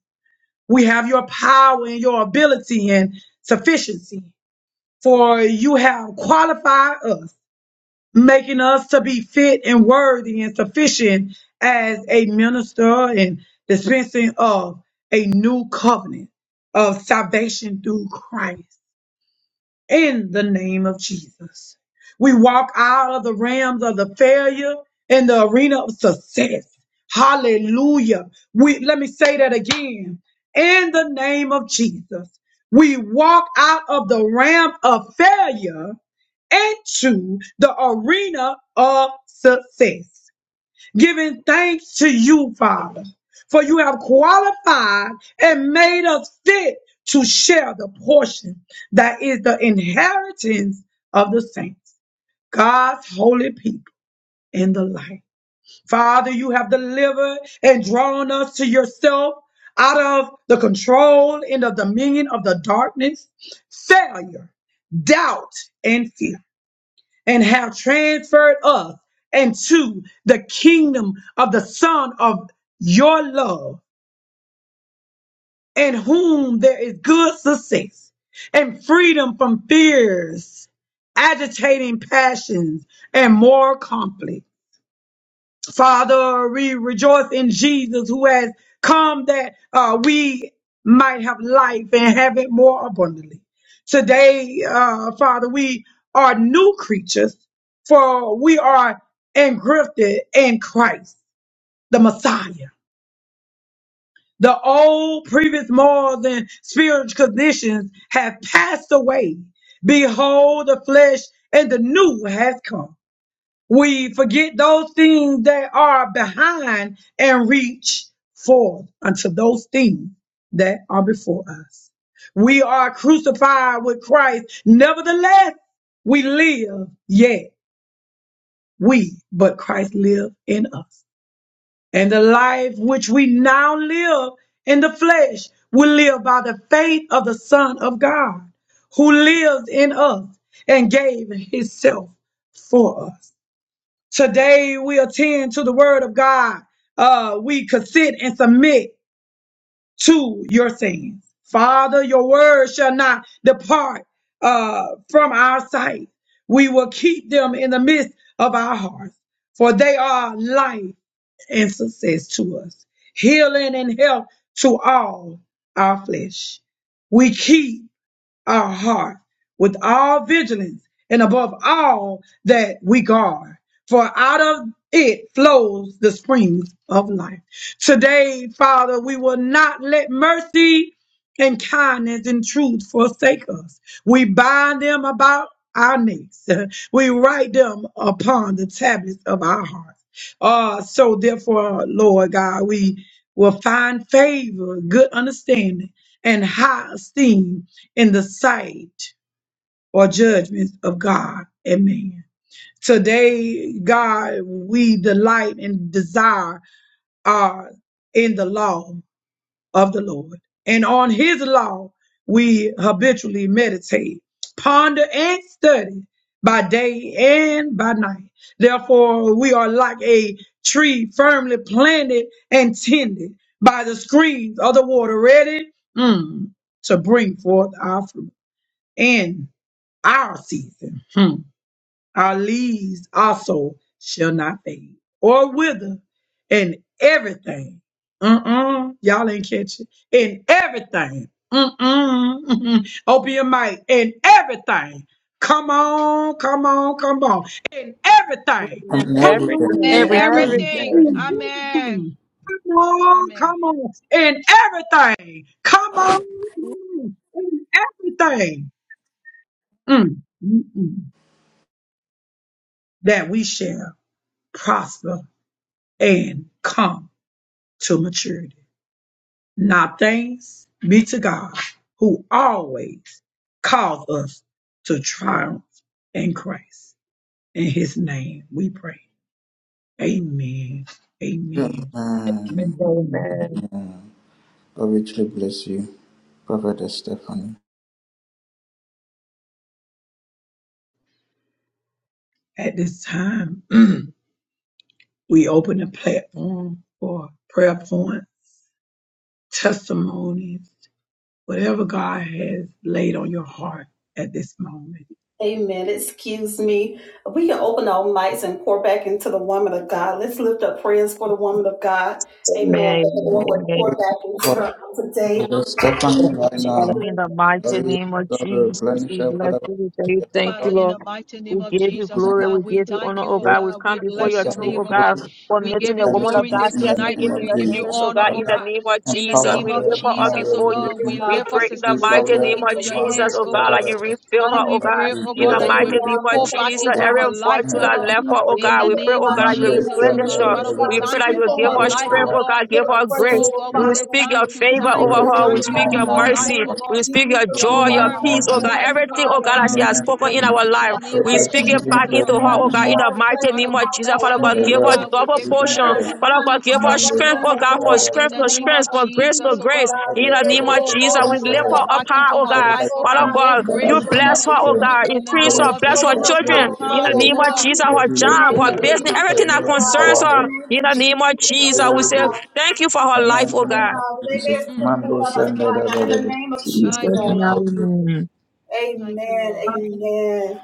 Speaker 2: We have your power and your ability and sufficiency, for you have qualified us making us to be fit and worthy and sufficient as a minister and dispensing of a new covenant of salvation through Christ in the name of Jesus. We walk out of the realms of the failure in the arena of success. Hallelujah. We let me say that again. In the name of Jesus, we walk out of the realm of failure into the arena of success, giving thanks to you, Father, for you have qualified and made us fit to share the portion that is the inheritance of the saints, God's holy people in the light. Father, you have delivered and drawn us to yourself out of the control and the dominion of the darkness, failure, doubt, and fear and have transferred us into the kingdom of the Son of your love, in whom there is good success and freedom from fears, agitating passions, and moral conflict. Father, we rejoice in Jesus who has come that uh, we might have life and have it more abundantly. Today, uh, Father, we are new creatures for we are engrafted in Christ, the Messiah. The old previous morals and spiritual conditions have passed away. Behold, the flesh and the new has come. We forget those things that are behind and reach forth unto those things that are before us. We are crucified with Christ. Nevertheless, we live, yet we, but Christ live in us. And the life which we now live in the flesh, we live by the faith of the Son of God who lives in us and gave himself for us. Today we attend to the word of God. Uh, we consent and submit to your sins. Father, your word shall not depart uh, from our sight. We will keep them in the midst of our hearts, for they are life and success to us, healing and health to all our flesh. We keep our heart with all vigilance and above all that we guard. For out of it flows the springs of life. Today, Father, we will not let mercy and kindness and truth forsake us. We bind them about our necks. We write them upon the tablets of our hearts. Uh, so therefore, Lord God, we will find favor, good understanding, and high esteem in the sight or judgments of God and man. Today, God, we delight and desire are in the law of the Lord. And on his law, we habitually meditate, ponder, and study by day and by night. Therefore, we are like a tree firmly planted and tended by the streams of the water, ready mm, to bring forth our fruit. In our season. Hmm. Our leaves also shall not fade or wither, and everything. Mm-mm. Y'all ain't catch it. And everything. Mm-mm. Open your mic. And everything. Come on, come on, come on. And everything.
Speaker 3: And
Speaker 2: Come
Speaker 3: everything.
Speaker 4: Everything,
Speaker 7: And
Speaker 2: on, come
Speaker 5: Everything.
Speaker 2: on.
Speaker 7: everything.
Speaker 4: everything.
Speaker 2: And
Speaker 7: Amen.
Speaker 2: everything. Come on,
Speaker 7: Amen.
Speaker 2: come on. And everything. Come on, come on. And everything. Mm. Mm-mm. that we shall prosper and come to maturity. Now thanks be to God who always calls us to triumph in Christ. In his name we pray. Amen. Amen.
Speaker 3: Amen.
Speaker 2: Amen.
Speaker 4: Amen.
Speaker 3: God richly bless you, Prophet Stephanie.
Speaker 2: At this time, we open the platform for prayer points, testimonies, whatever God has laid on your heart at this moment.
Speaker 1: Amen. Excuse me. We can open our mics and pour back into the woman of God. Let's lift up prayers for the woman of God. Amen. That the
Speaker 4: Amen.
Speaker 1: Lord would
Speaker 4: Amen.
Speaker 1: pour
Speaker 3: Pray
Speaker 1: back into
Speaker 3: for
Speaker 1: her on today.
Speaker 3: Prophet
Speaker 1: In the
Speaker 3: Stephanie
Speaker 1: name of
Speaker 3: right now.
Speaker 4: In the
Speaker 1: Jesus,
Speaker 3: God
Speaker 4: mighty
Speaker 3: will
Speaker 4: name of
Speaker 3: God will
Speaker 4: Jesus,
Speaker 3: replenish
Speaker 4: we
Speaker 3: her
Speaker 4: bless
Speaker 3: whatever
Speaker 4: you. We thank
Speaker 3: she
Speaker 4: you,
Speaker 3: has
Speaker 4: thank
Speaker 7: Father,
Speaker 4: you,
Speaker 7: in
Speaker 4: Lord.
Speaker 7: the mighty name
Speaker 4: We
Speaker 7: of
Speaker 4: give you
Speaker 7: Jesus,
Speaker 3: lost.
Speaker 7: oh
Speaker 4: glory.
Speaker 7: God,
Speaker 4: We
Speaker 7: we
Speaker 4: give you
Speaker 7: thank
Speaker 4: honor,
Speaker 7: you,
Speaker 4: oh
Speaker 7: oh
Speaker 3: Break
Speaker 4: God. We
Speaker 7: God. We
Speaker 4: come before
Speaker 3: the
Speaker 7: bless
Speaker 4: your
Speaker 7: your
Speaker 4: throne,
Speaker 7: name,
Speaker 4: oh
Speaker 7: oh
Speaker 3: manifold
Speaker 7: God.
Speaker 4: God,
Speaker 7: We
Speaker 4: committing
Speaker 7: give you
Speaker 4: the woman of
Speaker 7: glory
Speaker 4: God,
Speaker 7: there
Speaker 3: punishments in the
Speaker 4: Stephanie,
Speaker 7: tonight.
Speaker 3: name
Speaker 7: We
Speaker 4: into
Speaker 3: of
Speaker 7: give
Speaker 4: your
Speaker 7: you
Speaker 4: hands,
Speaker 3: Jesus.
Speaker 4: oh
Speaker 7: honor,
Speaker 4: God,
Speaker 7: oh
Speaker 4: in the
Speaker 3: Father,
Speaker 7: God.
Speaker 4: name of
Speaker 7: In the
Speaker 4: Jesus.
Speaker 3: empower
Speaker 7: name
Speaker 4: We
Speaker 7: of
Speaker 4: lift
Speaker 3: her
Speaker 4: her up
Speaker 3: more
Speaker 7: Jesus, oh
Speaker 4: before you.
Speaker 7: God, we
Speaker 3: revelation
Speaker 4: We
Speaker 7: lift our
Speaker 1: we pray
Speaker 4: pray in the
Speaker 7: sister
Speaker 3: through
Speaker 4: mighty
Speaker 1: God,
Speaker 7: Stephanie
Speaker 3: Gabriel
Speaker 4: name
Speaker 1: that you
Speaker 7: into
Speaker 4: of
Speaker 1: will
Speaker 7: your
Speaker 1: pour
Speaker 3: Mando.
Speaker 4: Jesus,
Speaker 1: back
Speaker 7: hands,
Speaker 4: oh
Speaker 7: oh
Speaker 4: God,
Speaker 1: into
Speaker 7: God.
Speaker 4: like
Speaker 3: Father,
Speaker 4: you refill
Speaker 7: Father,
Speaker 1: And
Speaker 4: her,
Speaker 1: In the
Speaker 4: oh
Speaker 7: we
Speaker 3: that
Speaker 1: name of
Speaker 4: God.
Speaker 7: pray,
Speaker 3: we
Speaker 7: oh
Speaker 4: In
Speaker 3: pray
Speaker 1: Jesus,
Speaker 7: God,
Speaker 4: the
Speaker 7: that
Speaker 3: that
Speaker 7: you
Speaker 3: you
Speaker 7: will
Speaker 1: Lord
Speaker 4: mighty
Speaker 1: God,
Speaker 4: name
Speaker 1: we
Speaker 4: of
Speaker 7: pour
Speaker 3: yourself
Speaker 1: pray,
Speaker 7: back
Speaker 4: Jesus,
Speaker 1: oh
Speaker 3: will
Speaker 7: into
Speaker 1: God,
Speaker 4: every
Speaker 7: her
Speaker 3: strengthen
Speaker 7: life,
Speaker 1: that
Speaker 4: virtue
Speaker 1: you
Speaker 7: oh
Speaker 3: her
Speaker 1: will
Speaker 4: that
Speaker 7: God.
Speaker 3: and
Speaker 4: left
Speaker 1: continue
Speaker 4: her,
Speaker 1: to
Speaker 4: oh
Speaker 3: power her.
Speaker 7: In
Speaker 4: God,
Speaker 7: the
Speaker 1: heal,
Speaker 4: we pray,
Speaker 1: oh
Speaker 7: name
Speaker 4: oh
Speaker 1: God,
Speaker 7: of
Speaker 4: God, that
Speaker 1: in
Speaker 4: you
Speaker 3: Mando,
Speaker 1: the
Speaker 7: Jesus,
Speaker 1: name
Speaker 7: oh
Speaker 1: of
Speaker 4: replenish
Speaker 7: God.
Speaker 4: her.
Speaker 1: Jesus,
Speaker 7: Father, we
Speaker 4: We
Speaker 1: Father,
Speaker 3: Chandra,
Speaker 4: pray
Speaker 7: thank
Speaker 4: that
Speaker 7: you
Speaker 4: you
Speaker 7: for
Speaker 1: sprinkle
Speaker 4: give
Speaker 7: her
Speaker 1: her,
Speaker 4: her
Speaker 1: oh
Speaker 3: bless
Speaker 7: life,
Speaker 3: her
Speaker 1: God,
Speaker 4: strength,
Speaker 7: oh
Speaker 3: life.
Speaker 4: oh
Speaker 7: God.
Speaker 4: God,
Speaker 1: give
Speaker 4: give
Speaker 1: her
Speaker 4: her
Speaker 1: fresh
Speaker 4: grace.
Speaker 7: Oh
Speaker 3: Please,
Speaker 1: oil,
Speaker 7: God, we
Speaker 4: We will
Speaker 3: please,
Speaker 1: Father,
Speaker 7: say
Speaker 1: in the
Speaker 4: speak
Speaker 1: name
Speaker 4: your
Speaker 7: thank
Speaker 1: of
Speaker 7: you,
Speaker 4: favor
Speaker 1: Jesus,
Speaker 3: Show
Speaker 7: thank
Speaker 4: over
Speaker 3: her
Speaker 1: oh
Speaker 7: you,
Speaker 4: her.
Speaker 1: Lord
Speaker 4: We
Speaker 3: even
Speaker 7: thank you
Speaker 1: God,
Speaker 4: speak
Speaker 3: more,
Speaker 7: for
Speaker 4: your
Speaker 7: her
Speaker 1: in
Speaker 3: more
Speaker 1: the
Speaker 7: life,
Speaker 4: mercy.
Speaker 1: name
Speaker 7: oh
Speaker 1: of
Speaker 3: deeper.
Speaker 7: God.
Speaker 4: We speak your
Speaker 1: Jesus,
Speaker 3: Show
Speaker 7: Your
Speaker 3: her
Speaker 1: oh
Speaker 4: joy, your
Speaker 3: more,
Speaker 7: word,
Speaker 1: God,
Speaker 7: oh
Speaker 1: we
Speaker 3: more
Speaker 4: peace, oh
Speaker 7: God,
Speaker 4: God,
Speaker 1: thank
Speaker 3: deeper.
Speaker 7: thank
Speaker 1: you,
Speaker 7: you for
Speaker 4: everything, oh
Speaker 7: your
Speaker 1: Father,
Speaker 4: God, that
Speaker 3: In the
Speaker 4: she
Speaker 7: word.
Speaker 1: in the
Speaker 4: has
Speaker 3: name
Speaker 1: name
Speaker 4: spoken
Speaker 3: of
Speaker 1: of
Speaker 4: in our
Speaker 3: Jesus.
Speaker 1: Jesus,
Speaker 7: In
Speaker 4: life.
Speaker 7: the
Speaker 1: Father,
Speaker 3: Let
Speaker 7: name
Speaker 4: We
Speaker 7: of
Speaker 1: protect
Speaker 3: her
Speaker 4: speak it
Speaker 1: everything
Speaker 7: Jesus,
Speaker 1: that
Speaker 3: even
Speaker 4: back
Speaker 7: oh
Speaker 3: go
Speaker 4: into
Speaker 7: God.
Speaker 4: her,
Speaker 3: more,
Speaker 1: concerns
Speaker 4: oh
Speaker 1: her,
Speaker 4: God, in
Speaker 3: more.
Speaker 4: the
Speaker 1: power, bless
Speaker 4: mighty
Speaker 7: Father,
Speaker 1: her
Speaker 4: name
Speaker 7: we
Speaker 4: of Jesus.
Speaker 1: household,
Speaker 7: bless
Speaker 4: Father
Speaker 7: your
Speaker 1: bless
Speaker 4: God,
Speaker 7: name,
Speaker 1: her
Speaker 7: oh
Speaker 4: give her
Speaker 3: Hallelujah.
Speaker 7: God. We
Speaker 1: children,
Speaker 4: double
Speaker 7: give you
Speaker 1: bless her
Speaker 4: portion.
Speaker 1: in
Speaker 7: honor.
Speaker 1: her
Speaker 7: We
Speaker 4: Father
Speaker 7: give
Speaker 1: time,
Speaker 4: God,
Speaker 7: you
Speaker 4: give
Speaker 1: Father,
Speaker 4: her
Speaker 7: praise,
Speaker 1: bless
Speaker 7: oh
Speaker 1: her
Speaker 4: strength,
Speaker 7: God.
Speaker 1: in
Speaker 4: oh
Speaker 1: her
Speaker 4: God, for
Speaker 1: home,
Speaker 7: In
Speaker 4: strength
Speaker 7: the
Speaker 1: in
Speaker 4: to
Speaker 1: the
Speaker 7: name
Speaker 1: name
Speaker 7: of
Speaker 4: strength,
Speaker 1: of
Speaker 4: for grace to
Speaker 7: Jesus,
Speaker 1: Jesus,
Speaker 7: oh
Speaker 1: oh
Speaker 7: God.
Speaker 4: grace.
Speaker 1: God,
Speaker 4: In
Speaker 1: may
Speaker 4: the
Speaker 1: those
Speaker 4: name of
Speaker 7: Oh
Speaker 1: so
Speaker 4: Jesus,
Speaker 1: forth,
Speaker 7: God,
Speaker 1: I
Speaker 7: we
Speaker 4: we
Speaker 7: say
Speaker 1: don't
Speaker 4: lift
Speaker 1: know,
Speaker 7: pour
Speaker 4: her
Speaker 1: I
Speaker 4: up
Speaker 7: back
Speaker 4: high,
Speaker 1: don't
Speaker 7: into
Speaker 4: oh
Speaker 7: her
Speaker 1: know,
Speaker 4: God.
Speaker 7: life, oh
Speaker 1: Oh
Speaker 7: God,
Speaker 4: Father
Speaker 1: God, we
Speaker 7: more
Speaker 4: God,
Speaker 1: speak
Speaker 4: you
Speaker 7: grace, oh
Speaker 1: your
Speaker 7: God,
Speaker 4: bless
Speaker 1: king,
Speaker 4: her,
Speaker 1: we
Speaker 4: oh
Speaker 1: speak
Speaker 4: God.
Speaker 1: your
Speaker 7: in the
Speaker 4: Increase
Speaker 1: power
Speaker 7: name
Speaker 4: her,
Speaker 7: of
Speaker 4: bless
Speaker 1: over
Speaker 4: her
Speaker 1: her,
Speaker 7: Jesus, more
Speaker 4: children.
Speaker 1: Father,
Speaker 4: In
Speaker 7: power,
Speaker 1: first
Speaker 4: the name
Speaker 7: oh
Speaker 4: of
Speaker 7: God,
Speaker 4: Jesus,
Speaker 1: anointing
Speaker 4: her
Speaker 1: in the
Speaker 4: job,
Speaker 7: in
Speaker 1: name
Speaker 4: her
Speaker 7: the
Speaker 1: of
Speaker 7: name
Speaker 4: business,
Speaker 7: of
Speaker 1: Jesus,
Speaker 4: everything
Speaker 1: oh
Speaker 4: that
Speaker 7: Jesus, oh
Speaker 1: God,
Speaker 7: God.
Speaker 4: concerns
Speaker 1: in the
Speaker 4: her.
Speaker 1: name
Speaker 4: In
Speaker 1: of
Speaker 4: the name of
Speaker 1: Jesus, oh
Speaker 4: Jesus, we
Speaker 1: God.
Speaker 4: say thank you for
Speaker 1: We
Speaker 4: her
Speaker 1: Thank
Speaker 4: life,
Speaker 1: you,
Speaker 4: oh
Speaker 1: oh
Speaker 4: God.
Speaker 1: God.
Speaker 7: Mm,
Speaker 1: In the name of
Speaker 4: Jesus,
Speaker 7: thank you,
Speaker 1: Jesus.
Speaker 7: Lord.
Speaker 4: amen.
Speaker 7: Thank you,
Speaker 1: Amen.
Speaker 7: Lord.
Speaker 1: Amen.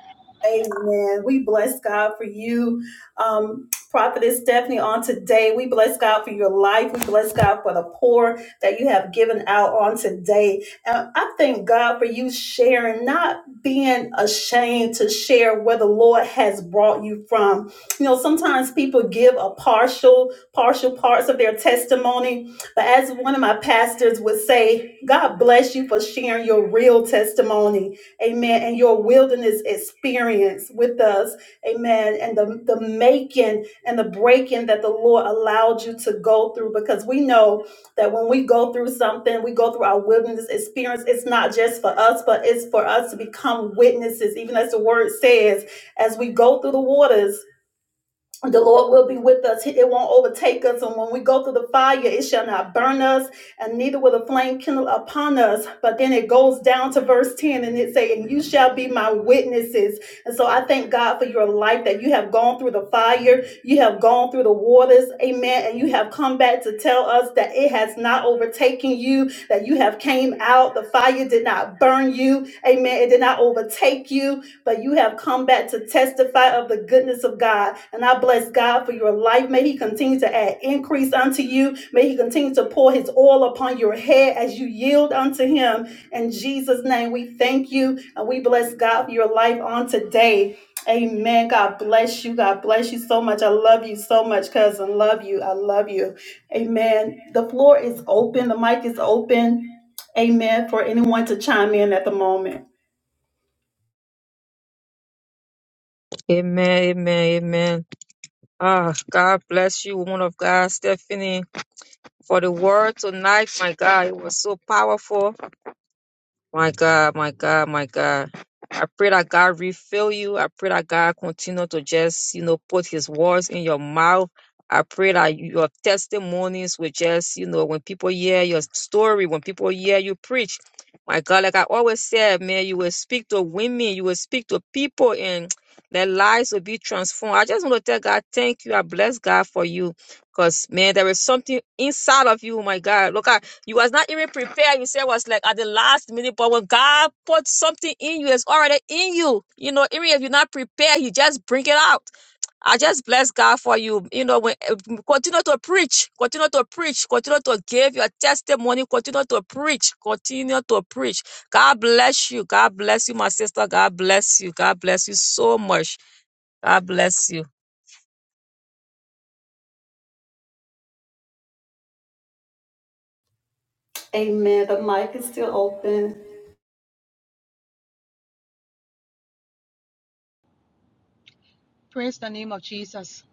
Speaker 1: Amen. We bless God for you, um, Prophetess Stephanie, on today. We bless God for your life. We bless God for the poor that you have given out on today. And I thank God for you sharing, not being ashamed to share where the Lord has brought you from. You know, sometimes people give a partial, partial parts of their testimony. But as one of my pastors would say, God bless you for sharing your real testimony amen, and your wilderness experience with us, amen, and the, the making and the breaking that the Lord allowed you to go through because we know that when we go through something, we go through our wilderness experience, it's not just for us, but it's for us to become witnesses, even as the word says, as we go through the waters the Lord will be with us. It won't overtake us. And when we go through the fire, it shall not burn us, and neither will the flame kindle upon us. But then it goes down to verse 10 and it says, And you shall be my witnesses. And so I thank God for your life that you have gone through the fire, you have gone through the waters, amen. And you have come back to tell us that it has not overtaken you, that you have came out, the fire did not burn you, amen. It did not overtake you but you have come back to testify of the goodness of God. And I bless God for your life. May He continue to add increase unto you. May He continue to pour His oil upon your head as you yield unto Him. In Jesus' name, we thank you and we bless God for your life on today. Amen. God bless you. God bless you so much. I love you so much, cousin. Love you. I love you. Amen. The floor is open. The mic is open. Amen. For anyone to chime in at the moment.
Speaker 4: Amen, amen, amen. Ah, God bless you, woman of God, Stephanie. for the word tonight. My God, it was so powerful. My God, my God, my God. I pray that God refill you. I pray that God continue to just, you know, put his words in your mouth. I pray that your testimonies will just, you know, when people hear your story, when people hear you preach, my God, like I always said, man, you will speak to women, you will speak to people, and their lives will be transformed. I just want to tell God, thank you. I bless God for you. Because, man, there is something inside of you, my God. Look, at you was not even prepared. You said it was like at the last minute, but when God put something in you, it's already in you. You know, even if you're not prepared, He just bring it out. I just bless God for you. You know, when, eh, continue to preach, continue to preach, continue to give your testimony, continue to preach, continue to preach. God bless you. God bless you, my sister. God bless you. God bless you so much. God bless you.
Speaker 1: Amen. The mic is still open.
Speaker 7: Praise the name of Jesus.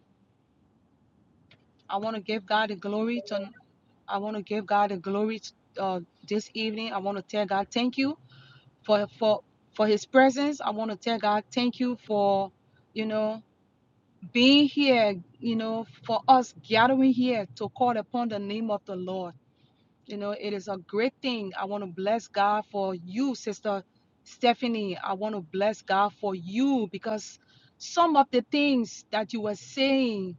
Speaker 7: I want to give God the glory. To, I want to give God the glory to, uh, this evening. I want to tell God, thank you. for for for his presence i want to tell god thank you for you know being here you know for us gathering here to call upon the name of the lord you know it is a great thing i want to bless god for you sister stephanie i want to bless god for you because some of the things that you were saying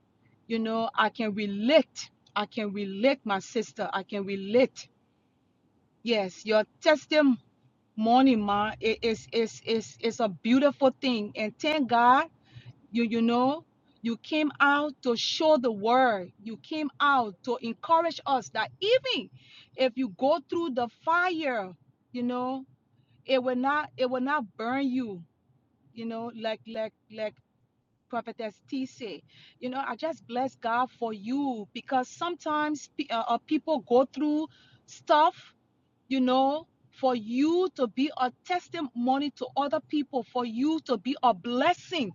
Speaker 7: you know i can relate i can relate my sister i can relate yes your testimony morning, ma. It- it's it's it's it's a beautiful thing, and thank God you you know you came out to show the word. You came out to encourage us that even if you go through the fire, you know it will not it will not burn you. You know, like like like prophetess T said. You know, I just bless God for you because sometimes pe- uh, uh, people go through stuff you know, for you to be a testimony to other people, for you to be a blessing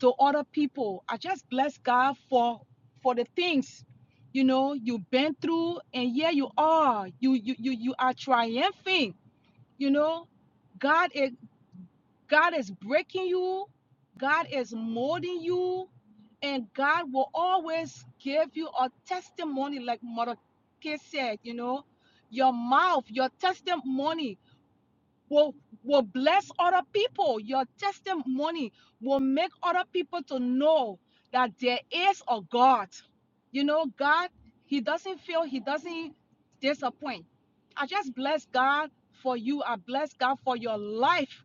Speaker 7: to other people. I just bless God for for the things you know you've been through, and here you are. You you you you are triumphing. You know, God is God is breaking you, God is molding you, and God will always give you a testimony, like Mordecai said, you know, your mouth, your testimony will will bless other people. Your testimony will make other people to know that there is a God. You know, God, He doesn't fail, He doesn't disappoint. I just bless God for you. I bless God for your life.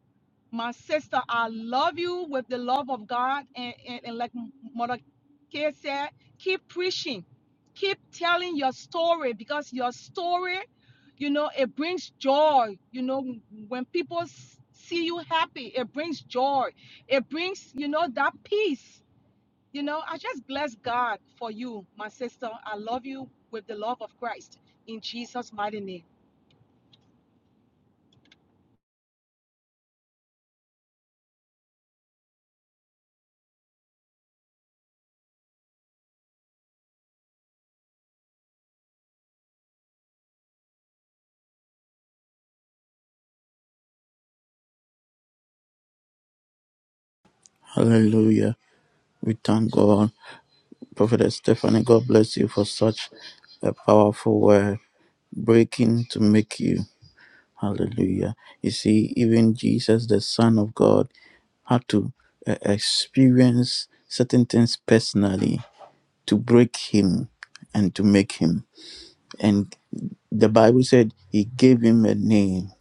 Speaker 7: My sister, I love you with the love of God. And, and, and like Mother Kay said, keep preaching. Keep telling your story because your story you know it brings joy you know when people s- see you happy it brings joy it brings you know that peace you know i just bless god for you my sister i love you with the love of christ in jesus mighty name
Speaker 3: We thank God. Prophet Stephanie, God bless you for such a powerful word. Breaking to make you. Hallelujah. You see, even Jesus, the Son of God, had to uh, experience certain things personally to break him and to make him. and. The Bible said he gave him a name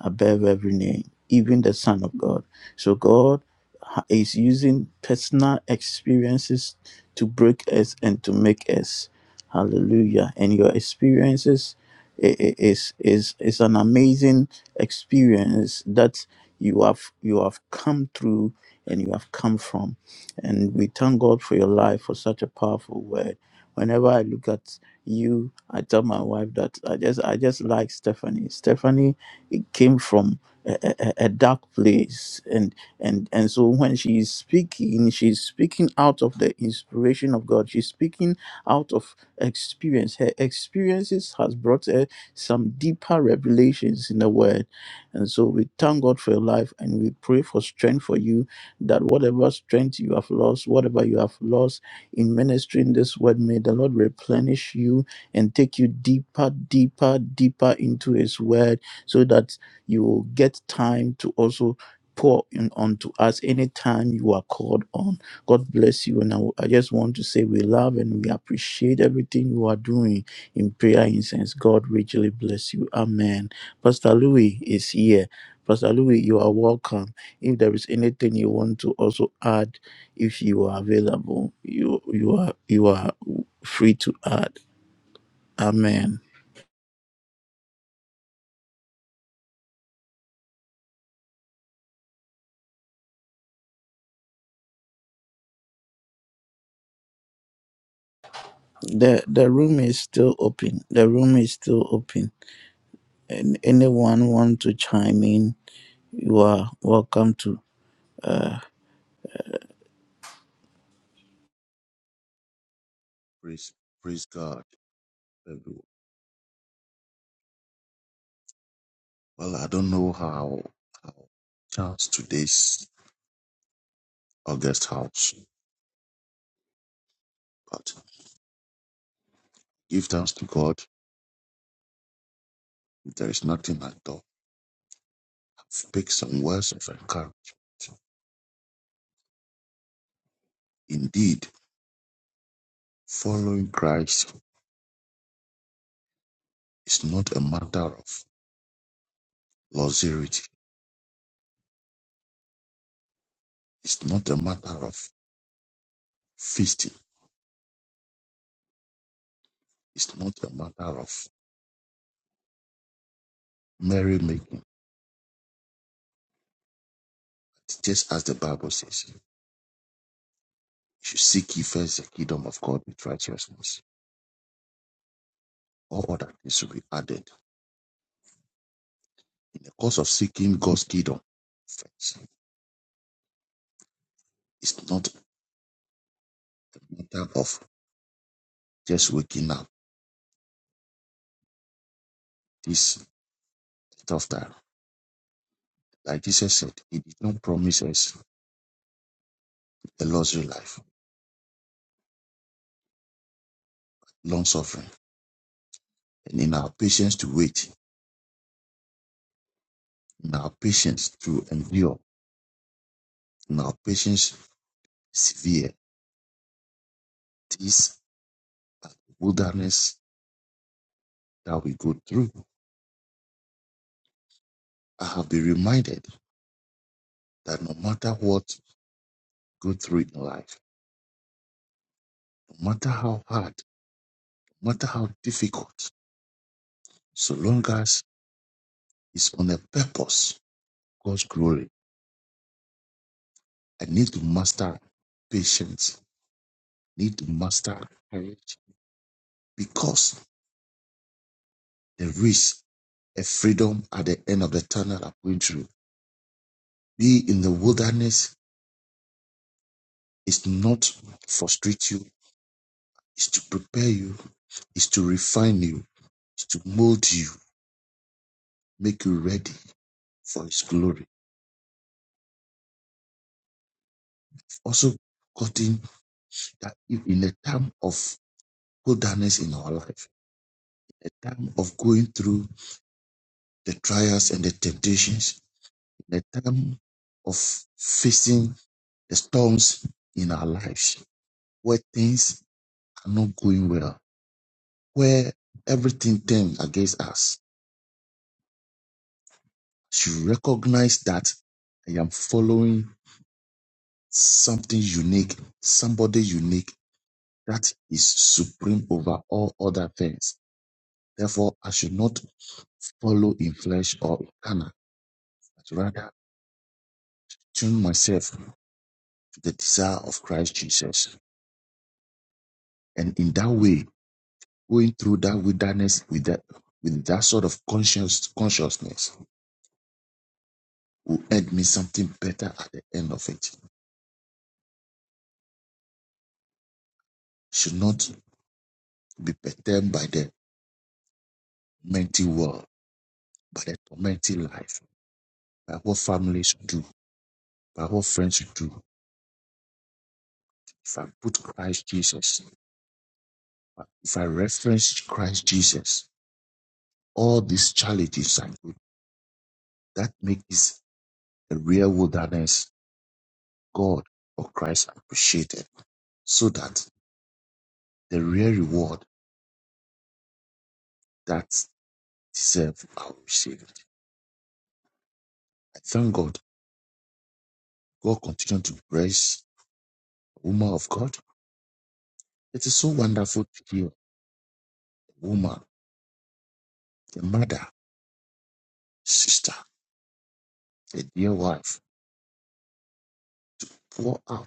Speaker 3: above every name, even the Son of God. So God ha- is using personal experiences to break us and to make us. Hallelujah. And your experiences i- i- is is is an amazing experience that you have you have come through and you have come from. And we thank God for your life for such a powerful word. Whenever I look at you i tell my wife that i just i just like stephanie stephanie it came from a, a, a dark place and and and so when she is speaking she's speaking out of the inspiration of god she's speaking out of experience her experiences has brought her some deeper revelations in the word and so we thank god for your life and we pray for strength for you that whatever strength you have lost whatever you have lost in ministering this word. May the Lord replenish you and take you deeper, deeper, deeper into His word so that you will get time to also pour in onto us anytime you are called on. God bless you. And I, I just want to say we love and we appreciate everything you are doing in prayer incense. God richly bless you. Amen. Pastor Louis is here. Pastor Louis, you are welcome. If there is anything you want to also add, if you are available, you you are you are free to add. Amen. The the room is still open. The room is still open. And anyone want to chime in, you are welcome to.
Speaker 8: Praise, praise God. everyone. Well, I don't know how how counts today's August house, but give thanks to God. There is nothing at all. Speak some words of encouragement. Indeed, following Christ is not a matter of luxury. It's not a matter of feasting. It's not a matter of merrymaking. Just as the Bible says, you should seek ye first the kingdom of God with righteousness. All other things will be added The course of seeking God's kingdom first is not a matter of just waking up this tough time. Like Jesus said, He did not promise us a luxury life, long suffering. And in our patience to wait, in our patience to endure, in our patience severe, this wilderness that we go through, I have been reminded that no matter what we go through in life, no matter how hard, no matter how difficult, so long as it's on a purpose God's glory. I need to master patience, need to master courage because there is a freedom at the end of the tunnel I'm going through. Be in the wilderness is not frustrate you, is to prepare you, is to refine you, is to mold you, make you ready for his glory. Also, gotten that if in a time of wilderness in our life, a time of going through the trials and the temptations, the time of facing the storms in our lives where things are not going well, where everything turns against us. Should recognize that I am following something unique, somebody unique that is supreme over all other things. Therefore, I should not follow in flesh or in carnal, but rather tune myself to the desire of Christ Jesus. And in that way, going through that wilderness with that with that sort of conscious consciousness will end me something better at the end of it. Should not be perturbed by the mental world, by the tormenting life, by what families do, by what friends do. If I put Christ Jesus, if I reference Christ Jesus, all these challenges I do that makes the real wilderness God or Christ appreciated. So that the real reward that She said, oh, she, I thank God. God continue to bless the woman of God. It is so wonderful to hear a woman, a mother, sister, a dear wife pour out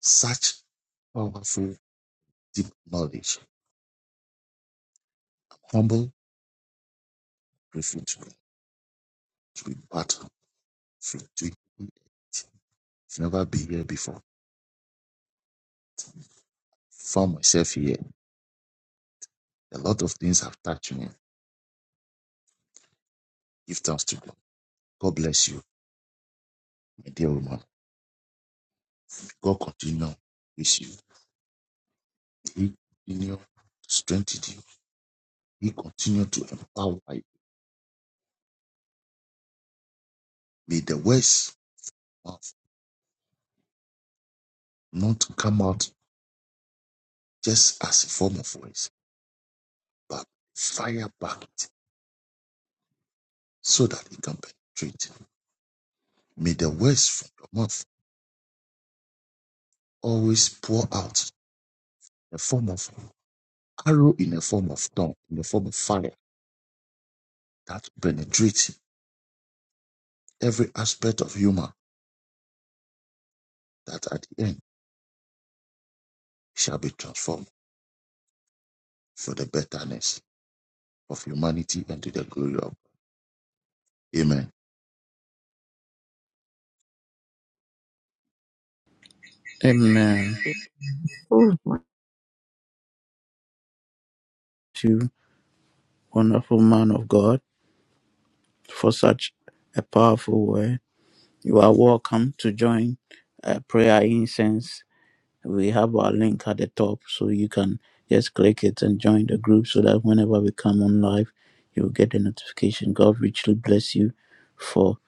Speaker 8: such powerful, deep knowledge, humble, refuge to be battle free to you. I've never been here before. Found myself here. A lot of things have touched me. Give thanks to God. God bless you, my dear woman. God continue with you. He continued to strengthen you. He continued to empower you. May the words of not come out just as a form of words, but fire back it so that it can penetrate. May the words from your mouth always pour out in the form of arrow, in the form of tongue, in the form of fire that penetrates every aspect of human that at the end shall be transformed for the betterness of humanity and to the glory of God. Amen.
Speaker 3: Amen.
Speaker 4: Amen.
Speaker 3: You wonderful man of God for such a powerful word. You are welcome to join uh, prayer incense We have our link at the top, so you can just click it and join the group so that whenever we come on live, you'll get the notification. God richly bless you for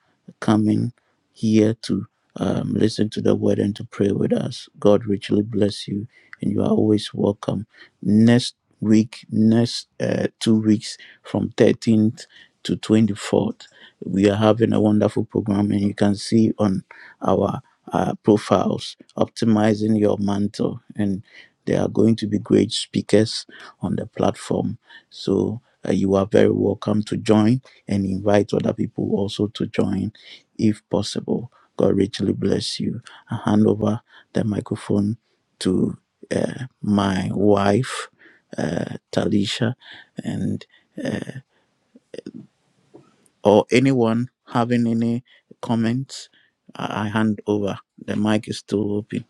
Speaker 3: coming here to um, listen to the word and to pray with us. God richly bless you, and you are always welcome. Next week, next uh, two weeks from 13th to 24th, we are having a wonderful program, and you can see on our uh, profiles, optimizing your mantle, and there are going to be great speakers on the platform. So uh, you are very welcome to join and invite other people also to join if possible. God richly bless you. I hand over the microphone to uh, my wife, uh, Talisha, and or anyone having any comments. I I hand over. The mic is still open.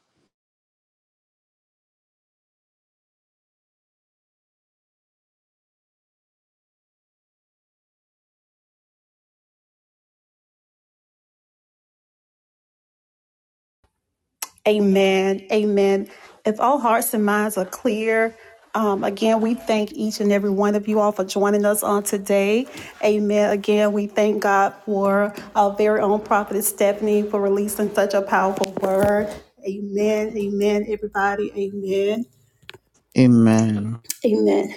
Speaker 1: Amen. Amen. If all hearts and minds are clear, um, again, we thank each and every one of you all for joining us on today. Amen. Again, we thank God for our very own prophetess Stephanie for releasing such a powerful word. Amen. Amen, everybody. Amen.
Speaker 3: Amen.
Speaker 1: Amen.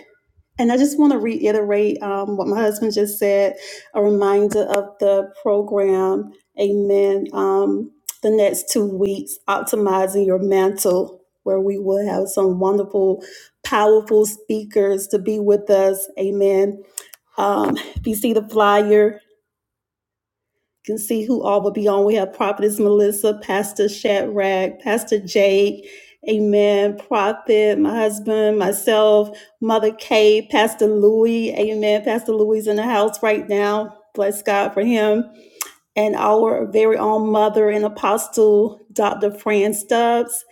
Speaker 1: And I just want to reiterate um, what my husband just said a reminder of the program. Amen. Um, the next two weeks, optimizing your mantle, where we will have some wonderful, powerful speakers to be with us. Amen. Um, if you see the flyer, can see who all will be on. We have Prophetess Melissa, Pastor Shadrach, Pastor Jake, Amen. Prophet, my husband, myself, Mother Kay, Pastor Louis, Amen. Pastor Louis is in the house right now. Bless God for him. And our very own mother and apostle, Dr. Fran Stubbs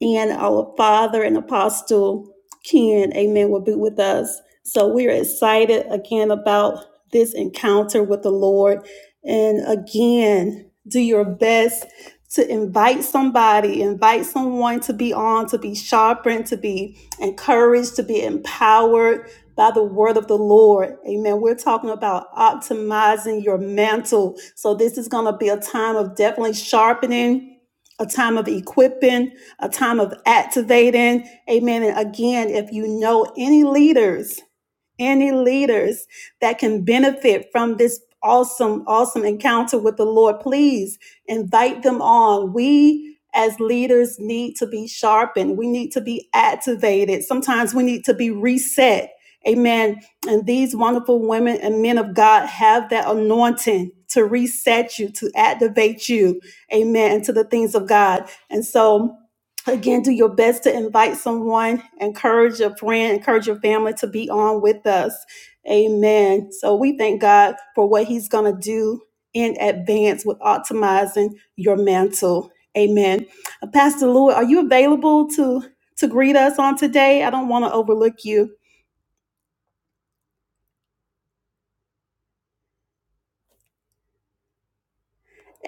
Speaker 1: and our father and apostle Ken, amen, will be with us. So we're excited again about this encounter with the Lord. And again, do your best to invite somebody, invite someone to be on, to be sharpened, to be encouraged, to be empowered by the word of the Lord. Amen. We're talking about optimizing your mantle. So this is going to be a time of definitely sharpening, a time of equipping, a time of activating. Amen. And again, if you know any leaders, any leaders that can benefit from this awesome, awesome encounter with the Lord, please invite them on. We as leaders need to be sharpened. We need to be activated. Sometimes we need to be reset. Amen. And these wonderful women and men of God have that anointing to reset you, to activate you. Amen. Into the things of God. And so, again, do your best to invite someone, encourage your friend, encourage your family to be on with us. Amen. So we thank God for what He's going to do in advance with optimizing your mantle. Amen. Uh, Pastor Lewis, are you available to to greet us on today? I don't want to overlook you.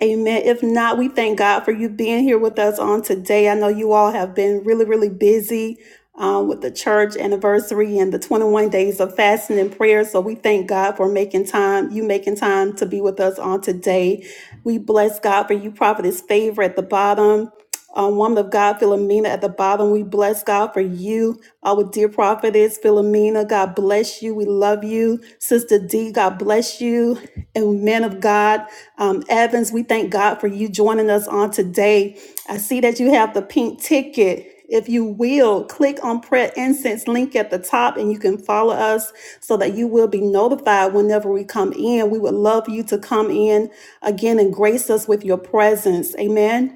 Speaker 1: Amen. If not, we thank God for you being here with us on today. I know you all have been really, really busy um, with the church anniversary and the 21 days of fasting and prayer. So we thank God for making time, you making time to be with us on today. We bless God for you, Prophetess Favor at the bottom. Um, woman of God, Philomena at the bottom. We bless God for you, our dear prophetess, Philomena. God bless you. We love you. Sister D, God bless you. And men of God. Um, Evans, we thank God for you joining us on today. I see that you have the pink ticket. If you will, click on Prayer Incense link at the top and you can follow us so that you will be notified whenever we come in. We would love you to come in again and grace us with your presence. Amen.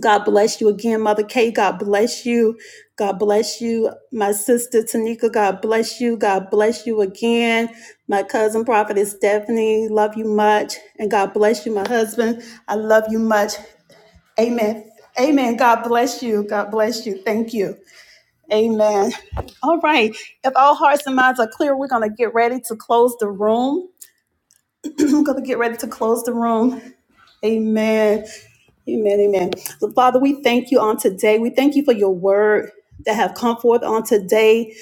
Speaker 1: God bless you again, Mother Kay. God bless you. God bless you, my sister Tanika. God bless you. God bless you again. My cousin prophetess Stephanie. Love you much. And God bless you, my husband. I love you much. Amen. Amen. God bless you. God bless you. Thank you. Amen. All right. If all hearts and minds are clear, we're going to get ready to close the room. I'm going to get ready to close the room. Amen. Amen, amen. So, Father, we thank you on today. We thank you for your word that have come forth on today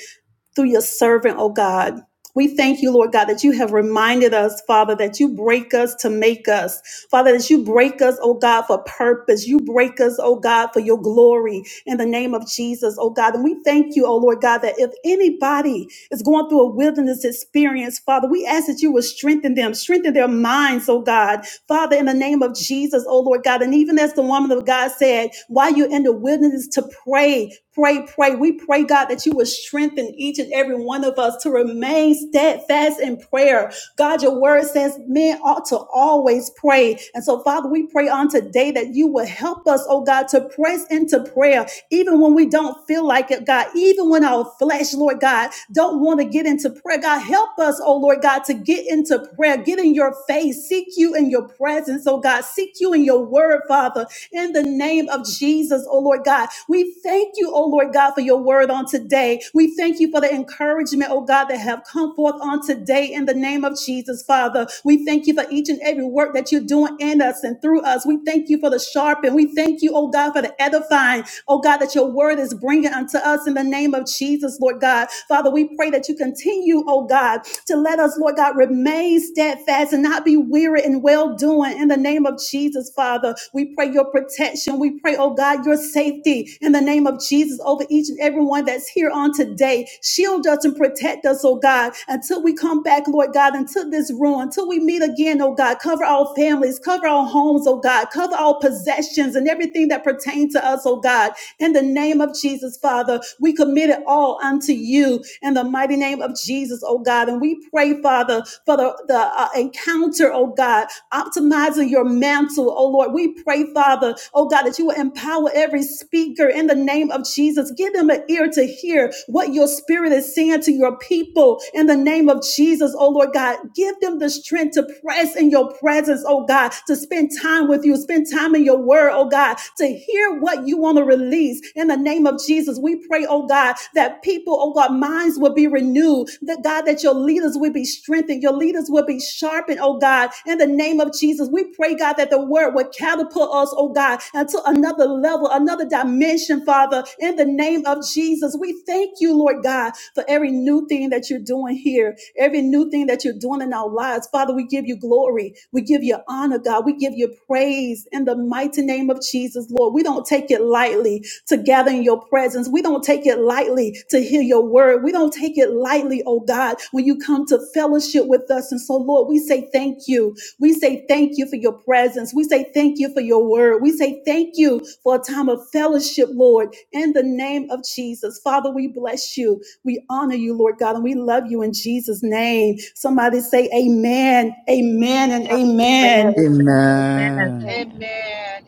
Speaker 1: through your servant, oh God. We thank you, Lord God, that you have reminded us, Father, that you break us to make us. Father, that you break us, oh God, for purpose. You break us, oh God, for your glory in the name of Jesus, oh God. And we thank you, oh Lord God, that if anybody is going through a wilderness experience, Father, we ask that you will strengthen them, strengthen their minds, oh God, Father, in the name of Jesus, oh Lord God, and even as the woman of God said, while you're in the wilderness to pray, pray, pray, we pray, God, that you would strengthen each and every one of us to remain steadfast in prayer. God, your word says men ought to always pray. And so, Father, we pray on today that you will help us, oh God, to press into prayer even when we don't feel like it, God, even when our flesh, Lord God, don't want to get into prayer. God, help us, oh Lord God, to get into prayer, get in your face, seek you in your presence, oh God, seek you in your word, Father, in the name of Jesus, oh Lord God. We thank you, oh Lord God, for your word on today. We thank you for the encouragement, oh God, that have come forth on today in the name of Jesus, Father. We thank you for each and every work that you're doing in us and through us. We thank you for the sharp and we thank you, oh God, for the edifying oh God, that your word is bringing unto us in the name of Jesus, Lord God. Father, we pray that you continue, oh God, to let us, Lord God, remain steadfast and not be weary in well doing in the name of Jesus, Father. We pray your protection. We pray, oh God, your safety in the name of Jesus over each and everyone that's here on today. Shield us and protect us, oh God, until we come back, Lord God, into this room, until we meet again, oh God. Cover our families, cover our homes, oh God, cover our possessions and everything that pertains to us, oh God. In the name of Jesus, Father, we commit it all unto you in the mighty name of Jesus, oh God. And we pray, Father, for the, the uh, encounter, oh God, optimizing your mantle, oh Lord. We pray, Father, oh God, that you will empower every speaker in the name of Jesus. Give them an ear to hear what your spirit is saying to your people in the name of Jesus, oh Lord God. Give them the strength to press in your presence, oh God, to spend time with you, spend time in your word, oh God, to hear what you want to release. In the name of Jesus, we pray, oh God, that people, oh God, minds will be renewed, that God, that your leaders will be strengthened, your leaders will be sharpened, oh God. In the name of Jesus, we pray, God, that the word would catapult us, oh God, into another level, another dimension, Father. In the in the name of Jesus. We thank you, Lord God, for every new thing that you're doing here, every new thing that you're doing in our lives. Father, we give you glory. We give you honor, God. We give you praise in the mighty name of Jesus, Lord. We don't take it lightly to gather in your presence. We don't take it lightly to hear your word. We don't take it lightly, oh God, when you come to fellowship with us. And so, Lord, we say thank you. We say thank you for your presence. We say thank you for your word. We say thank you for a time of fellowship, Lord, in the name of Jesus. Father, we bless you. We honor you, Lord God, and we love you in Jesus' name. Somebody say amen, amen, and amen.
Speaker 3: Amen.
Speaker 7: Amen.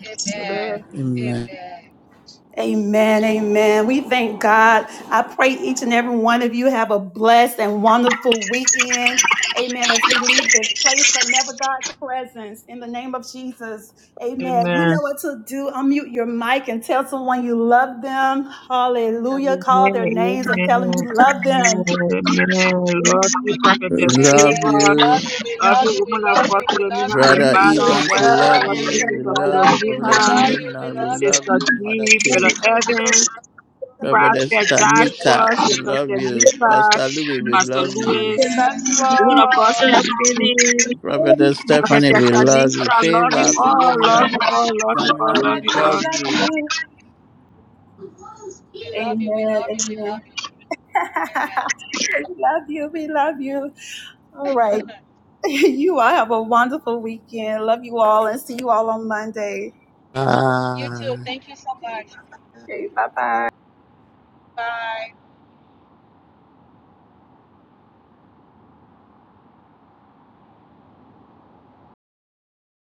Speaker 7: Amen.
Speaker 2: Amen.
Speaker 3: Amen.
Speaker 7: Amen.
Speaker 1: Amen. Amen. God, I. and every one of you have a blessed and wonderful weekend. Amen. As we leave this place, but never God's presence in the name of Jesus. Amen. You
Speaker 4: Amen.
Speaker 1: know what to do. Unmute your mic and tell someone you love them.
Speaker 4: Amen.
Speaker 1: Hallelujah.
Speaker 4: Amen.
Speaker 1: Call their names and tell them you
Speaker 4: Amen.
Speaker 1: love
Speaker 4: Amen.
Speaker 1: them.
Speaker 4: Amen. Amen. Lord, you
Speaker 3: We
Speaker 4: prophetess
Speaker 3: love
Speaker 7: Amen. We
Speaker 4: favor.
Speaker 7: love
Speaker 3: you,
Speaker 7: you. We love
Speaker 4: Every
Speaker 7: you. We
Speaker 4: woman of
Speaker 7: love
Speaker 4: God,
Speaker 7: you. We love
Speaker 4: Philomena, at
Speaker 7: you.
Speaker 4: the
Speaker 3: Brother
Speaker 4: bottom,
Speaker 3: Evans.
Speaker 4: work,
Speaker 3: We love
Speaker 4: work, you,
Speaker 3: you. We
Speaker 4: Sister
Speaker 7: We
Speaker 3: love
Speaker 7: love
Speaker 3: you,
Speaker 7: you. We
Speaker 3: Prophetess
Speaker 4: Philomena.
Speaker 7: love you. We
Speaker 3: Philomena. We
Speaker 7: love you.
Speaker 3: love
Speaker 4: Sister
Speaker 3: you, Mother
Speaker 4: D, Brother
Speaker 3: T.
Speaker 4: Evans,
Speaker 3: Prophetess
Speaker 4: Prophet
Speaker 3: Tanika.
Speaker 4: Joshua,
Speaker 3: We
Speaker 4: Sister
Speaker 3: love you,
Speaker 4: Tanika,
Speaker 3: Pastor Louis. We
Speaker 4: Pastor
Speaker 3: love you,
Speaker 4: Lewis,
Speaker 7: And
Speaker 4: Woman of God Stephanie,
Speaker 3: Prophetess
Speaker 4: Prophet
Speaker 3: Stephanie. We love you,
Speaker 4: Tanika, love you
Speaker 3: Favor
Speaker 4: all,
Speaker 3: Philomena.
Speaker 4: love you all, love you all,
Speaker 3: Jamina.
Speaker 4: love
Speaker 3: We
Speaker 4: you all.
Speaker 3: love you.
Speaker 7: we love you. We love you. We love you. Amen. You too. Thank you so much. Bye.